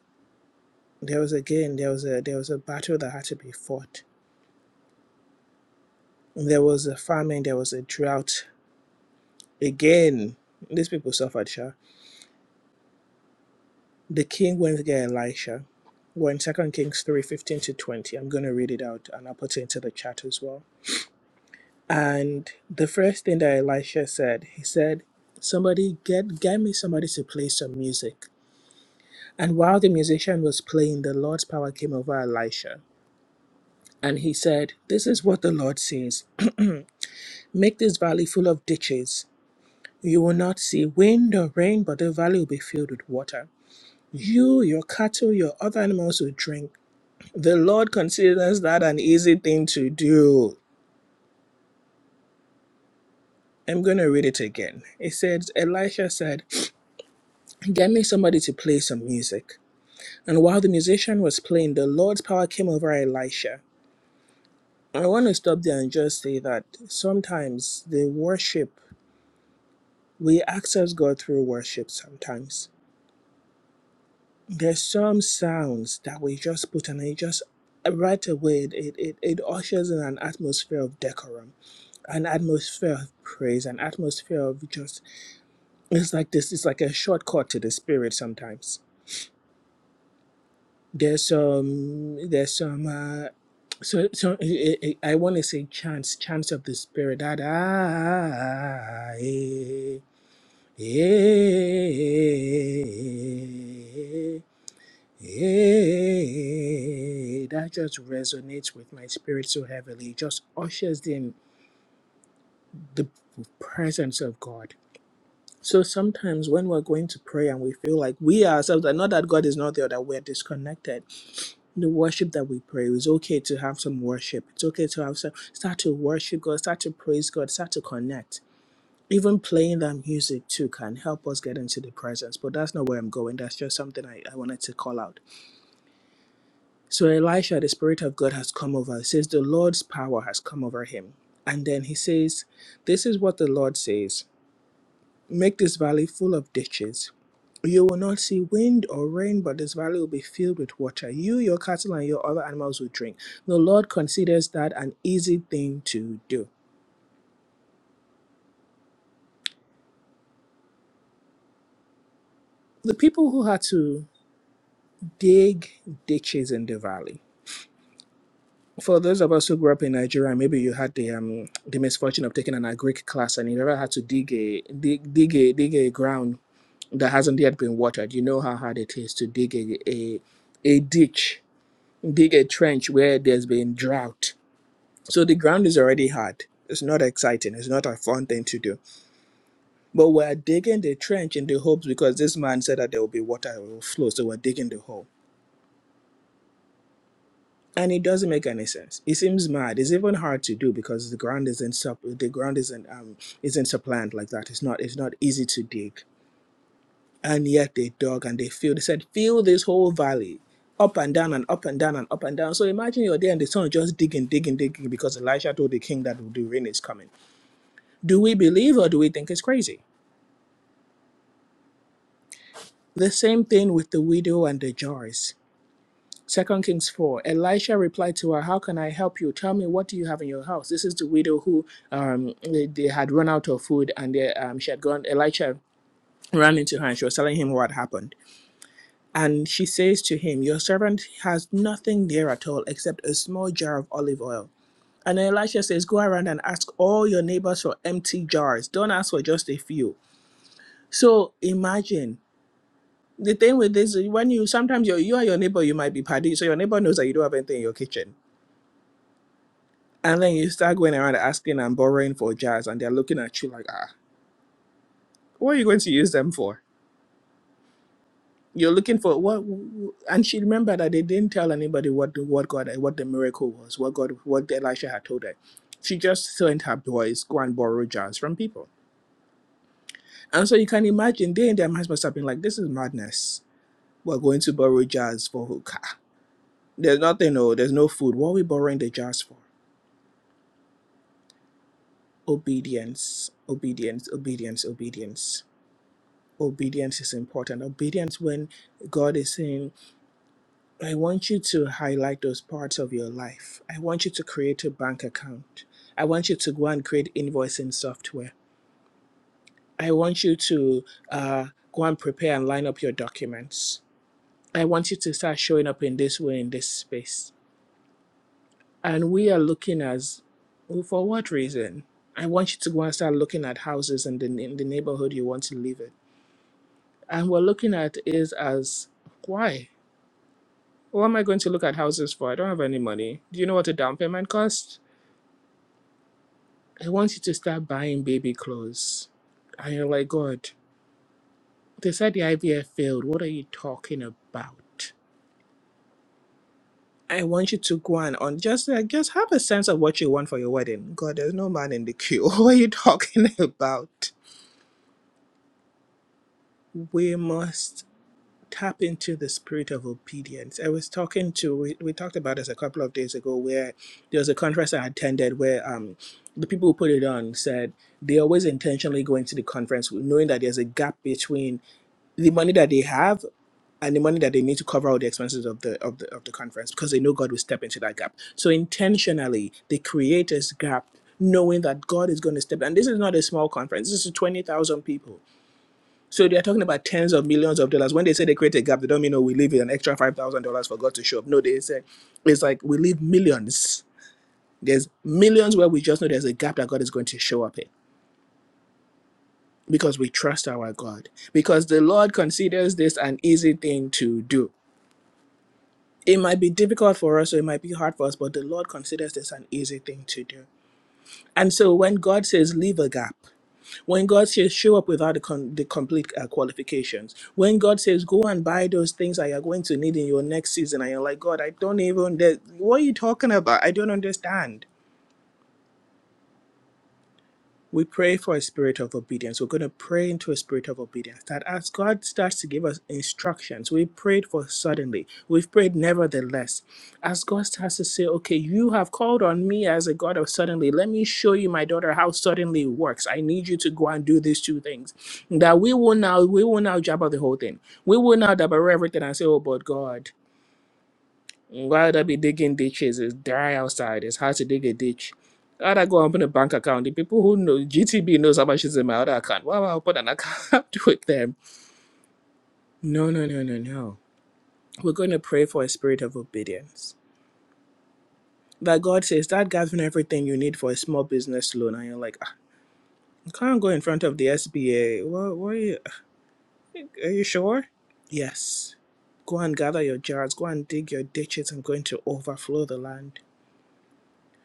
[SPEAKER 1] there was again there was a there was a battle that had to be fought. There was a famine, there was a drought. Again, these people suffered, sure. The king went to get Elisha. We're in Second Kings three, fifteen to twenty. I'm gonna read it out and I'll put it into the chat as well. And the first thing that Elisha said, he said, Somebody get get me somebody to play some music. And while the musician was playing, the Lord's power came over Elisha. And he said, This is what the Lord says. Make this valley full of ditches. You will not see wind or rain, but the valley will be filled with water. You, your cattle, your other animals will drink. The Lord considers that an easy thing to do. I'm going to read it again. It says, Elisha said, Get me somebody to play some music. And while the musician was playing, the Lord's power came over Elisha. I want to stop there and just say that sometimes the worship, we access God through worship sometimes. There's some sounds that we just put and it just right away it, it, it ushers in an atmosphere of decorum, an atmosphere of praise, an atmosphere of just it's like this it's like a shortcut to the spirit sometimes. There's some there's some uh, So, so I, I, I want to say chants, chants of the spirit. Da, da, eh, eh, eh. That just resonates with my spirit so heavily. It just ushers in the presence of God. So sometimes when we're going to pray and we feel like we ourselves are not that God is not there, that we're disconnected the worship that we pray. It's okay to have some worship. It's okay to have some start to worship God, start to praise God, start to connect. Even playing that music too can help us get into the presence. But that's not where I'm going. That's just something I, I wanted to call out. So Elisha, the Spirit of God has come over. It says the Lord's power has come over him. And then he says, This is what the Lord says. Make this valley full of ditches You will not see wind or rain, but this valley will be filled with water. You, your cattle, and your other animals will drink. The Lord considers that an easy thing to do. The people who had to dig ditches in the valley. For those of us who grew up in Nigeria, maybe you had the um, the misfortune of taking an agric class, and you ever had to dig a dig dig a dig a ground that hasn't yet been watered. You know how hard it is to dig a a, a ditch, dig a trench where there's been drought So the ground is already hard. It's not exciting. It's not a fun thing to do. But we're digging the trench in the hopes because this man said that there will be water it will flow. So we're digging the hole. And it doesn't make any sense. It seems mad. It's even hard to do because the ground isn't sup the ground isn't um isn't supplant like that. It's not it's not easy to dig. And yet they dug and they filled. They said, fill this whole valley up and down and up and down and up and down. So imagine you're there and the sun just digging, digging, digging because Elisha told the king that the rain is coming. Do we believe or do we think it's crazy? The same thing with the widow and the jars. Second Kings 4. Elisha replied to her, How can I help you? Tell me, what do you have in your house? This is the widow who um, they, they had run out of food and they, um, she had gone. Elisha ran into her and she was telling him what happened. And she says to him, Your servant has nothing there at all except a small jar of olive oil. And Elisha says, Go around and ask all your neighbors for empty jars. Don't ask for just a few. So imagine the thing with this when you sometimes you're, you and your neighbor you might be paddy so your neighbor knows that you don't have anything in your kitchen and then you start going around asking and borrowing for jars and they're looking at you like ah what are you going to use them for you're looking for what and she remembered that they didn't tell anybody what the what god what the miracle was what god what elisha had told her she just sent her boys go and borrow jars from people and so you can imagine they and their minds must have been like this is madness we're going to borrow jars for hookah there's nothing No, there's no food what are we borrowing the jars for obedience obedience obedience obedience obedience is important obedience when god is saying i want you to highlight those parts of your life i want you to create a bank account i want you to go and create invoicing software i want you to uh, go and prepare and line up your documents i want you to start showing up in this way in this space and we are looking as well, for what reason i want you to go and start looking at houses in the, in the neighborhood you want to live in And we're looking at is as why? What am I going to look at houses for? I don't have any money. Do you know what a down payment costs? I want you to start buying baby clothes. And you're like, God, they said the IVF failed. What are you talking about? I want you to go and on just like just have a sense of what you want for your wedding. God, there's no man in the queue. what are you talking about? We must. tap into the spirit of obedience. I was talking to we, we talked about this a couple of days ago where there was a conference I attended where um the people who put it on said they always intentionally go into the conference knowing that there's a gap between the money that they have and the money that they need to cover all the expenses of the of the of the conference because they know God will step into that gap. So intentionally they create this gap knowing that God is going to step and this is not a small conference. This is 20,000 people so they are talking about tens of millions of dollars. When they say they create a gap, they don't mean oh we leave an extra five thousand dollars for God to show up. No, they say it's like we leave millions. There's millions where we just know there's a gap that God is going to show up in because we trust our God. Because the Lord considers this an easy thing to do. It might be difficult for us or it might be hard for us, but the Lord considers this an easy thing to do. And so when God says leave a gap, When God says, show up without the, con- the complete uh, qualifications. When God says, go and buy those things that you're going to need in your next season, and you're like, God, I don't even, that- what are you talking about? I don't understand we pray for a spirit of obedience. We're going to pray into a spirit of obedience that as God starts to give us instructions, we prayed for suddenly, we've prayed nevertheless. As God starts to say, okay, you have called on me as a God of suddenly, let me show you, my daughter, how suddenly works. I need you to go and do these two things. That we will now, we will now jabber the whole thing. We will now jabber everything and say, oh, but God. Why would I be digging ditches? It's dry outside. It's hard to dig a ditch. How'd I go open a bank account? The people who know GTB knows how much is in my other account. Why would I open an account with them? No, no, no, no, no. We're going to pray for a spirit of obedience. That God says, start gathering everything you need for a small business loan. And you're like, "Ah, I can't go in front of the SBA. What, what are, you, are you sure? Yes. Go and gather your jars. Go and dig your ditches. I'm going to overflow the land.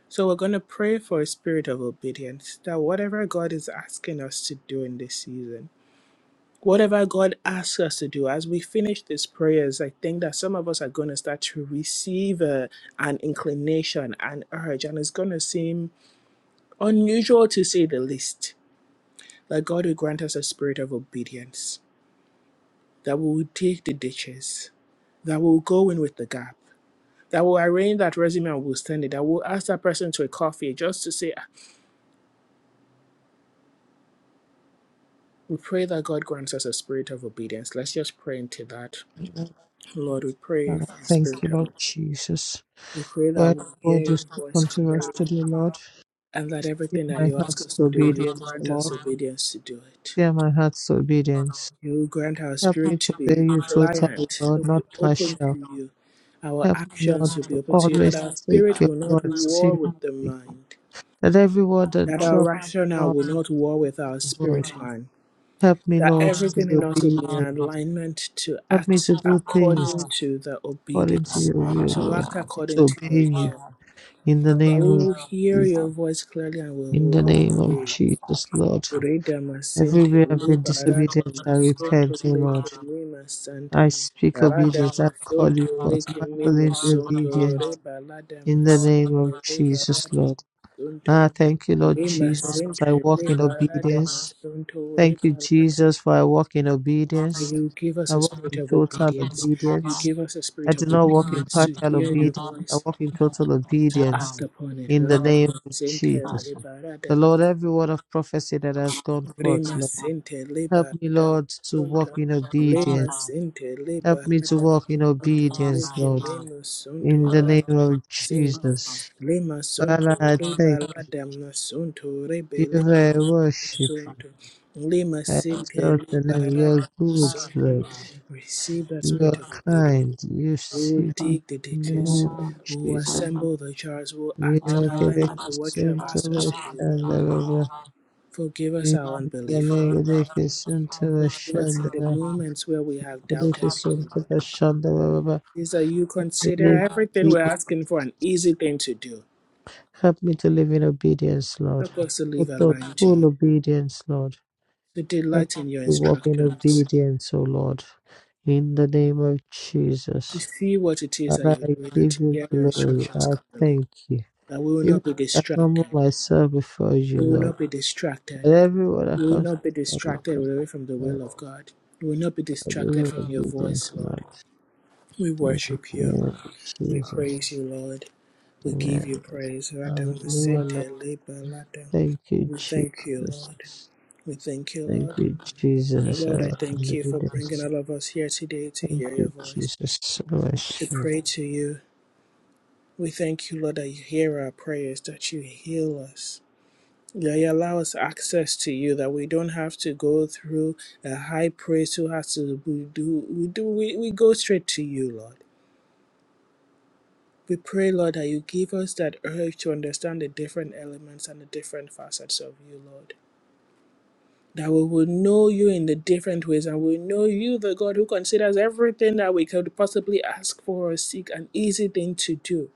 [SPEAKER 1] So we're going to pray for a spirit of obedience that whatever God is asking us to do in this season, whatever God asks us to do, as we finish these prayers, I think that some of us are going to start to receive uh, an inclination, an urge, and it's going to seem unusual to say the least. That God will grant us a spirit of obedience, that we will take the ditches, that we will go in with the gap, that will arrange that resume and we'll send it. That will ask that person to a coffee just to say, We pray that God grants us a spirit of obedience. Let's just pray into that. Lord, we pray
[SPEAKER 2] Father,
[SPEAKER 1] for a
[SPEAKER 2] Thank
[SPEAKER 1] spirit
[SPEAKER 2] you,
[SPEAKER 1] of
[SPEAKER 2] Lord
[SPEAKER 1] obedience.
[SPEAKER 2] Jesus.
[SPEAKER 1] We pray that
[SPEAKER 2] Lord,
[SPEAKER 1] we hear
[SPEAKER 2] Lord, you
[SPEAKER 1] your
[SPEAKER 2] spoke
[SPEAKER 1] voice
[SPEAKER 2] unto us
[SPEAKER 1] clearly
[SPEAKER 2] today, Lord.
[SPEAKER 1] and that
[SPEAKER 2] Give
[SPEAKER 1] everything that
[SPEAKER 2] my
[SPEAKER 1] you
[SPEAKER 2] heart
[SPEAKER 1] ask us
[SPEAKER 2] to
[SPEAKER 1] to do, you
[SPEAKER 2] obedience,
[SPEAKER 1] grant us
[SPEAKER 2] Lord.
[SPEAKER 1] obedience to do it.
[SPEAKER 2] Give my heart to obedience.
[SPEAKER 1] You grant our
[SPEAKER 2] Help me
[SPEAKER 1] spirit
[SPEAKER 2] to
[SPEAKER 1] to
[SPEAKER 2] obey
[SPEAKER 1] be
[SPEAKER 2] you totally,
[SPEAKER 1] pliant. It
[SPEAKER 2] Lord,
[SPEAKER 1] will be
[SPEAKER 2] not
[SPEAKER 1] open
[SPEAKER 2] partial.
[SPEAKER 1] to you. Our
[SPEAKER 2] Help me, Lord,
[SPEAKER 1] actions will be
[SPEAKER 2] to
[SPEAKER 1] open to you, that
[SPEAKER 2] always
[SPEAKER 1] our
[SPEAKER 2] take
[SPEAKER 1] spirit
[SPEAKER 2] your
[SPEAKER 1] will not
[SPEAKER 2] word
[SPEAKER 1] war
[SPEAKER 2] seriously.
[SPEAKER 1] with the mind,
[SPEAKER 2] That every word that
[SPEAKER 1] that our
[SPEAKER 2] drops from my
[SPEAKER 1] rationale will
[SPEAKER 2] mouth
[SPEAKER 1] not war
[SPEAKER 2] will
[SPEAKER 1] with our
[SPEAKER 2] not void.
[SPEAKER 1] spirit man
[SPEAKER 2] Help me,
[SPEAKER 1] that
[SPEAKER 2] Lord, to
[SPEAKER 1] everything
[SPEAKER 2] be
[SPEAKER 1] in us will be in
[SPEAKER 2] obedient.
[SPEAKER 1] alignment to
[SPEAKER 2] Help me
[SPEAKER 1] act
[SPEAKER 2] to do things
[SPEAKER 1] according to the
[SPEAKER 2] according to
[SPEAKER 1] obedience,
[SPEAKER 2] your will,
[SPEAKER 1] to
[SPEAKER 2] Lord.
[SPEAKER 1] act
[SPEAKER 2] Help me to
[SPEAKER 1] according to your
[SPEAKER 2] obey you.
[SPEAKER 1] will,
[SPEAKER 2] In the
[SPEAKER 1] that
[SPEAKER 2] name
[SPEAKER 1] we
[SPEAKER 2] of
[SPEAKER 1] will hear
[SPEAKER 2] Jesus.
[SPEAKER 1] your voice clearly and we
[SPEAKER 2] In
[SPEAKER 1] will
[SPEAKER 2] the name of
[SPEAKER 1] obey.
[SPEAKER 2] Jesus, Lord.
[SPEAKER 1] Reda masente,
[SPEAKER 2] Everywhere I've been disobedient, I repent, O Lord.
[SPEAKER 1] leke mima santa.
[SPEAKER 2] I speak obedience. I call you forth.
[SPEAKER 1] leke mimo
[SPEAKER 2] Magdalene, be
[SPEAKER 1] sonto,
[SPEAKER 2] obedient.
[SPEAKER 1] reba lada
[SPEAKER 2] In the
[SPEAKER 1] masente,
[SPEAKER 2] name of Jesus, Lord. Ah, thank you, Lord Jesus, as I walk in obedience. Thank you, Jesus, for I walk in
[SPEAKER 1] that
[SPEAKER 2] obedience.
[SPEAKER 1] you give us
[SPEAKER 2] I
[SPEAKER 1] a
[SPEAKER 2] walk
[SPEAKER 1] spirit
[SPEAKER 2] in
[SPEAKER 1] of
[SPEAKER 2] total
[SPEAKER 1] obedience. You
[SPEAKER 2] obedience.
[SPEAKER 1] give us a
[SPEAKER 2] I
[SPEAKER 1] spirit of
[SPEAKER 2] do not walk in
[SPEAKER 1] obedience to
[SPEAKER 2] partial
[SPEAKER 1] hear your
[SPEAKER 2] obedience. I
[SPEAKER 1] voice,
[SPEAKER 2] walk in total
[SPEAKER 1] to
[SPEAKER 2] obedience
[SPEAKER 1] act upon it.
[SPEAKER 2] in the name of Jesus. The Lord, every word of prophecy that has gone forth,
[SPEAKER 1] Rema
[SPEAKER 2] Lord,
[SPEAKER 1] sente
[SPEAKER 2] help
[SPEAKER 1] leba
[SPEAKER 2] me,
[SPEAKER 1] rada
[SPEAKER 2] Lord, to
[SPEAKER 1] masonto.
[SPEAKER 2] walk in
[SPEAKER 1] Rema
[SPEAKER 2] obedience.
[SPEAKER 1] sente leba
[SPEAKER 2] Help me to
[SPEAKER 1] rada
[SPEAKER 2] walk in
[SPEAKER 1] masonto.
[SPEAKER 2] obedience,
[SPEAKER 1] Leke
[SPEAKER 2] Lord,
[SPEAKER 1] meno sonto
[SPEAKER 2] in the name
[SPEAKER 1] rada
[SPEAKER 2] of
[SPEAKER 1] masente.
[SPEAKER 2] Jesus.
[SPEAKER 1] Rema sonto
[SPEAKER 2] Father, I
[SPEAKER 1] reba
[SPEAKER 2] thank
[SPEAKER 1] rada masonto.
[SPEAKER 2] you,
[SPEAKER 1] Rebe leke
[SPEAKER 2] I
[SPEAKER 1] meno
[SPEAKER 2] worship.
[SPEAKER 1] sonto. Rema
[SPEAKER 2] As
[SPEAKER 1] sente leba
[SPEAKER 2] certainly we are
[SPEAKER 1] rada
[SPEAKER 2] good,
[SPEAKER 1] masonto.
[SPEAKER 2] Lord.
[SPEAKER 1] Receive the
[SPEAKER 2] You
[SPEAKER 1] spirit
[SPEAKER 2] are
[SPEAKER 1] of obedience.
[SPEAKER 2] kind. You
[SPEAKER 1] We will
[SPEAKER 2] see
[SPEAKER 1] dig the
[SPEAKER 2] in the
[SPEAKER 1] ditches.
[SPEAKER 2] name of
[SPEAKER 1] We will
[SPEAKER 2] Jesus.
[SPEAKER 1] assemble the jars. We will
[SPEAKER 2] We
[SPEAKER 1] act in
[SPEAKER 2] make a
[SPEAKER 1] alignment with what you have
[SPEAKER 2] requisition to
[SPEAKER 1] asked us
[SPEAKER 2] the
[SPEAKER 1] to do, Lord.
[SPEAKER 2] Shandava.
[SPEAKER 1] Forgive
[SPEAKER 2] We
[SPEAKER 1] us our unbelief,
[SPEAKER 2] make a requisition to the
[SPEAKER 1] Forgive us in the
[SPEAKER 2] Shandava.
[SPEAKER 1] moments where we have doubted you,
[SPEAKER 2] Requisition to
[SPEAKER 1] Lord.
[SPEAKER 2] the Shandava.
[SPEAKER 1] Is that you
[SPEAKER 2] We
[SPEAKER 1] consider
[SPEAKER 2] live.
[SPEAKER 1] everything we're
[SPEAKER 2] Jesus.
[SPEAKER 1] asking for an easy thing to do.
[SPEAKER 2] Help me to live in obedience, Lord.
[SPEAKER 1] Help us to live
[SPEAKER 2] Help for
[SPEAKER 1] aligned to you,
[SPEAKER 2] full obedience, Lord.
[SPEAKER 1] to
[SPEAKER 2] Help
[SPEAKER 1] delight in your
[SPEAKER 2] me to walk in
[SPEAKER 1] instructions,
[SPEAKER 2] obedience, O Lord. In the name of
[SPEAKER 1] to
[SPEAKER 2] Jesus.
[SPEAKER 1] see what it is that
[SPEAKER 2] Father,
[SPEAKER 1] you're
[SPEAKER 2] I
[SPEAKER 1] doing and
[SPEAKER 2] give
[SPEAKER 1] to
[SPEAKER 2] you
[SPEAKER 1] hear your
[SPEAKER 2] glory.
[SPEAKER 1] instructions
[SPEAKER 2] I
[SPEAKER 1] clearly.
[SPEAKER 2] thank you.
[SPEAKER 1] That we will
[SPEAKER 2] Even
[SPEAKER 1] not be
[SPEAKER 2] I
[SPEAKER 1] distracted.
[SPEAKER 2] humble myself before you,
[SPEAKER 1] We will
[SPEAKER 2] Lord.
[SPEAKER 1] not be distracted.
[SPEAKER 2] And everyone that
[SPEAKER 1] We will
[SPEAKER 2] comes
[SPEAKER 1] not be
[SPEAKER 2] to your
[SPEAKER 1] distracted
[SPEAKER 2] presence,
[SPEAKER 1] away from the will
[SPEAKER 2] Lord,
[SPEAKER 1] of God. We will not be
[SPEAKER 2] I give
[SPEAKER 1] distracted
[SPEAKER 2] you
[SPEAKER 1] from your
[SPEAKER 2] obedience,
[SPEAKER 1] voice, Lord.
[SPEAKER 2] Lord.
[SPEAKER 1] We
[SPEAKER 2] Thank you,
[SPEAKER 1] worship you. We
[SPEAKER 2] Jesus.
[SPEAKER 1] praise you, Lord. We give
[SPEAKER 2] Amen.
[SPEAKER 1] you praise.
[SPEAKER 2] Hallelujah,
[SPEAKER 1] Radamasente
[SPEAKER 2] Lord.
[SPEAKER 1] leba lada.
[SPEAKER 2] Thank you,
[SPEAKER 1] We thank you, Lord.
[SPEAKER 2] Jesus.
[SPEAKER 1] We thank you,
[SPEAKER 2] Thank
[SPEAKER 1] Lord.
[SPEAKER 2] you,
[SPEAKER 1] And
[SPEAKER 2] Jesus. I
[SPEAKER 1] Lord, I
[SPEAKER 2] will
[SPEAKER 1] thank you for bringing
[SPEAKER 2] obedience.
[SPEAKER 1] all of us here today to
[SPEAKER 2] Thank
[SPEAKER 1] hear your
[SPEAKER 2] you,
[SPEAKER 1] voice,
[SPEAKER 2] Jesus. So I
[SPEAKER 1] to pray to you. We thank you, Lord, that you hear our prayers, that you heal us. That you allow us access to you, that we don't have to go through a high priest who has to we do we do we, we go straight to you, Lord. We pray, Lord, that you give us that urge to understand the different elements and the different facets of you, Lord. that we will know you in the different ways and we know you the god who considers everything that we could possibly ask for or seek an easy thing to do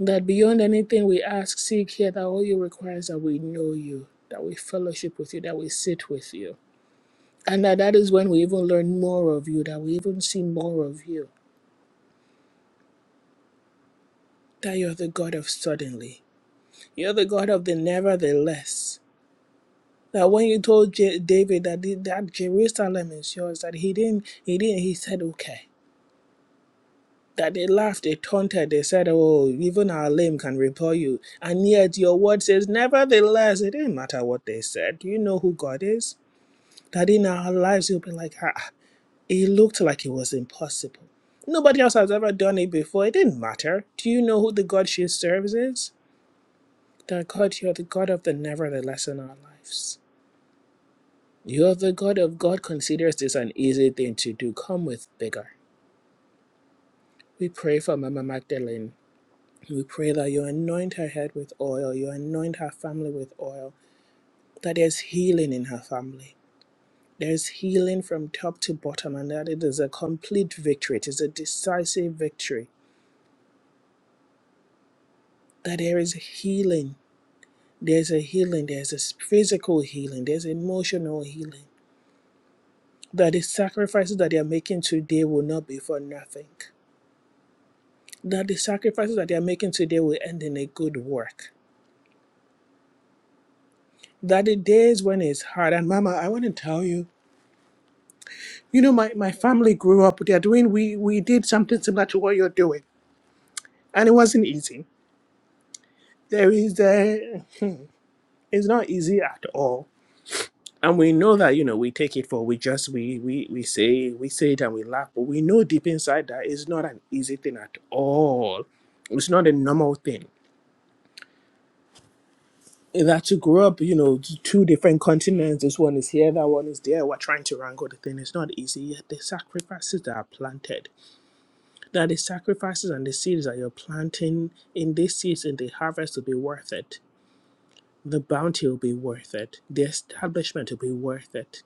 [SPEAKER 1] that beyond anything we ask seek here that all you require is that we know you that we fellowship with you that we sit with you and that that is when we even learn more of you that we even see more of you that you're the god of suddenly you're the god of the nevertheless that when you told J- david that, the- that jerusalem is yours that he didn't he didn't he said okay that they laughed, they taunted, they said, Oh, even our lame can repel you. And yet your word says, Nevertheless, it didn't matter what they said. Do you know who God is? That in our lives you'll be like, ah, it looked like it was impossible. Nobody else has ever done it before. It didn't matter. Do you know who the God she serves is? That God, you're the God of the nevertheless in our lives. You're the God of God considers this an easy thing to do. Come with vigor. We pray for Mama Magdalene. We pray that you anoint her head with oil, you anoint her family with oil, that there's healing in her family. There's healing from top to bottom, and that it is a complete victory. It is a decisive victory. That there is healing. There's a healing. There's a physical healing. There's emotional healing. That the sacrifices that they are making today will not be for nothing. That the sacrifices that they are making today will end in a good work. That the days when it's hard, and Mama, I want to tell you You know, my, my family grew up, they are doing, we, we did something similar to what you're doing. And it wasn't easy. There is, uh, it's not easy at all. And we know that, you know, we take it for, we just, we, we, we say, we say it and we laugh, but we know deep inside that it's not an easy thing at all. It's not a normal thing. And That to grow up, you know, t- two different continents, this one is here, that one is there, we're trying to wrangle the thing. It's not easy. Yet the sacrifices that are planted that the sacrifices and the seeds that you're planting in these seeds in the harvest will be worth it. The bounty will be worth it. The establishment will be worth it.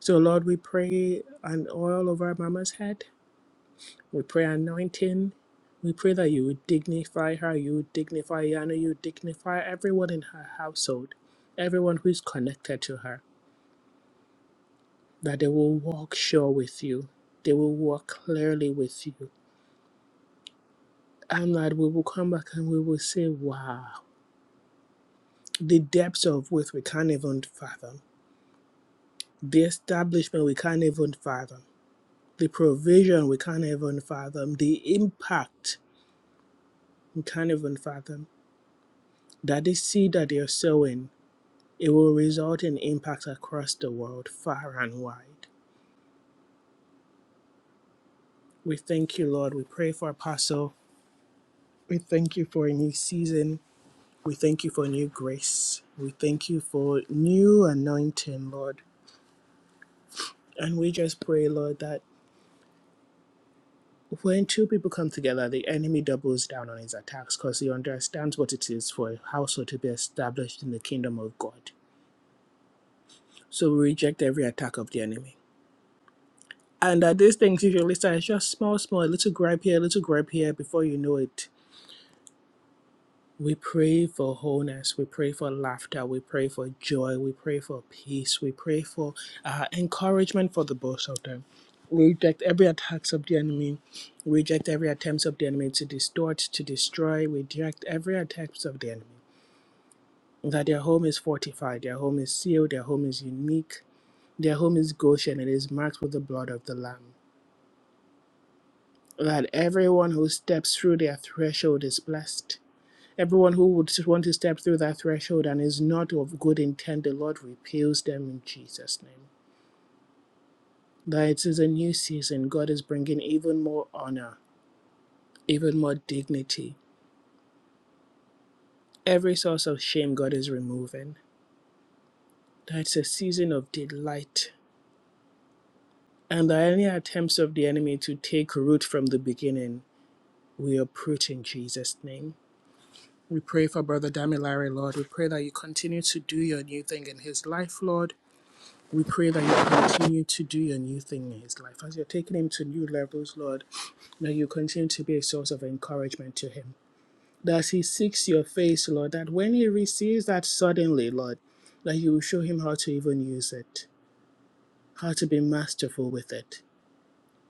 [SPEAKER 1] So, Lord, we pray an oil over Mama's head. We pray anointing. We pray that you would dignify her, you would dignify Yana, you would dignify everyone in her household, everyone who is connected to her, that they will walk sure with you, they will walk clearly with you, and that we will come back and we will say, Wow. the depths of which we can't even fathom, the establishment we can't even fathom, the provision we can't even fathom, the impact we can't even fathom. That the seed that you're sowing, it will result in impacts across the world, far and wide. We thank you, Lord. We pray for Apostle. We thank you for a new season. We thank you for new grace. We thank you for new anointing, Lord. And we just pray, Lord, that When two people come together, the enemy doubles down on his attacks because he understands what it is for a household to be established in the kingdom of God. So we reject every attack of the enemy. And uh, these things usually start as just small, small, a little gripe here, a little gripe here before you know it. We pray for wholeness. We pray for laughter. We pray for joy. We pray for peace. We pray for uh, encouragement for the both of them. We reject every attacks of the enemy. We reject every attempts of the enemy to distort, to destroy. We reject every attacks of the enemy. That their home is fortified, their home is sealed, their home is unique, their home is Goshen, it is marked with the blood of the Lamb. That everyone who steps through their threshold is blessed Everyone who would want to step through that threshold and is not of good intent, the Lord repels them in Jesus' name. That it is a new season, God is bringing even more honor, even more dignity. Every source of shame, God is removing. That it's a season of delight, and that any attempts of the enemy to take root from the beginning, we uproot in Jesus' name. We pray for Brother Damilare, Lord. We pray that you continue to do your new thing in his life, Lord. We pray that you continue to do your new thing in his life. As you're taking him to new levels, Lord, that you continue to be a source of encouragement to him. That as he seeks your face, Lord, that when he receives that suddenly, Lord, that you will show him how to even use it, how to be masterful with it.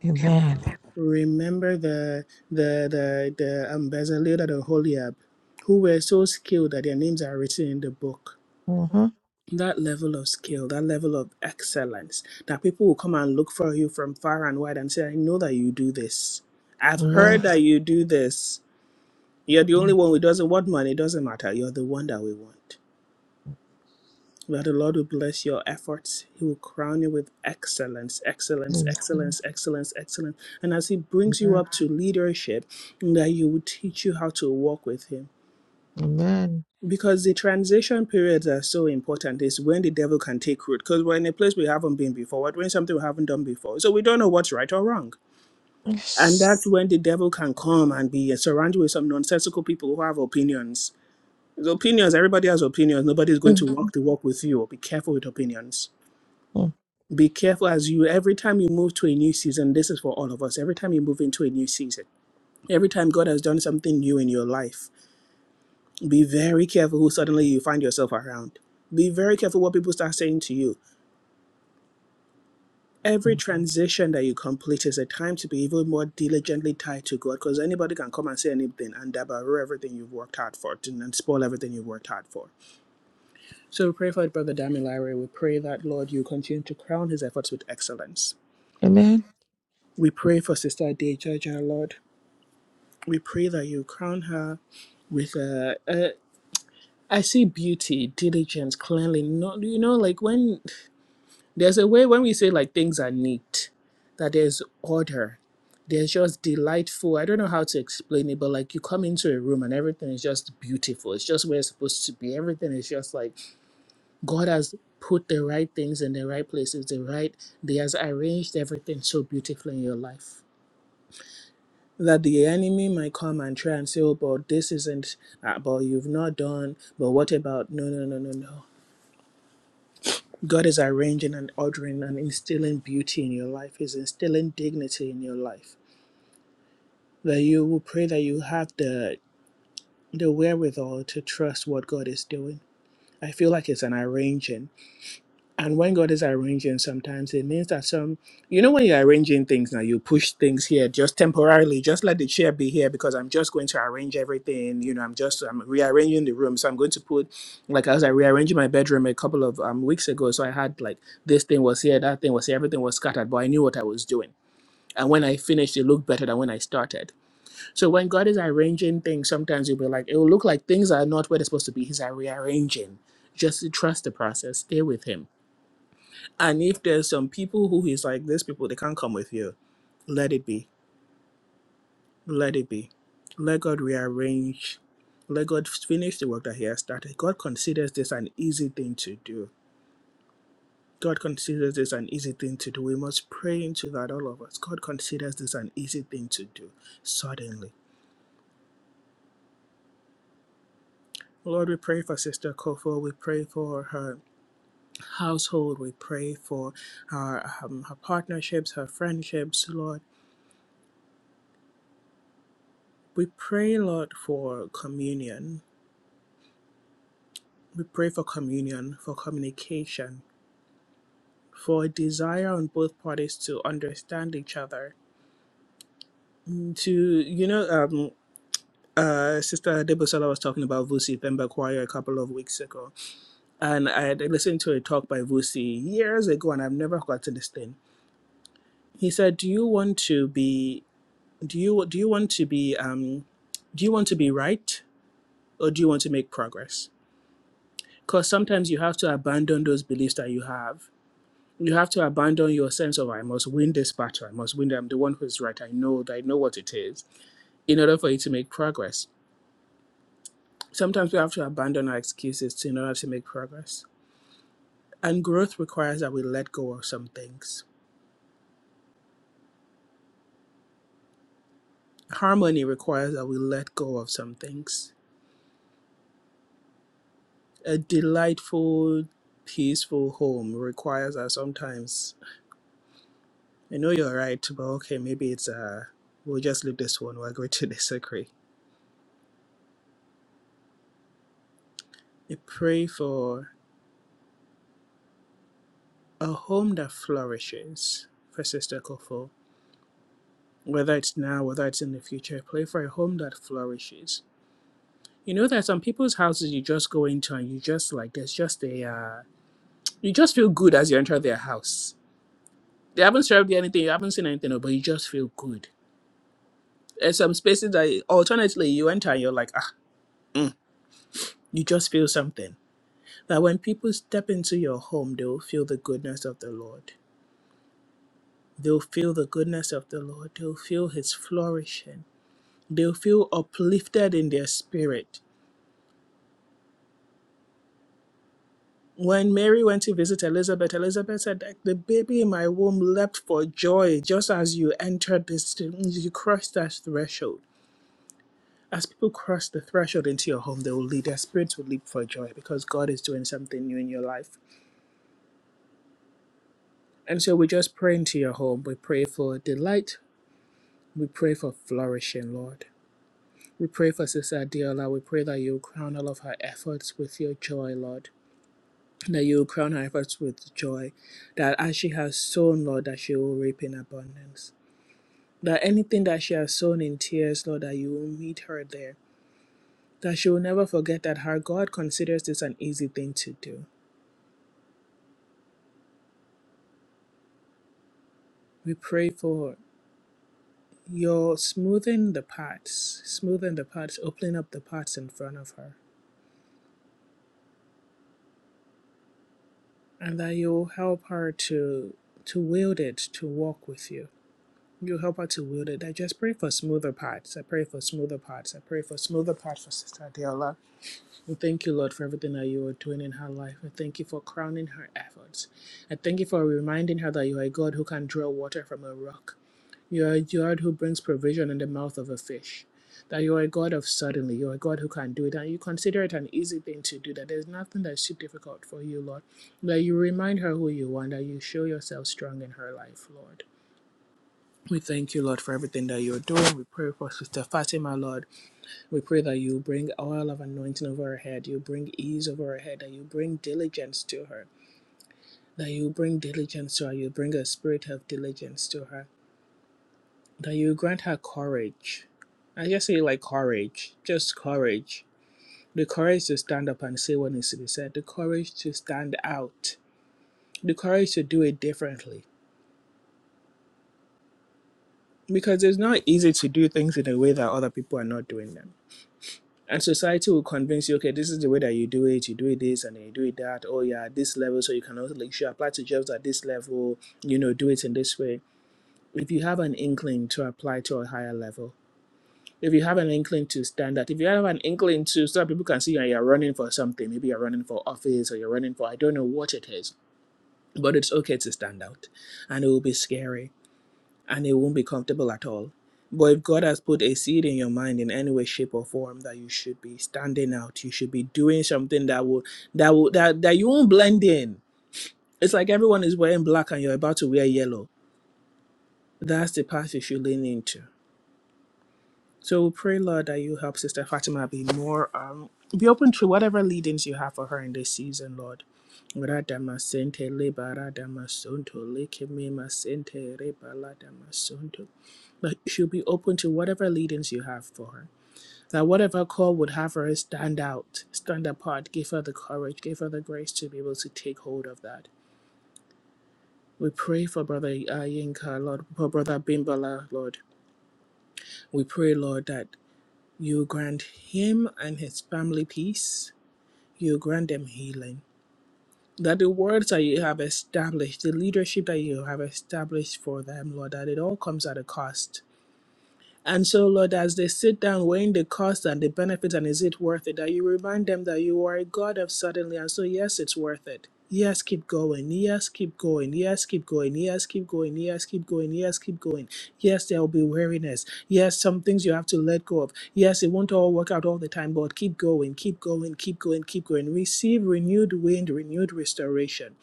[SPEAKER 2] Amen.
[SPEAKER 1] Remember the the the the ambassador and Holiab, who were so skilled that their names are written in the book
[SPEAKER 2] Mm-hmm.
[SPEAKER 1] that level of skill, that level of excellence, that people will come and look for you from far and wide and say, I know that you do this. I've heard
[SPEAKER 2] Amen.
[SPEAKER 1] that you do this. You're the only one who doesn't want money. It doesn't matter. You're the one that we want. That the Lord will bless your efforts. He will crown you with excellence, excellence,
[SPEAKER 2] Amen.
[SPEAKER 1] excellence, excellence, excellence. And as He brings you
[SPEAKER 2] Amen.
[SPEAKER 1] up to leadership, that He will teach you how to walk with Him
[SPEAKER 2] Amen.
[SPEAKER 1] Because the transition periods are so important, is when the devil can take root. Because we're in a place we haven't been before, we're doing something we haven't done before. So we don't know what's right or wrong. And
[SPEAKER 2] Yes.
[SPEAKER 1] that's when the devil can come and be surrounded with some nonsensical people who have opinions. There's opinions, everybody has opinions. Nobody's going
[SPEAKER 2] Mm-hmm.
[SPEAKER 1] to walk the walk with you. Be careful with opinions. Be careful as you, every time you move to a new season, this is for all of us. Every time you move into a new season, every time God has done something new in your life. Be very careful who suddenly you find yourself around. Be very careful what people start saying to you. Every transition that you complete is a time to be even more diligently tied to God because anybody can come and say anything and dabber everything you've worked hard for and and spoil everything you've worked hard for. So we pray for Brother Damilare. We pray that, Lord, you continue to crown his efforts with excellence.
[SPEAKER 2] Amen.
[SPEAKER 1] We pray for Sister Dejaja, Lord. We pray that you crown her with a, a I see beauty, diligence, cleanliness. Not you know, like when There's a way when we say like things are neat, that there's order. There's just delightful. I don't know how to explain it, but like you come into a room and everything is just beautiful. It's just where it's supposed to be. Everything is just like God has put the right things in the right places, the right, He has arranged everything so beautifully in your life. That the enemy might come and try and say, oh, but this isn't, uh, but you've not done, but what about? No, no, no, no, no. God is arranging and ordering and instilling beauty in your life. He's instilling dignity in your life. That you will pray that you have the the wherewithal to trust what God is doing. I feel like it's an arranging. And when God is arranging, sometimes it means that some, you know, when you're arranging things now, you push things here just temporarily, just let the chair be here because I'm just going to arrange everything. You know, I'm just, I'm rearranging the room. So I'm going to put, like, as I rearranging my bedroom a couple of um, weeks ago. So I had, like, this thing was here, that thing was here, everything was scattered, but I knew what I was doing. And when I finished, it looked better than when I started. So when God is arranging things, sometimes you'll be like, it will look like things are not where they're supposed to be. He's uh, rearranging. Just trust the process, stay with Him and if there's some people who is like these people, they can't come with you. Let it be. Let it be. Let God rearrange. Let God finish the work that He has started. God considers this an easy thing to do. God considers this an easy thing to do. We must pray into that, all of us. God considers this an easy thing to do. Suddenly. Lord, we pray for Sister Kofo. We pray for her household. We pray for her, um, her partnerships, her friendships, Lord. We pray, Lord, for communion. We pray for communion, for communication, for a desire on both parties to understand each other. Mm, To, you know, um, uh, Sister Debosela was talking about Vusi Themba Choir a couple of weeks ago, and I had listened to a talk by Vusi years ago, and I've never forgotten this thing. He said, "Do you want to be? Do you do you want to be? Um, do you want to be right, or do you want to make progress? Because sometimes you have to abandon those beliefs that you have you have to abandon your sense of I must win this battle, I must win, I'm the one who's right, I know I know what it is, in order for you to make progress. Sometimes we have to abandon our excuses to- in order to make progress. And growth requires that we let go of some things. Harmony requires that we let go of some things. A delightful, peaceful home requires that sometimes I know you're right, but okay, maybe it's uh we'll just leave this one, we're going to disagree. I pray for A home that flourishes for Sister Kofo, whether it's now, whether it's in the future, pray for a home that flourishes. You know, there are some people's houses you just go into and you just like, there's just a, uh, you just feel good as you enter their house. They haven't served you anything, you haven't seen anything, but you just feel good. There's some spaces that, alternately, you enter and you're like, ah, mm, you just feel something. That when people step into your home, they'll feel the goodness of the Lord. They'll feel the goodness of the Lord. They'll feel His flourishing They'll feel uplifted in their spirit. When Mary went to visit Elizabeth, Elizabeth said, "Like The baby in my womb leapt for joy just as you entered this, you crossed that threshold. As people cross the threshold into your home, they will lead, their spirits will leap for joy because God is doing something new in your life. And so we just pray into your home. We pray for delight. We pray for flourishing, Lord. We pray for Sister Adiola. We pray that you crown all of her efforts with your joy, Lord. that you will crown her efforts with joy, that as she has sown, Lord, that she will reap in abundance. That anything that she has sown in tears, Lord, that you will meet her there. That she will never forget that her God considers this an easy thing to do. We pray for your smoothing the paths, smoothing the paths, opening up the paths in front of her, and that you'll help her to to wield it, to walk with you You help her to wield it. I just pray for smoother parts. I pray for smoother parts. I pray for smoother parts for Sister Adela. And thank you, Lord, for everything that you are doing in her life. I thank you for crowning her efforts. I thank you for reminding her that you are a God who can draw water from a rock. You are a God who brings provision in the mouth of a fish. That you are a God of suddenly. You are a God who can do it. And you consider it an easy thing to do. That there's nothing that's too difficult for you, Lord. That you remind her who you are. and That you show yourself strong in her life, Lord. We thank you, Lord, for everything that you're doing. We pray for Sister Fatima, Lord. We pray that you bring oil of anointing over her head, you bring ease over her head, that you bring diligence to her, that you bring diligence to her, you bring a spirit of diligence to her, that you grant her courage. I just say, like, courage, just courage. The courage to stand up and say what needs to be said, the courage to stand out, the courage to do it differently. Because it's not easy to do things in a way that other people are not doing them And society will convince you, okay, this is the way that you do it. You do it this and you do it that. Oh, yeah, this level. So you can also, like, you should apply to jobs at this level. You know, do it in this way. If you have an inkling to apply to a higher level, if you have an inkling to stand out, if you have an inkling to so that people can see you and you're running for something, maybe you're running for office or you're running for, I don't know what it is, but it's okay to stand out. And it will be scary and it won't be comfortable at all. But if God has put a seed in your mind in any way, shape, or form that you should be standing out, you should be doing something that will that will that, that you won't blend in. It's like everyone is wearing black and you're about to wear yellow. That's the path you should lean into. So we pray, Lord, that you help Sister Fatima be more um be open to whatever leadings you have for her in this season, Lord. Radama sente le barada masonto le kemema sente re balada masonto but she'll be open to whatever leadings you have for her. That whatever call would have her stand out, stand apart, give her the courage, give her the grace to be able to take hold of that. We pray for Brother uh, Yinka, Lord, for Brother Bimbala, Lord. We pray, Lord, that you grant him and his family peace. You grant them healing. That the words that you have established, the leadership that you have established for them, Lord, that it all comes at a cost And so, Lord, as they sit down weighing the cost and the benefits, and is it worth it, that you remind them that you are a God of suddenly. And so, yes, it's worth it. Yes, keep going. Yes, keep going. Yes, keep going. Yes, keep going. Yes, keep going. Yes, keep going. Yes, there will be weariness. Yes, some things you have to let go of. Yes, it won't all work out all the time, but keep going, keep going, keep going, keep going. Receive renewed wind, renewed restoration.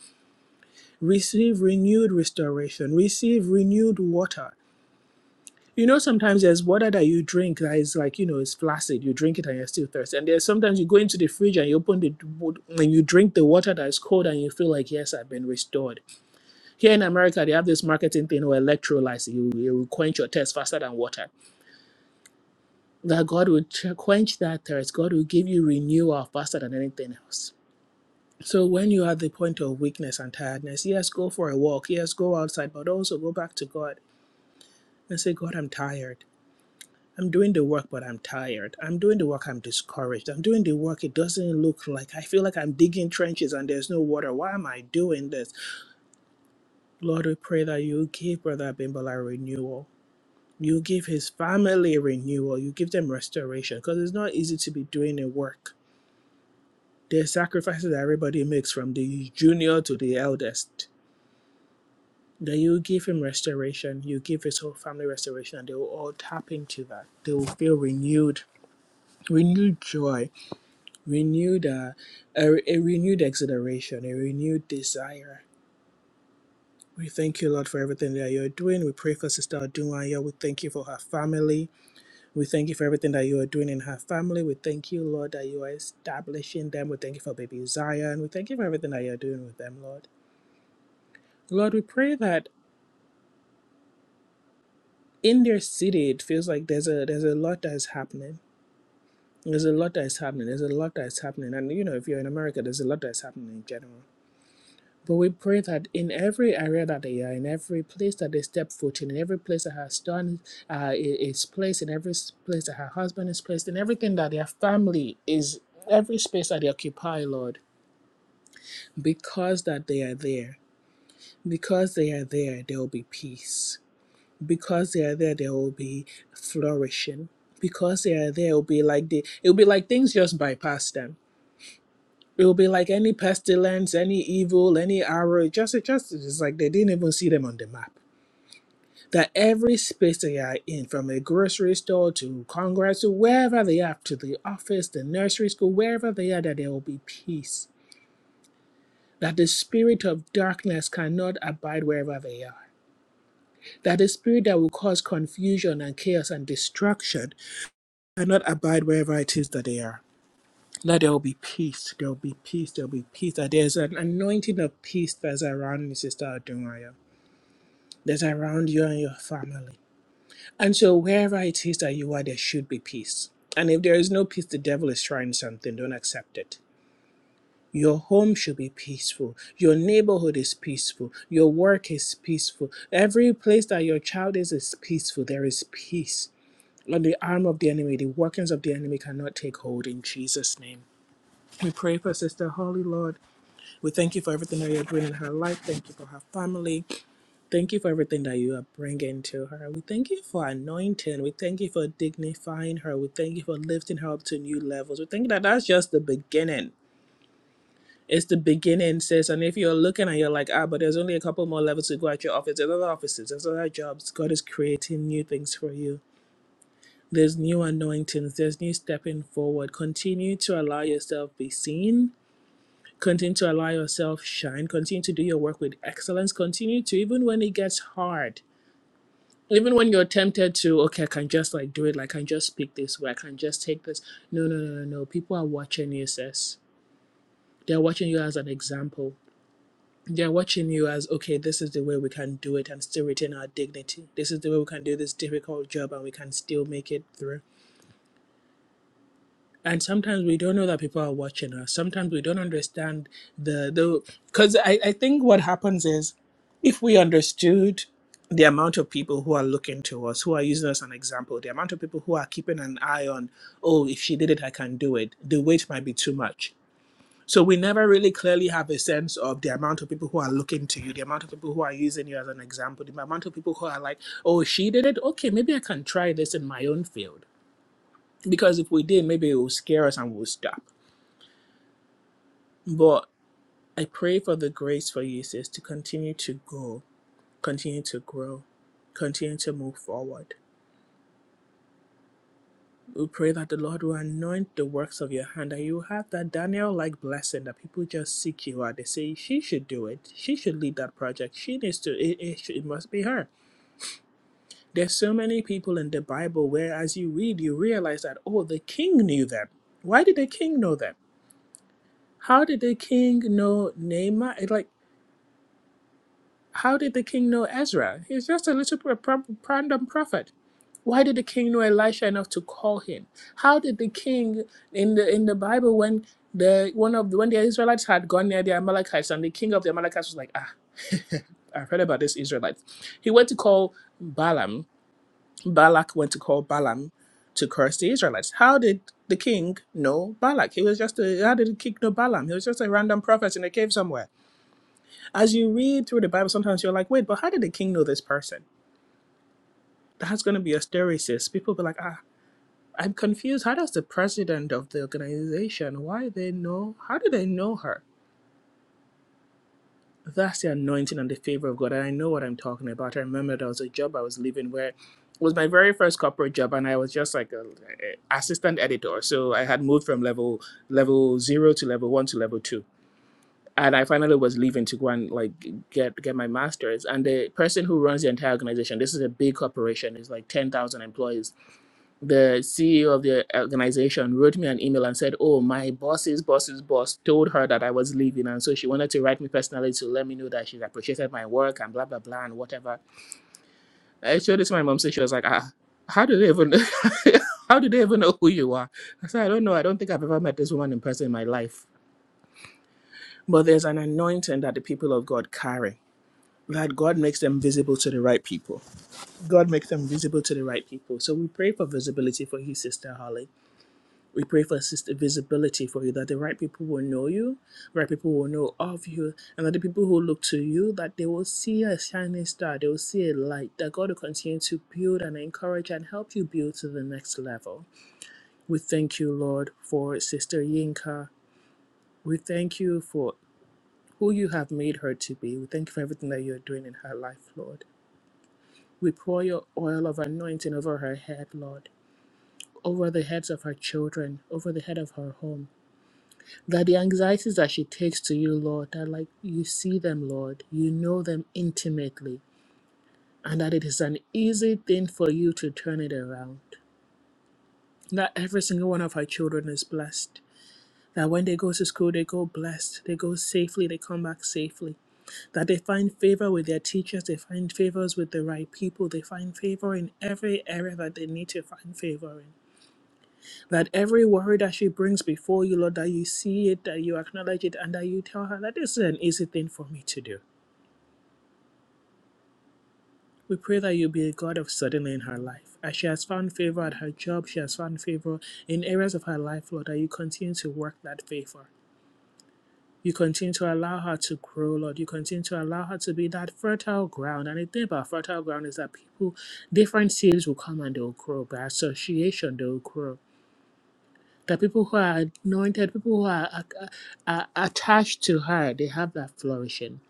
[SPEAKER 1] Receive renewed restoration. Receive renewed water. You know, sometimes there's water that you drink that is like, you know, it's flaccid. You drink it and you're still thirsty. And there's sometimes you go into the fridge and you open the, and you drink the water that is cold and you feel like, yes, I've been restored. Here in America, they have this marketing thing where electrolytes, you, you will quench your thirst faster than water. That God will ch- quench that thirst. God will give you renewal faster than anything else. So when you are at the point of weakness and tiredness, yes, go for a walk. Yes, go outside, but also go back to God and say, God, I'm tired. I'm doing the work, but I'm tired. I'm doing the work, I'm discouraged. I'm doing the work, it doesn't look like I feel like I'm digging trenches and there's no water. Why am I doing this? Lord, we pray that you give Brother Abimbola renewal. You give his family renewal. You give them restoration because it's not easy to be doing the work. There's sacrifices that everybody makes from the junior to the eldest. That you give him restoration, you give his whole family restoration, and they will all tap into that. They will feel renewed, renewed joy renewed uh, a, a renewed exhilaration, a renewed desire. We thank you, Lord, for everything that you're doing. We pray for Sister Adunwaya. We thank you for her family. We thank you for everything that you are doing in her family. We thank you, Lord, that you are establishing them. We thank you for baby Zion. We thank you for everything that you're doing with them, Lord. Lord, we pray that in their city, it feels like there's a there's a lot that is happening. There's a lot that is happening. There's a lot that is happening. And you know, if you're in America, there's a lot that is happening in general. But we pray that in every area that they are, in every place that they step foot in, in every place that her son uh, is placed, in every place that her husband is placed, in everything that their family is, every space that they occupy, Lord, because that they are there, because they are there, there will be peace. Because they are there, there will be flourishing. Because they are there, it will be like the, it will be like things just bypass them it will be like any pestilence, any evil, any arrow. It just, it just, it's like they didn't even see them on the map that every space they are in, from a grocery store to Congress to wherever they are, to the office, the nursery school, wherever they are, that there will be peace. That the spirit of darkness cannot abide wherever they are. That the spirit that will cause confusion and chaos and destruction cannot abide wherever it is that they are. That there will be peace. There will be peace. There will be peace. That there's an anointing of peace that's around me, Sister Adunaya. That's around you and your family And so, wherever it is that you are, there should be peace. And if there is no peace, the devil is trying something. Don't accept it. Your home should be peaceful. Your neighborhood is peaceful. Your work is peaceful. Every place that your child is is peaceful. There is peace. And the arm of the enemy, the workings of the enemy cannot take hold in Jesus' name. We pray for Sister Holly, Lord. We thank you for everything that you're doing in her life. Thank you for her family. Thank you for everything that you are bringing to her. We thank you for anointing. We thank you for dignifying her. We thank you for lifting her up to new levels. We think that that's just the beginning. It's the beginning, sis. And if you're looking and you're like, ah, but there's only a couple more levels to go at your office, there's other offices, there's other jobs. God is creating new things for you. There's new anointings. There's new stepping forward. Continue to allow yourself be seen. Continue to allow yourself shine. Continue to do your work with excellence. Continue to, even when it gets hard even when you're tempted to okay i can just like do it like i can just speak this way i can just take this no no no no no people are watching you sis they're watching you as an example they're watching you as okay this is the way we can do it and still retain our dignity this is the way we can do this difficult job and we can still make it through and sometimes we don't know that people are watching us sometimes we don't understand the the because I, I think what happens is if we understood the amount of people who are looking to us who are using us as an example the amount of people who are keeping an eye on oh if she did it i can do it the weight might be too much so we never really clearly have a sense of the amount of people who are looking to you the amount of people who are using you as an example the amount of people who are like oh she did it okay maybe i can try this in my own field because if we did maybe it will scare us and we'll stop But I pray for the grace for you, sis, to continue to go, continue to grow, continue to move forward. We pray that the Lord will anoint the works of your hand, and you will have that Daniel like blessing that people just seek you out. They say, She should do it. She should lead that project. She needs to, it, it, should- it must be her. There's so many people in the Bible where, as you read, you realize that, oh, the king knew them. Why did the king know them? How did the king know Naaman? It's Like, How did the king know Ezra? He's just a little pro- random prophet. Why did the king know Elisha enough to call him? How did the king in the in the Bible when the one of the, when the Israelites had gone near the Amalekites and the king of the Amalekites was like, ah, I've heard about this Israelites. He went to call Balaam. Balak went to call Balaam to curse the Israelites. How did the king know Balak? He was just a how did the king know Balaam? He was just a random prophet in a cave somewhere as you read through the Bible, sometimes you're like, wait, but how did the king know this person? That's going to be a hysteresis. People be like, ah, I'm confused. How does the president of the organization, why they know, how do they know her? That's the anointing and the favor of God. And I know what I'm talking about. I remember there was a job I was leaving where it was my very first corporate job, and I was just like a, a assistant editor. So I had moved from level level zero to level one to level two and I finally was leaving to go and like get get my master's. And the person who runs the entire organization, this is a big corporation, it's like ten thousand employees. The CEO of the organization wrote me an email and said, "Oh, my boss's boss's boss told her that I was leaving, and so she wanted to write me personally to let me know that she appreciated my work and blah blah blah and whatever." I showed this to my mom, so she was like, "Ah, how do they even?" How do they even know who you are? I said, I don't know. I don't think I've ever met this woman in person in my life. But there's an anointing that the people of God carry that God makes them visible to the right people. God makes them visible to the right people. So we pray for visibility for you, Sister Holly. We pray for sister visibility for you, that the right people will know you, right people will know of you, and that the people who look to you, that they will see a shining star, they will see a light, that God will continue to build and encourage and help you build to the next level. We thank you, Lord, for Sister Yinka. We thank you for who you have made her to be. We thank you for everything that you're doing in her life, Lord. We pour your oil of anointing over her head, Lord, over the heads of her children, over the head of her home. That the anxieties that she takes to you, Lord, that like you see them, Lord, you know them intimately, and that it is an easy thing for you to turn it around. That every single one of her children is blessed. That when they go to school, they go blessed. They go safely. They come back safely. That they find favor with their teachers. They find favors with the right people. They find favor in every area that they need to find favor in. that every worry that she brings before you, Lord, that you see it, that you acknowledge it, and that you tell her that this is an easy thing for me to do. We pray that you be a God of suddenly in her life. As she has found favor at her job, she has found favor in areas of her life, Lord, that you continue to work that favor. You continue to allow her to grow, Lord. You continue to allow her to be that fertile ground. And the thing about fertile ground is that people, different seeds will come and they'll grow. By association, they'll grow. The people who are anointed, people who are, are, are attached to her, they have that flourishing.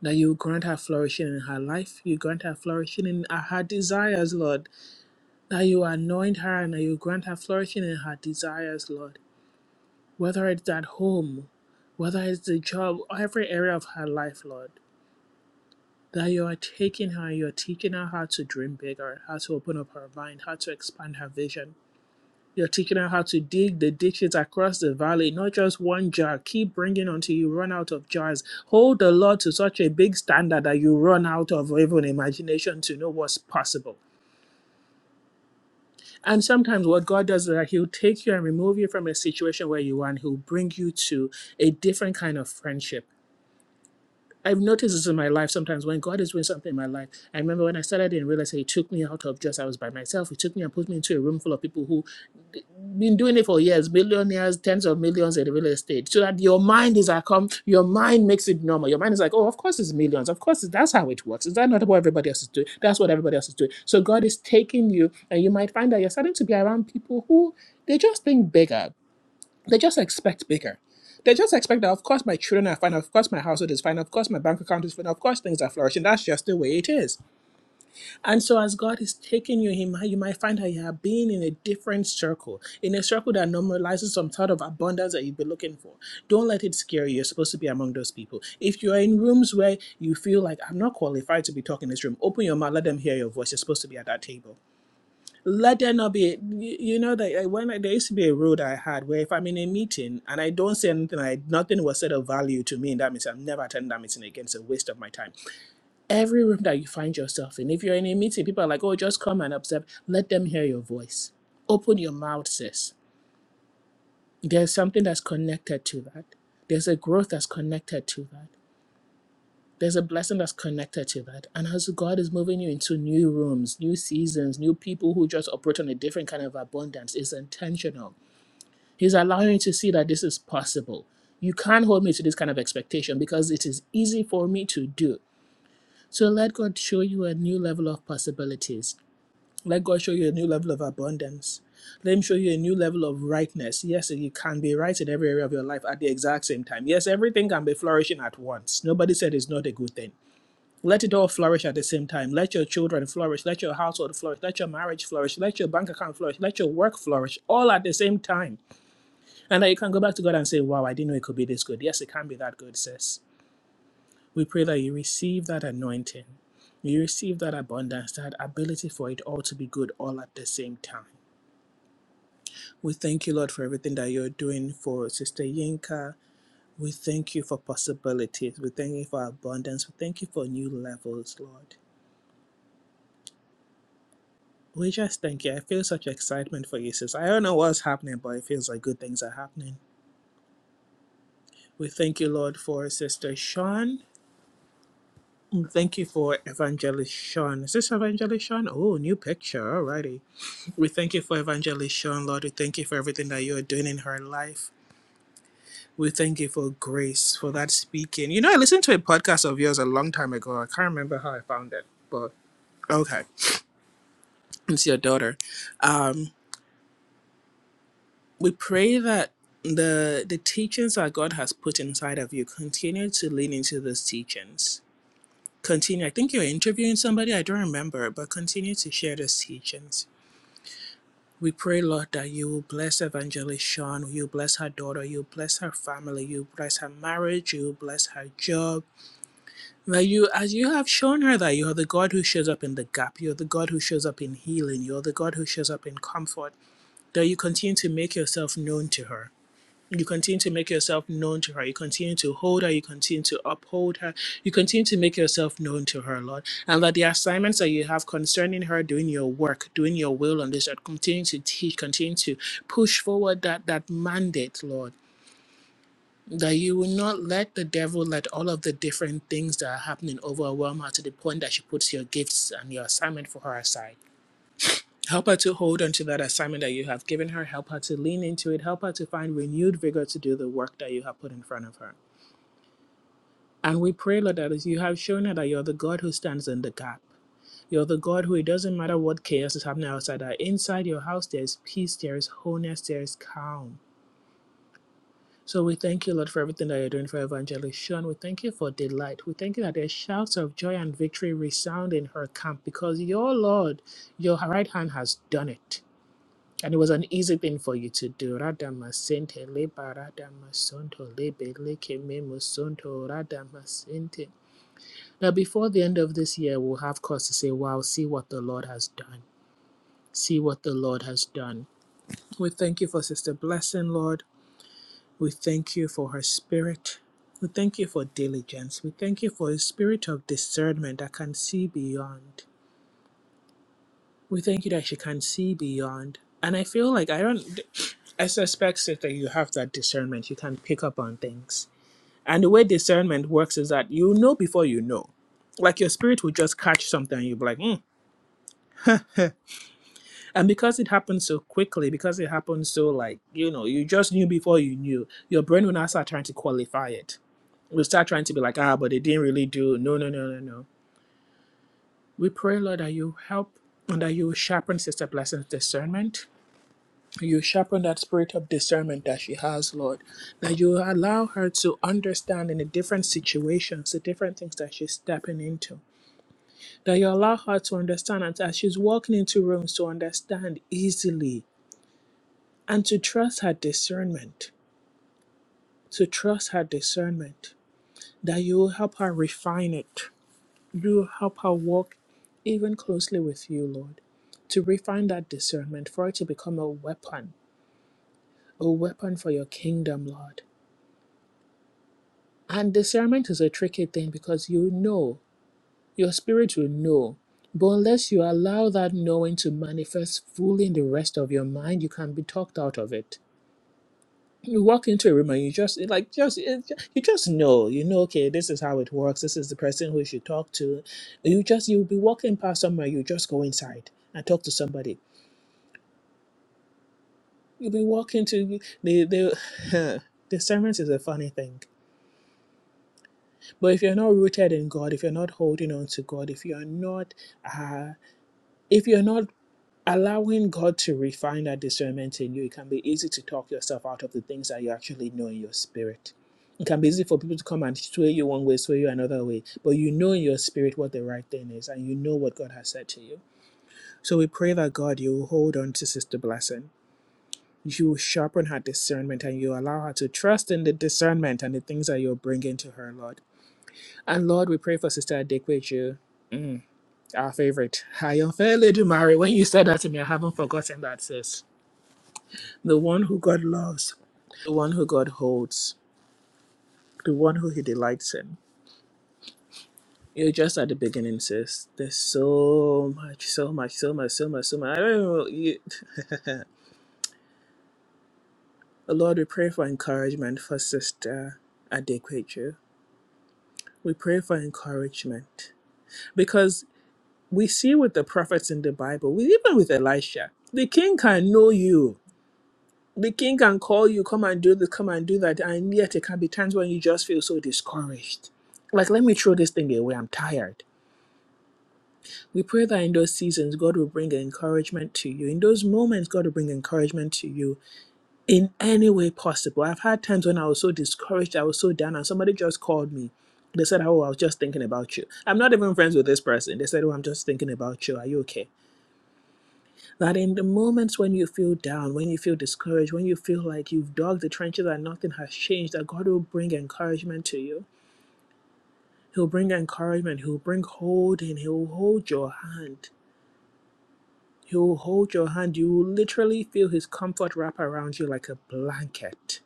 [SPEAKER 1] That you grant her flourishing in her life, you grant her flourishing in uh, her desires, Lord. That you anoint her and that you grant her flourishing in her desires, Lord. Whether it's at home, whether it's the job, every area of her life, Lord. That you are taking her, you're teaching her how to dream bigger, how to open up her mind, how to expand her vision You're teaching her how to dig the ditches across the valley, not just one jar. Keep bringing until you run out of jars. Hold the Lord to such a big standard that you run out of even imagination to know what's possible. And sometimes what God does is that He'll take you and remove you from a situation where you are, and He'll bring you to a different kind of friendship I've noticed this in my life sometimes when God is doing something in my life. I remember when I started in real estate, it took me out of just I was by myself. It took me and put me into a room full of people who d- been doing it for years, millionaires, tens of millions in real estate. So that your mind is like, um, your mind makes it normal. Your mind is like, oh, of course it's millions. Of course it's, that's how it works. Is that not what everybody else is doing? That's what everybody else is doing. So God is taking you, and you might find that you're starting to be around people who they just think bigger they just expect bigger. They just expect that, of course, my children are fine, of course, my household is fine, of course, my bank account is fine, of course, things are flourishing. That's just the way it is. And so, as God is taking you, He might, you might find that you are being in a different circle, in a circle that normalizes some sort of abundance that you've been looking for. Don't let it scare you. You're supposed to be among those people. If you're in rooms where you feel like, I'm not qualified to be talking in this room, open your mouth, let them hear your voice. You're supposed to be at that table let there not be you you know that I- when I, there used to be a rule that i had where if i'm in a meeting and i don't say anything I, nothing was said of value to me in that meeting i'm never attending that meeting again it's a waste of my time every room that you find yourself in if you're in a meeting people are like oh just come and observe let them hear your voice open your mouth sis there's something that's connected to that there's a growth that's connected to that there's a blessing that's connected to that. And as God is moving you into new rooms, new seasons, new people who just operate on a different kind of abundance, it's intentional. He's allowing you to see that this is possible. You can't hold me to this kind of expectation because it is easy for me to do. So let God show you a new level of possibilities. Let God show you a new level of abundance. Let Him show you a new level of rightness. Yes, you can be right in every area of your life at the exact same time. Yes, everything can be flourishing at once. Nobody said it's not a good thing. Let it all flourish at the same time. Let your children flourish. Let your household flourish. Let your marriage flourish. Let your bank account flourish. Let your work flourish all at the same time. And that you can go back to God and say, Wow, I didn't know it could be this good. Yes, it can be that good, sis. We pray that you receive that anointing. You receive that abundance, that ability for it all to be good all at the same time. We thank you, Lord, for everything that you're doing for Sister Yinka. We thank you for possibilities. We thank you for abundance. We thank you for new levels, Lord. We just thank you. I feel such excitement for you, sis. I don't know what's happening, but it feels like good things are happening. We thank you, Lord, for Sister Sean. We Thank you for Evangelist Sean. Is this Evangelist Sean? Oh, new picture. Alrighty. We thank you for Evangelist Sean, Lord. We thank you for everything that you are doing in her life. We thank you for grace, for that speaking. You know, I listened to a podcast of yours a long time ago. I can't remember how I found it, but okay. It's your daughter. um. We pray that the the teachings that God has put inside of you continue to lean into those teachings. Continue. I think you're interviewing somebody, I don't remember, but continue to share those teachings. We pray, Lord, that you will bless Evangelist Sean, you bless her daughter, you bless her family, you bless her marriage, you bless her job. That you, as you have shown her that you are the God who shows up in the gap, you're the God who shows up in healing, you're the God who shows up in comfort, that you continue to make yourself known to her you continue to make yourself known to her. You continue to hold her. You continue to uphold her. You continue to make yourself known to her, Lord. And that the assignments that you have concerning her doing your work, doing your will on this earth, continue to teach, continue to push forward that, that mandate, Lord. That you will not let the devil let all of the different things that are happening overwhelm her to the point that she puts your gifts and your assignment for her aside. Help her to hold on to that assignment that you have given her. Help her to lean into it. Help her to find renewed vigor to do the work that you have put in front of her. And we pray, Lord, that as you have shown her that you're the God who stands in the gap. You're the God who it doesn't matter what chaos is happening outside or inside your house, there's peace, there is wholeness, there is calm. So we thank you, Lord, for everything that you're doing for Evangelist Shawn. We thank you for delight. We thank you that there's shouts of joy and victory resound in her camp because your Lord, your right hand has done it. And it was an easy thing for you to do. Radama sente leba radama sonto lebe leke memo sonto radama sente. Now, before the end of this year, we'll have cause to say, wow, see what the Lord has done. See what the Lord has done. We thank you for Sister Blessing, Lord. We thank you for her spirit. We thank you for diligence. We thank you for a spirit of discernment that can see beyond. We thank you that she can see beyond. And I feel like I don't, I suspect Sis, that you have that discernment. You can pick up on things. And the way discernment works is that you know before you know. Like your spirit will just catch something and you'll be like, hmm. And because it happened so quickly, because it happened so like, you know, you just knew before you knew, your brain will now start trying to qualify it. We'll start trying to be like, ah, but it didn't really do. No, no, no, no, no. We pray, Lord, that you help and that you sharpen Sister Blessing's discernment you sharpen that spirit of discernment that she has, Lord, that you allow her to understand in the different situations, the different things that she's stepping into, that you allow her to understand and as she's walking into rooms to understand easily and to trust her discernment, to trust her discernment, that you will help her refine it, you will help her walk even closely with you, Lord, to refine that discernment for it to become a weapon, a weapon for your kingdom, Lord And discernment is a tricky thing because you know, your spirit will know. But unless you allow that knowing to manifest fully in the rest of your mind, you can be talked out of it. You walk into a room and you just it like just it, you just know you know okay this is how it works this is the person who you should talk to. You just you'll be walking past somewhere you just go inside and talk to somebody. You'll be walking to the the discernment is a funny thing But if you're not rooted in God, if you're not holding on to God, if you're not, uh, if you're not allowing God to refine that discernment in you, it can be easy to talk yourself out of the things that you actually know in your spirit. It can be easy for people to come and sway you one way, sway you another way, but you know in your spirit what the right thing is, and you know what God has said to you. So we pray that God, you will hold on to Sister Blessing. You sharpen her discernment and you allow her to trust in the discernment and the things that you're bringing to her, Lord. And Lord, we pray for Sister Adekweju. our favorite. Ayonfele Ledumare, when you said that to me, I haven't forgotten that, sis. The one who God loves, the one who God holds, the one who He delights in. You're just at the beginning, sis. There's so much, so much, so much, so much, so much. I don't know. You... Lord, we pray for encouragement for Sister Adequature. We pray for encouragement because we see with the prophets in the Bible, we, even with Elisha, the king can know you The king can call you, come and do this, come and do that. And yet, there can be times when you just feel so discouraged. Like, let me throw this thing away. I'm tired. We pray that in those seasons, God will bring encouragement to you. In those moments, God will bring encouragement to you in any way possible. I've had times when I was so discouraged, I was so down, and somebody just called me. They said, Oh, I was just thinking about you. I'm not even friends with this person. They said, Oh, I'm just thinking about you. Are you okay? That in the moments when you feel down, when you feel discouraged, when you feel like you've dug the trenches and nothing has changed, that God will bring encouragement to you. He'll bring encouragement. He'll bring holding. He'll hold your hand. He'll hold your hand. You will literally feel his comfort wrap around you like a blanket.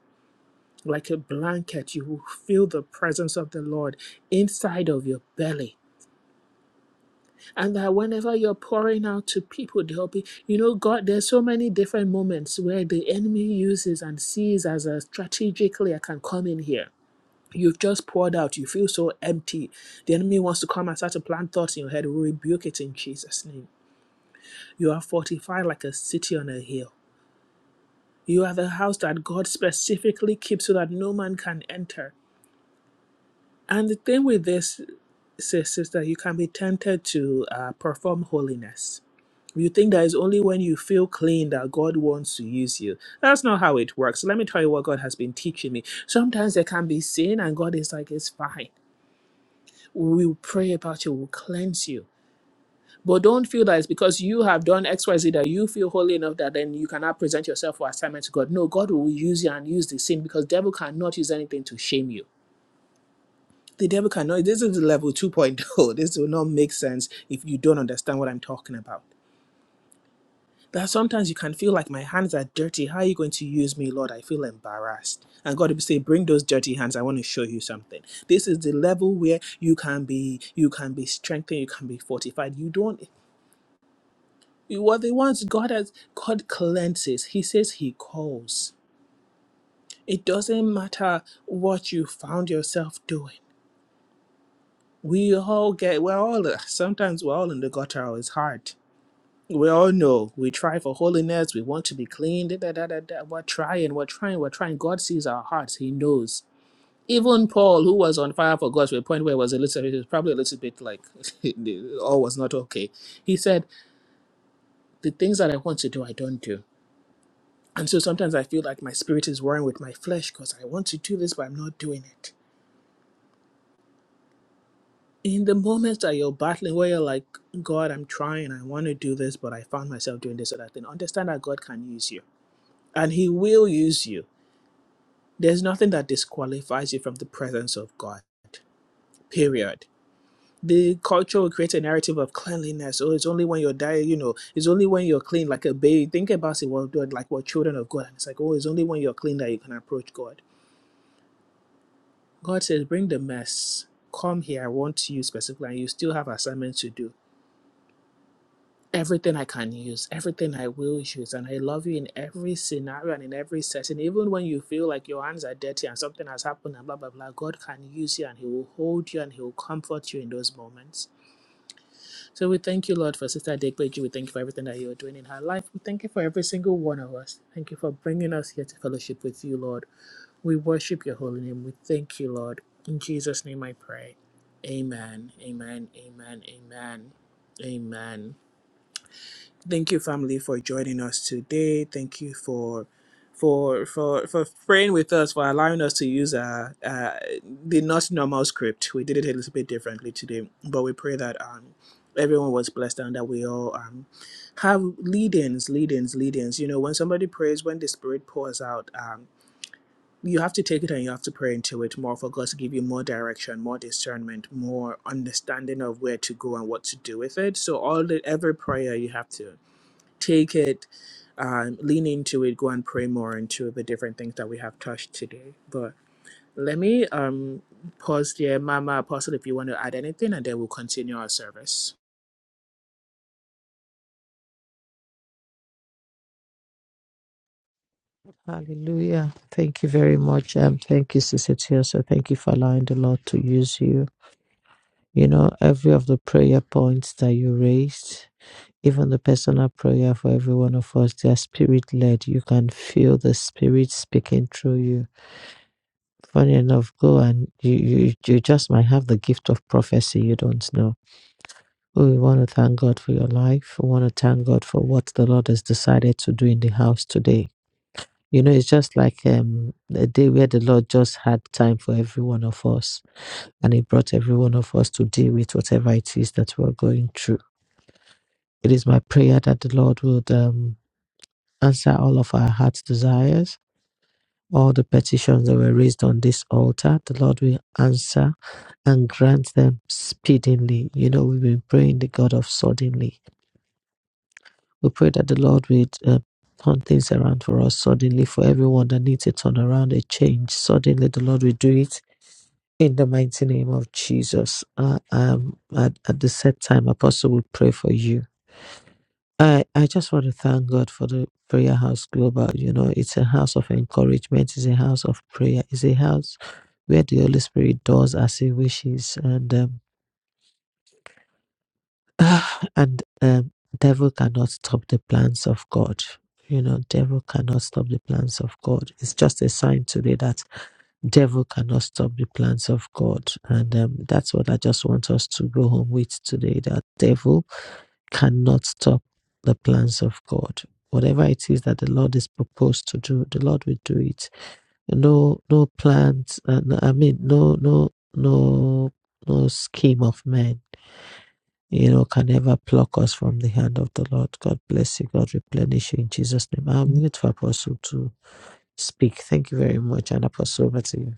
[SPEAKER 1] Like a blanket, you will feel the presence of the Lord inside of your belly and that whenever you're pouring out to people, they'll be, you know, God, there's so many different moments where the enemy uses and sees as a strategically, I can come in here. You've just poured out, you feel so empty. The enemy wants to come and start to plant thoughts in your head. We rebuke it in Jesus' name. You are fortified like a city on a hill. You are the house that God specifically keeps so that no man can enter. And the thing with this, sis, is that you can be tempted to uh, perform holiness You think that it's only when you feel clean that God wants to use you. That's not how it works. Let me tell you what God has been teaching me. Sometimes there can be sin, and God is like, it's fine. We will pray about you, we'll cleanse you. But don't feel that it's because you have done XYZ that you feel holy enough that then you cannot present yourself for assignment to God. No, God will use you and use the sin because devil cannot use anything to shame you. The devil cannot. This is level 2.0. This will not make sense if you don't understand what I'm talking about. That sometimes you can feel like my hands are dirty. How are you going to use me, Lord? I feel embarrassed. And God will say, Bring those dirty hands. I want to show you something. This is the level where you can be, you can be strengthened, you can be fortified. You don't you are the ones God has God cleanses. He says He calls. It doesn't matter what you found yourself doing. We all get we're all sometimes we're all in the gutter. It's hard We all know we try for holiness, we want to be clean. Da, da, da, da, da. We're trying, we're trying, we're trying. God sees our hearts, He knows. Even Paul, who was on fire for God to a point where it was a little, it was probably a little bit like all was not okay. He said, The things that I want to do, I don't do. And so sometimes I feel like my spirit is warring with my flesh because I want to do this, but I'm not doing it. In the moments that you're battling, where you're like, God, I'm trying, I want to do this, but I found myself doing this or that thing, understand that God can use you and He will use you There's nothing that disqualifies you from the presence of God. Period. The culture will create a narrative of cleanliness. Oh, it's only when you're dying, you know, it's only when you're clean, like a baby. Think about it, well, like we're children of God. And it's like, oh, it's only when you're clean that you can approach God. God says, bring the mess. Come here, I want you specifically, and you still have assignments to do everything I can use, everything I will use. And I love you in every scenario and in every setting. Even when you feel like your hands are dirty and something has happened and blah, blah, blah, God can use you and He will hold you and He will comfort you in those moments. So we thank you, Lord, for Sister Dekweji. We thank you for everything that you are doing in her life. We thank you for every single one of us. Thank you for bringing us here to fellowship with you, Lord. We worship your holy name. We thank you, Lord. In Jesus' name I pray. Amen. Amen. Amen. Amen. Amen. Thank you, family, for joining us today. Thank you for for for for praying with us, for allowing us to use uh, uh, the not normal script. We did it a little bit differently today, but we pray that um, everyone was blessed and that we all um, have lead-ins, lead-ins, lead-ins. You know, when somebody prays, when the Spirit pours out, um, you have to take it and you have to pray into it more for God to give you more direction, more discernment, more understanding of where to go and what to do with it. So all the every prayer you have to take it, um, lean into it, go and pray more into the different things that we have touched today. But let me um, pause there, Mama Apostle, if you want to add anything, and then we'll continue our service.
[SPEAKER 2] Hallelujah. Thank you very much. Um, thank you, Sister Tiosa. Thank you for allowing the Lord to use you. You know, every of the prayer points that you raised, even the personal prayer for every one of us, they are spirit led. You can feel the spirit speaking through you. Funny enough, go and you, you you just might have the gift of prophecy you don't know. Oh, We want to thank God for your life. We want to thank God for what the Lord has decided to do in the house today You know, it's just like um, a day where the Lord just had time for every one of us, and He brought every one of us to deal with whatever it is that we're going through. It is my prayer that the Lord would um, answer all of our heart's desires, all the petitions that were raised on this altar. The Lord will answer and grant them speedily. You know, we've been praying the God of suddenly. We pray that the Lord would uh, turn things around for us suddenly for everyone that needs a turnaround, a change. Suddenly, the Lord will do it In the mighty name of Jesus, uh, um, at, at the set time, Apostle will pray for you. I, I just want to thank God for the Prayer House Global. You know, it's a house of encouragement, it's a house of prayer, it's a house where the Holy Spirit does as He wishes, and um, and um, devil cannot stop the plans of God. You know, devil cannot stop the plans of God. It's just a sign today that devil cannot stop the plans of God. And um, that's what I just want us to go home with today that devil cannot stop the plans of God. Whatever it is that the Lord is proposed to do, the Lord will do it. No, no plans. Uh, no- I mean, no, no, no, no scheme of man, you know, can ever pluck us from the hand of the Lord. God bless you. God replenish you in Jesus' name. I'm going to Apostle to speak. Thank you very much, and Apostle over to you.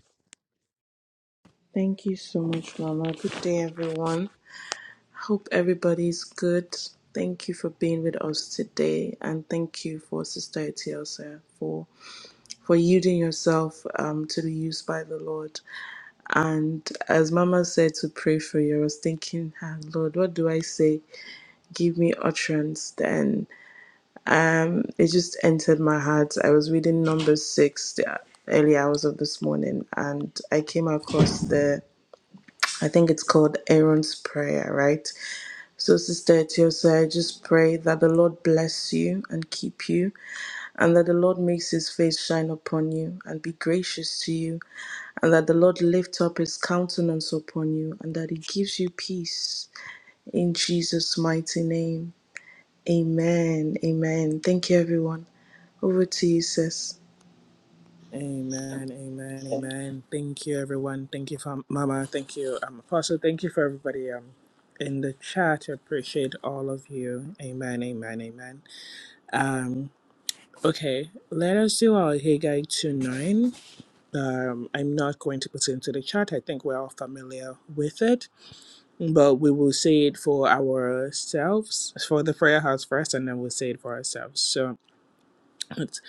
[SPEAKER 4] Thank you so much, Mama. Good day, everyone. Hope everybody's good. Thank you for being with us today, and thank you for Sister Etiosa for for yielding yourself um, to the use by the Lord. And as Mama said to pray for you, I was thinking, ah, Lord, what do I say? Give me utterance, then Um, it just entered my heart. I was reading number six the early hours of this morning, and I came across the I think it's called Aaron's Prayer, right? So, Sister Etiosa, I just pray that the Lord bless you and keep you, and that the Lord makes his face shine upon you and be gracious to you, and that the Lord lift up his countenance upon you, and that he gives you peace in Jesus' mighty name. Amen. Amen. Thank you, everyone. Over to you, sis.
[SPEAKER 1] Amen, amen, amen. Thank you, everyone. Thank you, for Mama. Thank you, um, Apostle. Thank you for everybody um, in the chat. I appreciate all of you. Amen, amen, amen. Um, okay, let us do our Haggai 2 9. Um, I'm not going to put it into the chat. I think we're all familiar with it, but we will say it for ourselves, for the prayer house first, and then we'll say it for ourselves. So it's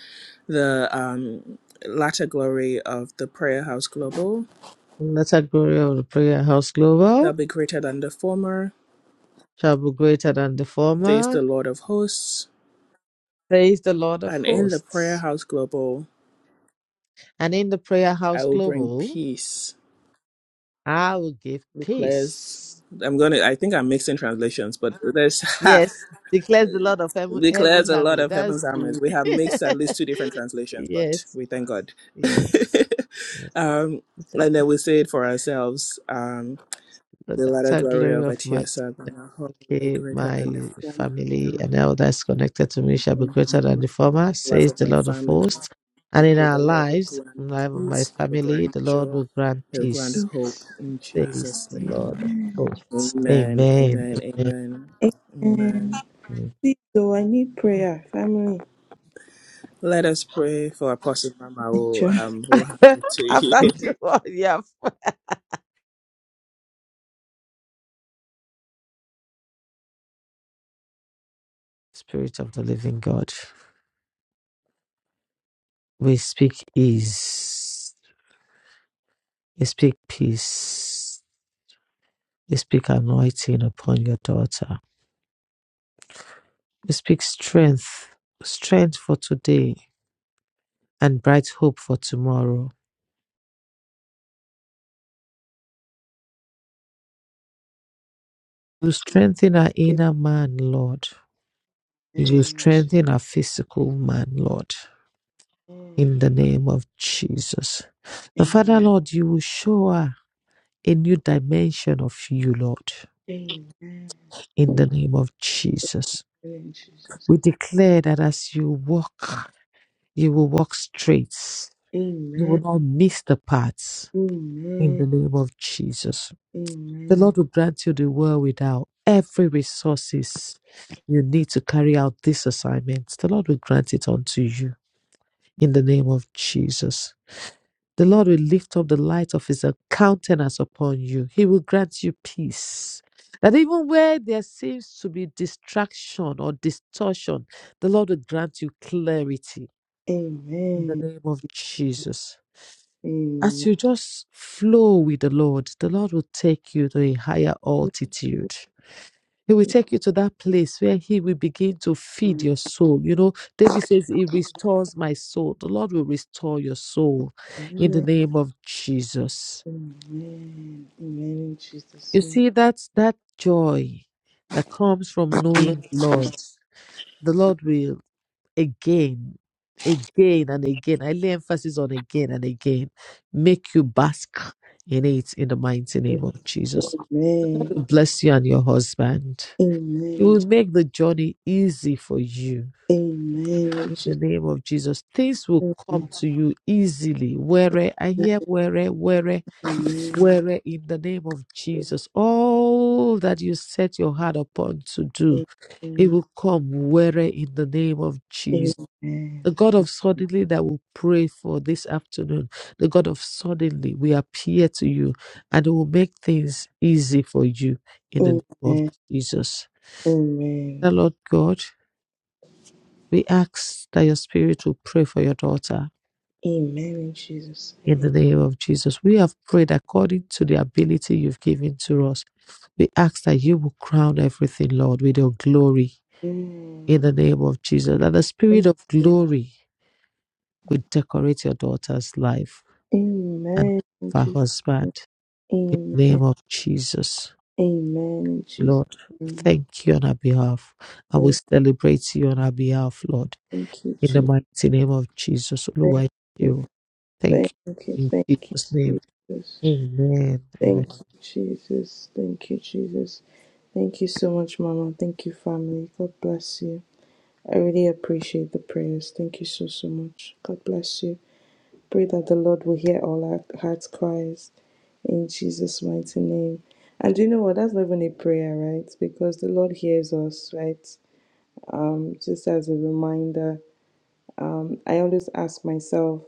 [SPEAKER 1] the um, latter glory of the prayer house global
[SPEAKER 2] Let us glory of the prayer house global
[SPEAKER 1] shall be greater than the former,
[SPEAKER 2] shall be greater than the
[SPEAKER 1] says
[SPEAKER 2] former.
[SPEAKER 1] the Lord of hosts.
[SPEAKER 2] Praise the Lord of
[SPEAKER 1] And in the prayer
[SPEAKER 2] hosts.
[SPEAKER 1] house global,
[SPEAKER 2] And in the prayer
[SPEAKER 1] I
[SPEAKER 2] house
[SPEAKER 1] will bring
[SPEAKER 2] global,
[SPEAKER 1] peace,
[SPEAKER 2] I will give
[SPEAKER 1] declares.
[SPEAKER 2] peace.
[SPEAKER 1] I'm gonna. I think I'm mixing translations, but there's
[SPEAKER 2] Yes, declares the Lord of heaven,
[SPEAKER 1] Declares
[SPEAKER 2] heaven's
[SPEAKER 1] a lot
[SPEAKER 2] army.
[SPEAKER 1] of
[SPEAKER 2] That's
[SPEAKER 1] heaven's armies.
[SPEAKER 2] the
[SPEAKER 1] We have mixed at least two different translations, but
[SPEAKER 2] yes,
[SPEAKER 1] we thank God.
[SPEAKER 2] yes.
[SPEAKER 1] um, and then we say it for ourselves. Um,
[SPEAKER 2] So
[SPEAKER 1] the
[SPEAKER 2] that's
[SPEAKER 1] latter
[SPEAKER 2] a
[SPEAKER 1] glory
[SPEAKER 2] glory
[SPEAKER 1] of
[SPEAKER 2] of March.
[SPEAKER 1] Atiesa, be
[SPEAKER 2] Okay,
[SPEAKER 1] greater than the
[SPEAKER 2] my
[SPEAKER 1] former.
[SPEAKER 2] family
[SPEAKER 1] Thereof
[SPEAKER 2] and all that's connected to me shall
[SPEAKER 1] In
[SPEAKER 2] be greater than
[SPEAKER 1] the
[SPEAKER 2] the former,
[SPEAKER 1] life
[SPEAKER 2] says
[SPEAKER 1] of
[SPEAKER 2] the
[SPEAKER 1] my
[SPEAKER 2] Lord of
[SPEAKER 1] family, and the
[SPEAKER 2] hosts. And in
[SPEAKER 1] people,
[SPEAKER 2] our
[SPEAKER 1] the Lord will
[SPEAKER 2] lives,
[SPEAKER 1] grant
[SPEAKER 2] in the life of my
[SPEAKER 1] peace, will
[SPEAKER 2] family,
[SPEAKER 1] grant
[SPEAKER 2] the Lord
[SPEAKER 1] joy,
[SPEAKER 2] will grant
[SPEAKER 1] will grant
[SPEAKER 2] peace,
[SPEAKER 1] hope in
[SPEAKER 2] says
[SPEAKER 1] Jesus'
[SPEAKER 2] the Lord
[SPEAKER 1] name.
[SPEAKER 2] of hosts.
[SPEAKER 1] Amen,
[SPEAKER 2] Amen.
[SPEAKER 1] amen, amen, amen.
[SPEAKER 4] And
[SPEAKER 2] Amen.
[SPEAKER 4] please, though, I need prayer, family,
[SPEAKER 1] Let us pray for Apostle Mama
[SPEAKER 4] and
[SPEAKER 1] who
[SPEAKER 4] church.
[SPEAKER 1] um who happened to you.
[SPEAKER 2] After the one, yeah. Spirit of the living God, we speak ease, we speak peace, we speak anointing upon your daughter We speak strength, strength for today and bright hope for tomorrow. You strengthen our inner man, Lord. You
[SPEAKER 4] Amen. Jesus.
[SPEAKER 2] strengthen our physical man, Lord,
[SPEAKER 4] Amen.
[SPEAKER 2] in the name of Jesus. The Father,
[SPEAKER 4] Amen.
[SPEAKER 2] Lord, you will show her a new dimension of you, Lord,
[SPEAKER 4] Amen.
[SPEAKER 2] in the name of Jesus.
[SPEAKER 4] In Jesus.
[SPEAKER 2] We
[SPEAKER 4] name.
[SPEAKER 2] declare that as you walk, you will walk straight. You will
[SPEAKER 4] Amen.
[SPEAKER 2] not miss the paths in
[SPEAKER 4] Amen.
[SPEAKER 2] the name of Jesus. The
[SPEAKER 4] Amen.
[SPEAKER 2] Lord will grant you the world without every resources you need to carry out this assignment. The Lord will grant it unto you in the name of Jesus. The Lord will lift up the light of his countenance upon you. He will grant you peace. That even where there seems to be distraction or distortion, the Lord will grant you clarity in the
[SPEAKER 4] Amen.
[SPEAKER 2] name of Jesus
[SPEAKER 4] Amen.
[SPEAKER 2] as you just flow with the Lord, the Lord will take you to a higher altitude. He will take you to that place where He will begin to feed
[SPEAKER 4] Amen.
[SPEAKER 2] your soul. You know, David says, He restores my soul. The Lord will restore your soul in the
[SPEAKER 4] Amen.
[SPEAKER 2] name of Jesus.
[SPEAKER 4] Amen. In
[SPEAKER 2] You
[SPEAKER 4] Jesus. name.
[SPEAKER 2] see, that's that joy that comes from knowing the Lord. The Lord will again, again and again. I lay emphasis on again and again. Make you bask in it in the mighty name of Jesus. God
[SPEAKER 4] Amen.
[SPEAKER 2] will bless you and your husband. It
[SPEAKER 4] Amen.
[SPEAKER 2] will make the journey easy for you
[SPEAKER 4] Amen. In
[SPEAKER 2] In
[SPEAKER 4] Jesus.
[SPEAKER 2] the name of Jesus, things will come to you easily. Where I hear where, where, where in the name of Jesus. All that you set your heart upon to do, it
[SPEAKER 4] name.
[SPEAKER 2] will come where in the name of
[SPEAKER 4] Amen.
[SPEAKER 2] Jesus.
[SPEAKER 4] Amen.
[SPEAKER 2] The God of suddenly that will pray for this afternoon. The God of suddenly we appear to you and it will make things easy for you in the name of
[SPEAKER 4] Amen.
[SPEAKER 2] Jesus. The
[SPEAKER 4] Amen.
[SPEAKER 2] Lord God, we ask that your spirit will pray for your daughter
[SPEAKER 4] Amen in Jesus'
[SPEAKER 2] In the name of Jesus, we have prayed according to the ability you've given to us. We ask that you will crown everything, Lord, with your glory. In
[SPEAKER 4] name.
[SPEAKER 2] the name of Jesus, that the spirit
[SPEAKER 4] Amen.
[SPEAKER 2] of
[SPEAKER 4] Amen.
[SPEAKER 2] glory will decorate your daughter's life and
[SPEAKER 4] Amen in
[SPEAKER 2] her
[SPEAKER 4] Jesus-
[SPEAKER 2] husband. In
[SPEAKER 4] Amen.
[SPEAKER 2] the name of Jesus,
[SPEAKER 4] Amen in Jesus'
[SPEAKER 2] Lord, we
[SPEAKER 4] name.
[SPEAKER 2] thank you on our behalf. I will
[SPEAKER 4] Thank,
[SPEAKER 2] celebrate you on our behalf, Lord.
[SPEAKER 4] thank you,
[SPEAKER 2] In the
[SPEAKER 4] Jesus.
[SPEAKER 2] mighty name of Jesus, Lord,
[SPEAKER 4] Thank
[SPEAKER 2] I thank
[SPEAKER 4] you.
[SPEAKER 2] you.
[SPEAKER 4] Thank
[SPEAKER 2] Thank
[SPEAKER 4] you.
[SPEAKER 2] you.
[SPEAKER 4] Thank
[SPEAKER 2] In Jesus' name,
[SPEAKER 4] you, Jesus.
[SPEAKER 2] amen. Amen.
[SPEAKER 4] Thank you, Jesus. Thank you, Jesus. Thank you so much, Mama. Thank you, family. God bless you. I really appreciate the prayers. Thank you so, so much. God bless you. Pray that the Lord will hear all our hearts' cries in Jesus' mighty name. And do you know what? That's not even a prayer, right? Because the Lord hears us, right? Um, just as a reminder, um, I always ask myself,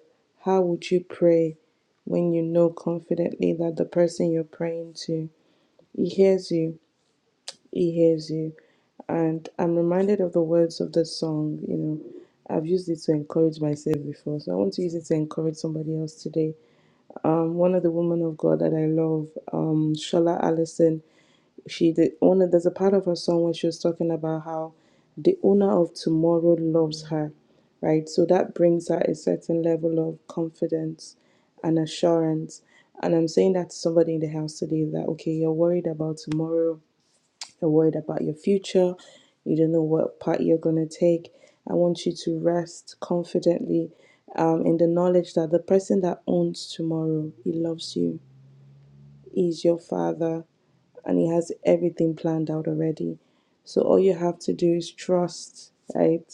[SPEAKER 4] how would you pray when you know confidently that the person you're praying to, he hears you, he hears you. And I'm reminded of the words of the song, you know. I've used it to encourage myself before, so I want to use it to encourage somebody else today um, one of the women of God that I love, um, Shola Allison, she did one there's a part of her song where she was talking about how the owner of tomorrow loves her, right? So that brings her a certain level of confidence and assurance. And I'm saying that to somebody in the house today that okay, you're worried about tomorrow, you're worried about your future. You don't know what part you're going to take. I want you to rest confidently um, in the knowledge that the person that owns tomorrow, he loves you, he's your father, and he has everything planned out already. So all you have to do is trust, right?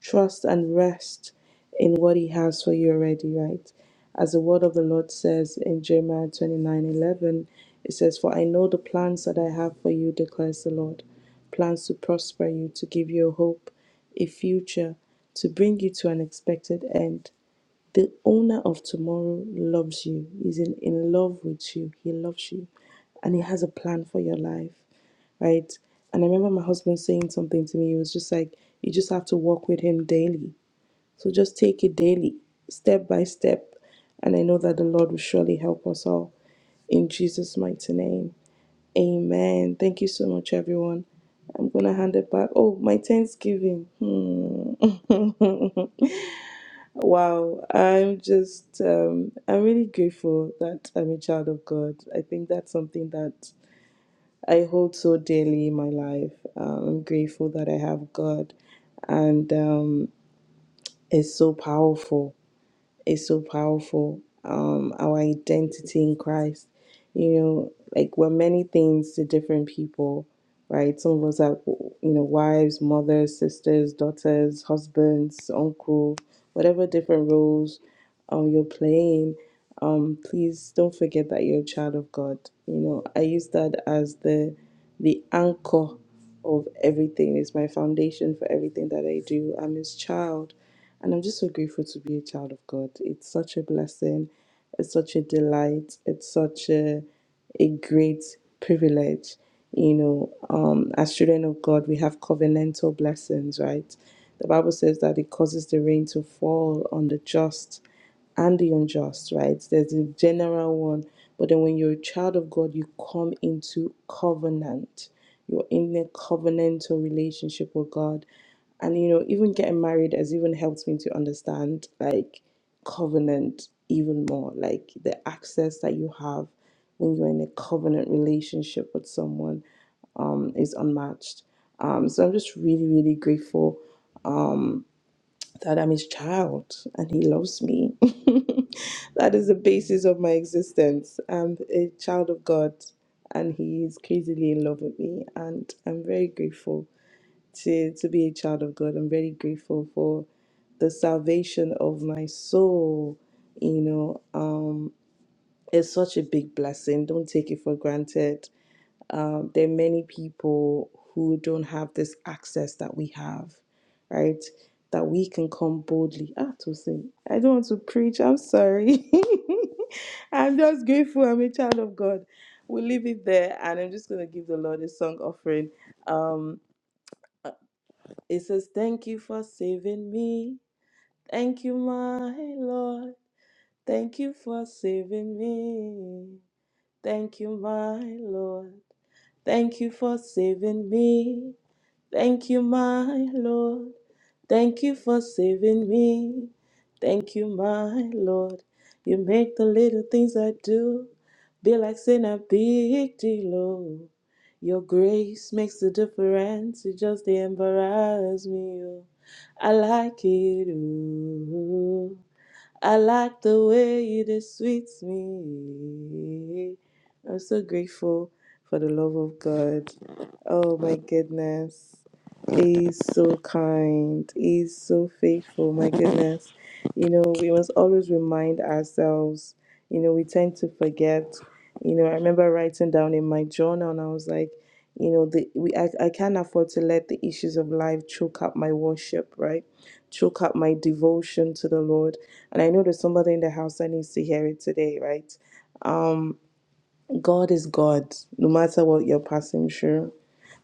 [SPEAKER 4] Trust and rest in what He has for you already, right? As the word of the Lord says in Jeremiah twenty nine eleven, it says, For I know the plans that I have for you, declares the Lord plans to prosper you, to give you a hope, a future, to bring you to an expected end. The owner of tomorrow loves you. He's in, in love with you. He loves you. And he has a plan for your life. Right? And I remember my husband saying something to me. He was just like, you just have to walk with him daily. So just take it daily, step by step. And I know that the Lord will surely help us all. In Jesus' mighty name. Amen. Thank you so much, everyone. I'm gonna hand it back. Oh, my Thanksgiving. Hmm. Wow, I'm just, um, I'm really grateful that I'm a child of God. I think that's something that I hold so dearly in my life. Um, I'm grateful that I have God, and um, it's so powerful is so powerful. Um, our identity in Christ, you know, like we're many things to different people, right? Some of us are, you know, wives, mothers, sisters, daughters, husbands, uncle, whatever different roles um, you're playing. Um, please don't forget that you're a child of God. You know, I use that as the the anchor of everything. It's my foundation for everything that I do. I'm his child, and I'm just so grateful to be a child of God. It's such a blessing, it's such a delight, it's such a a great privilege. You know, um, as children of God, we have covenantal blessings, right? The Bible says that it causes the rain to fall on the just and the unjust, right? There's a general one, but then when you're a child of God, you come into covenant. You're in a covenantal relationship with God. And you know, even getting married has even helped me to understand like covenant even more, like the access that you have when you're in a covenant relationship with someone um, is unmatched. Um, so I'm just really, really grateful that I'm his child and he loves me. that is the basis of my existence. I'm a child of God and he is crazily in love with me. And I'm very grateful to, to be a child of God. I'm very grateful for the salvation of my soul. You know, um, it's such a big blessing. Don't take it for granted. Um, there are many people who don't have this access that we have right? That we can come boldly. Ah, to say, I don't want to preach. I'm sorry. I'm just grateful. I'm a child of God. We'll leave it there, and I'm just gonna give the Lord a song offering. It says, "Thank you for saving me. Thank you, my Lord. Thank you for saving me. Thank you, my Lord. Thank you for saving me. Thank you, my Lord. Thank you for saving me. Thank you, my Lord. You make the little things I do be like sin a big deal. oh. Your grace makes the difference. You just embarrass me. oh. I like it. Ooh. I like the way it is sweets me. I'm so grateful for the love of God. Oh my goodness. He's so kind. He's so faithful. My goodness. You know, we must always remind ourselves. You know, we tend to forget. You know, I remember writing down in my journal and I was like, you know, the, we I, I can't afford to let the issues of life choke up my worship, right? Choke up my devotion to the Lord. And I know there's somebody in the house that needs to hear it today, right? God is God, no matter what you're passing through.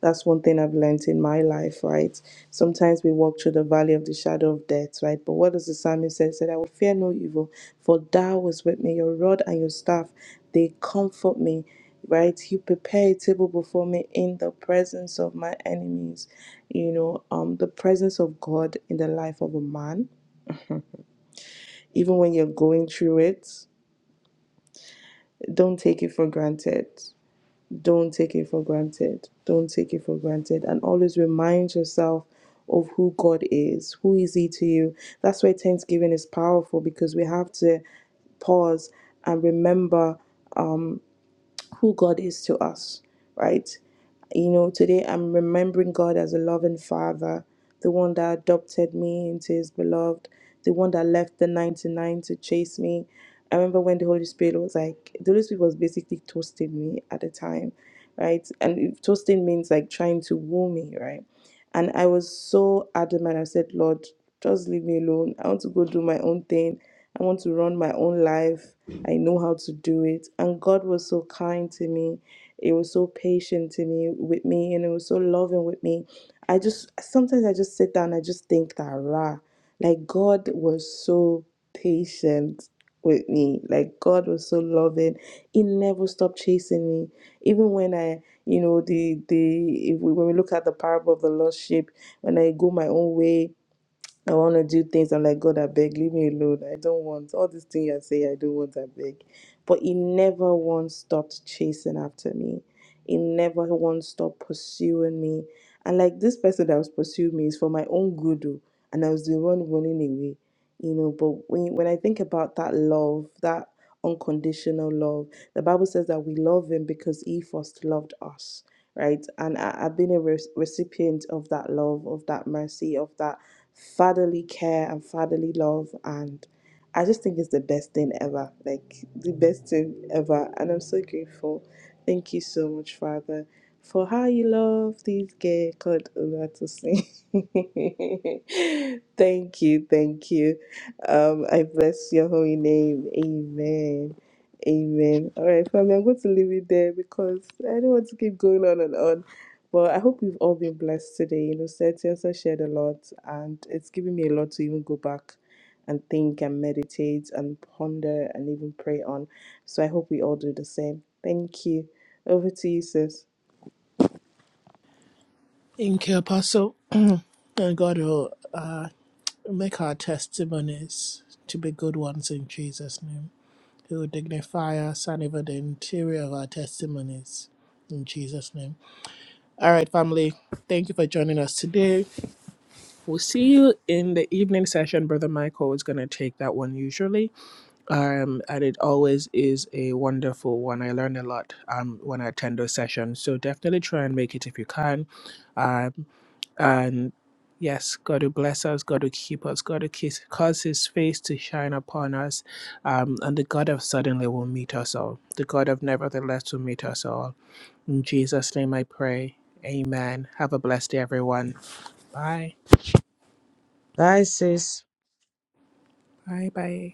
[SPEAKER 4] That's one thing I've learnt in my life, right? Sometimes we walk through the valley of the shadow of death, right? But what does the psalmist say? He said, I will fear no evil, for thou was with me, your rod and your staff, they comfort me, right? You prepare a table before me in the presence of my enemies. You know, um, the presence of God in the life of a man, even when you're going through it, don't take it for granted. don't take it for granted. Don't take it for granted. And always remind yourself of who God is. Who is He to you? That's why Thanksgiving is powerful because we have to pause and remember um, who God is to us, right? You know, today I'm remembering God as a loving father, the one that adopted me into his beloved, the one that left the 99 to chase me. I remember when the Holy Spirit was like, the Holy Spirit was basically toasting me at the time, right? And toasting means like trying to woo me, right? And I was so adamant. I said, Lord, just leave me alone. I want to go do my own thing. I want to run my own life. I know how to do it. And God was so kind to me. He was so patient to me with me and it was so loving with me. I just sometimes I just sit down, I just think that rah. Like God was so patient with me. Like God was so loving. He never stopped chasing me. Even when I you know the the if we when we look at the parable of the lost sheep, when I go my own way, I want to do things. I'm like, God, I beg, leave me alone. I don't want all these things I say, I don't want, I beg. But he never once stopped chasing after me. He never once stopped pursuing me. And like this person that was pursuing me is for my own good. oh, And I was the one running away. You know, but when, when I think about that love, that unconditional love, the Bible says that we love him because he first loved us, right? And I, I've been a re- recipient of that love, of that mercy, of that fatherly care and fatherly love and I just think it's the best thing ever. Like the best thing ever. And I'm so grateful. Thank you so much, Father, for how you love this girl called Olatosin. thank you, thank you. Um, I bless your holy name. Amen. Amen. All right, family, I'm going to leave it there because I don't want to keep going on and on. But I hope we've all been blessed today. You know, Seti also shared a lot, and it's given me a lot to even go back and think and meditate and ponder and even pray on. So I hope we all do the same. Thank you. Over to you, sis.
[SPEAKER 1] Thank you, Apostle. And God will make our testimonies to be good ones in Jesus' name. He will dignify us and even the interior of our testimonies in Jesus' name. All right, family. Thank you for joining us today. We'll see you in the evening session. Brother Michael is going to take that one usually. um, and it always is a wonderful one. I learn a lot um, when I attend those sessions. So definitely try and make it if you can. Um, and yes, God to bless us, God to keep us, God to kiss, cause His face to shine upon us. Um, and the God of suddenly will meet us all. The God of nevertheless will meet us all. In Jesus' name I pray. Amen. Have a blessed day, everyone. Bye.
[SPEAKER 2] Bye, sis.
[SPEAKER 1] Bye. Bye.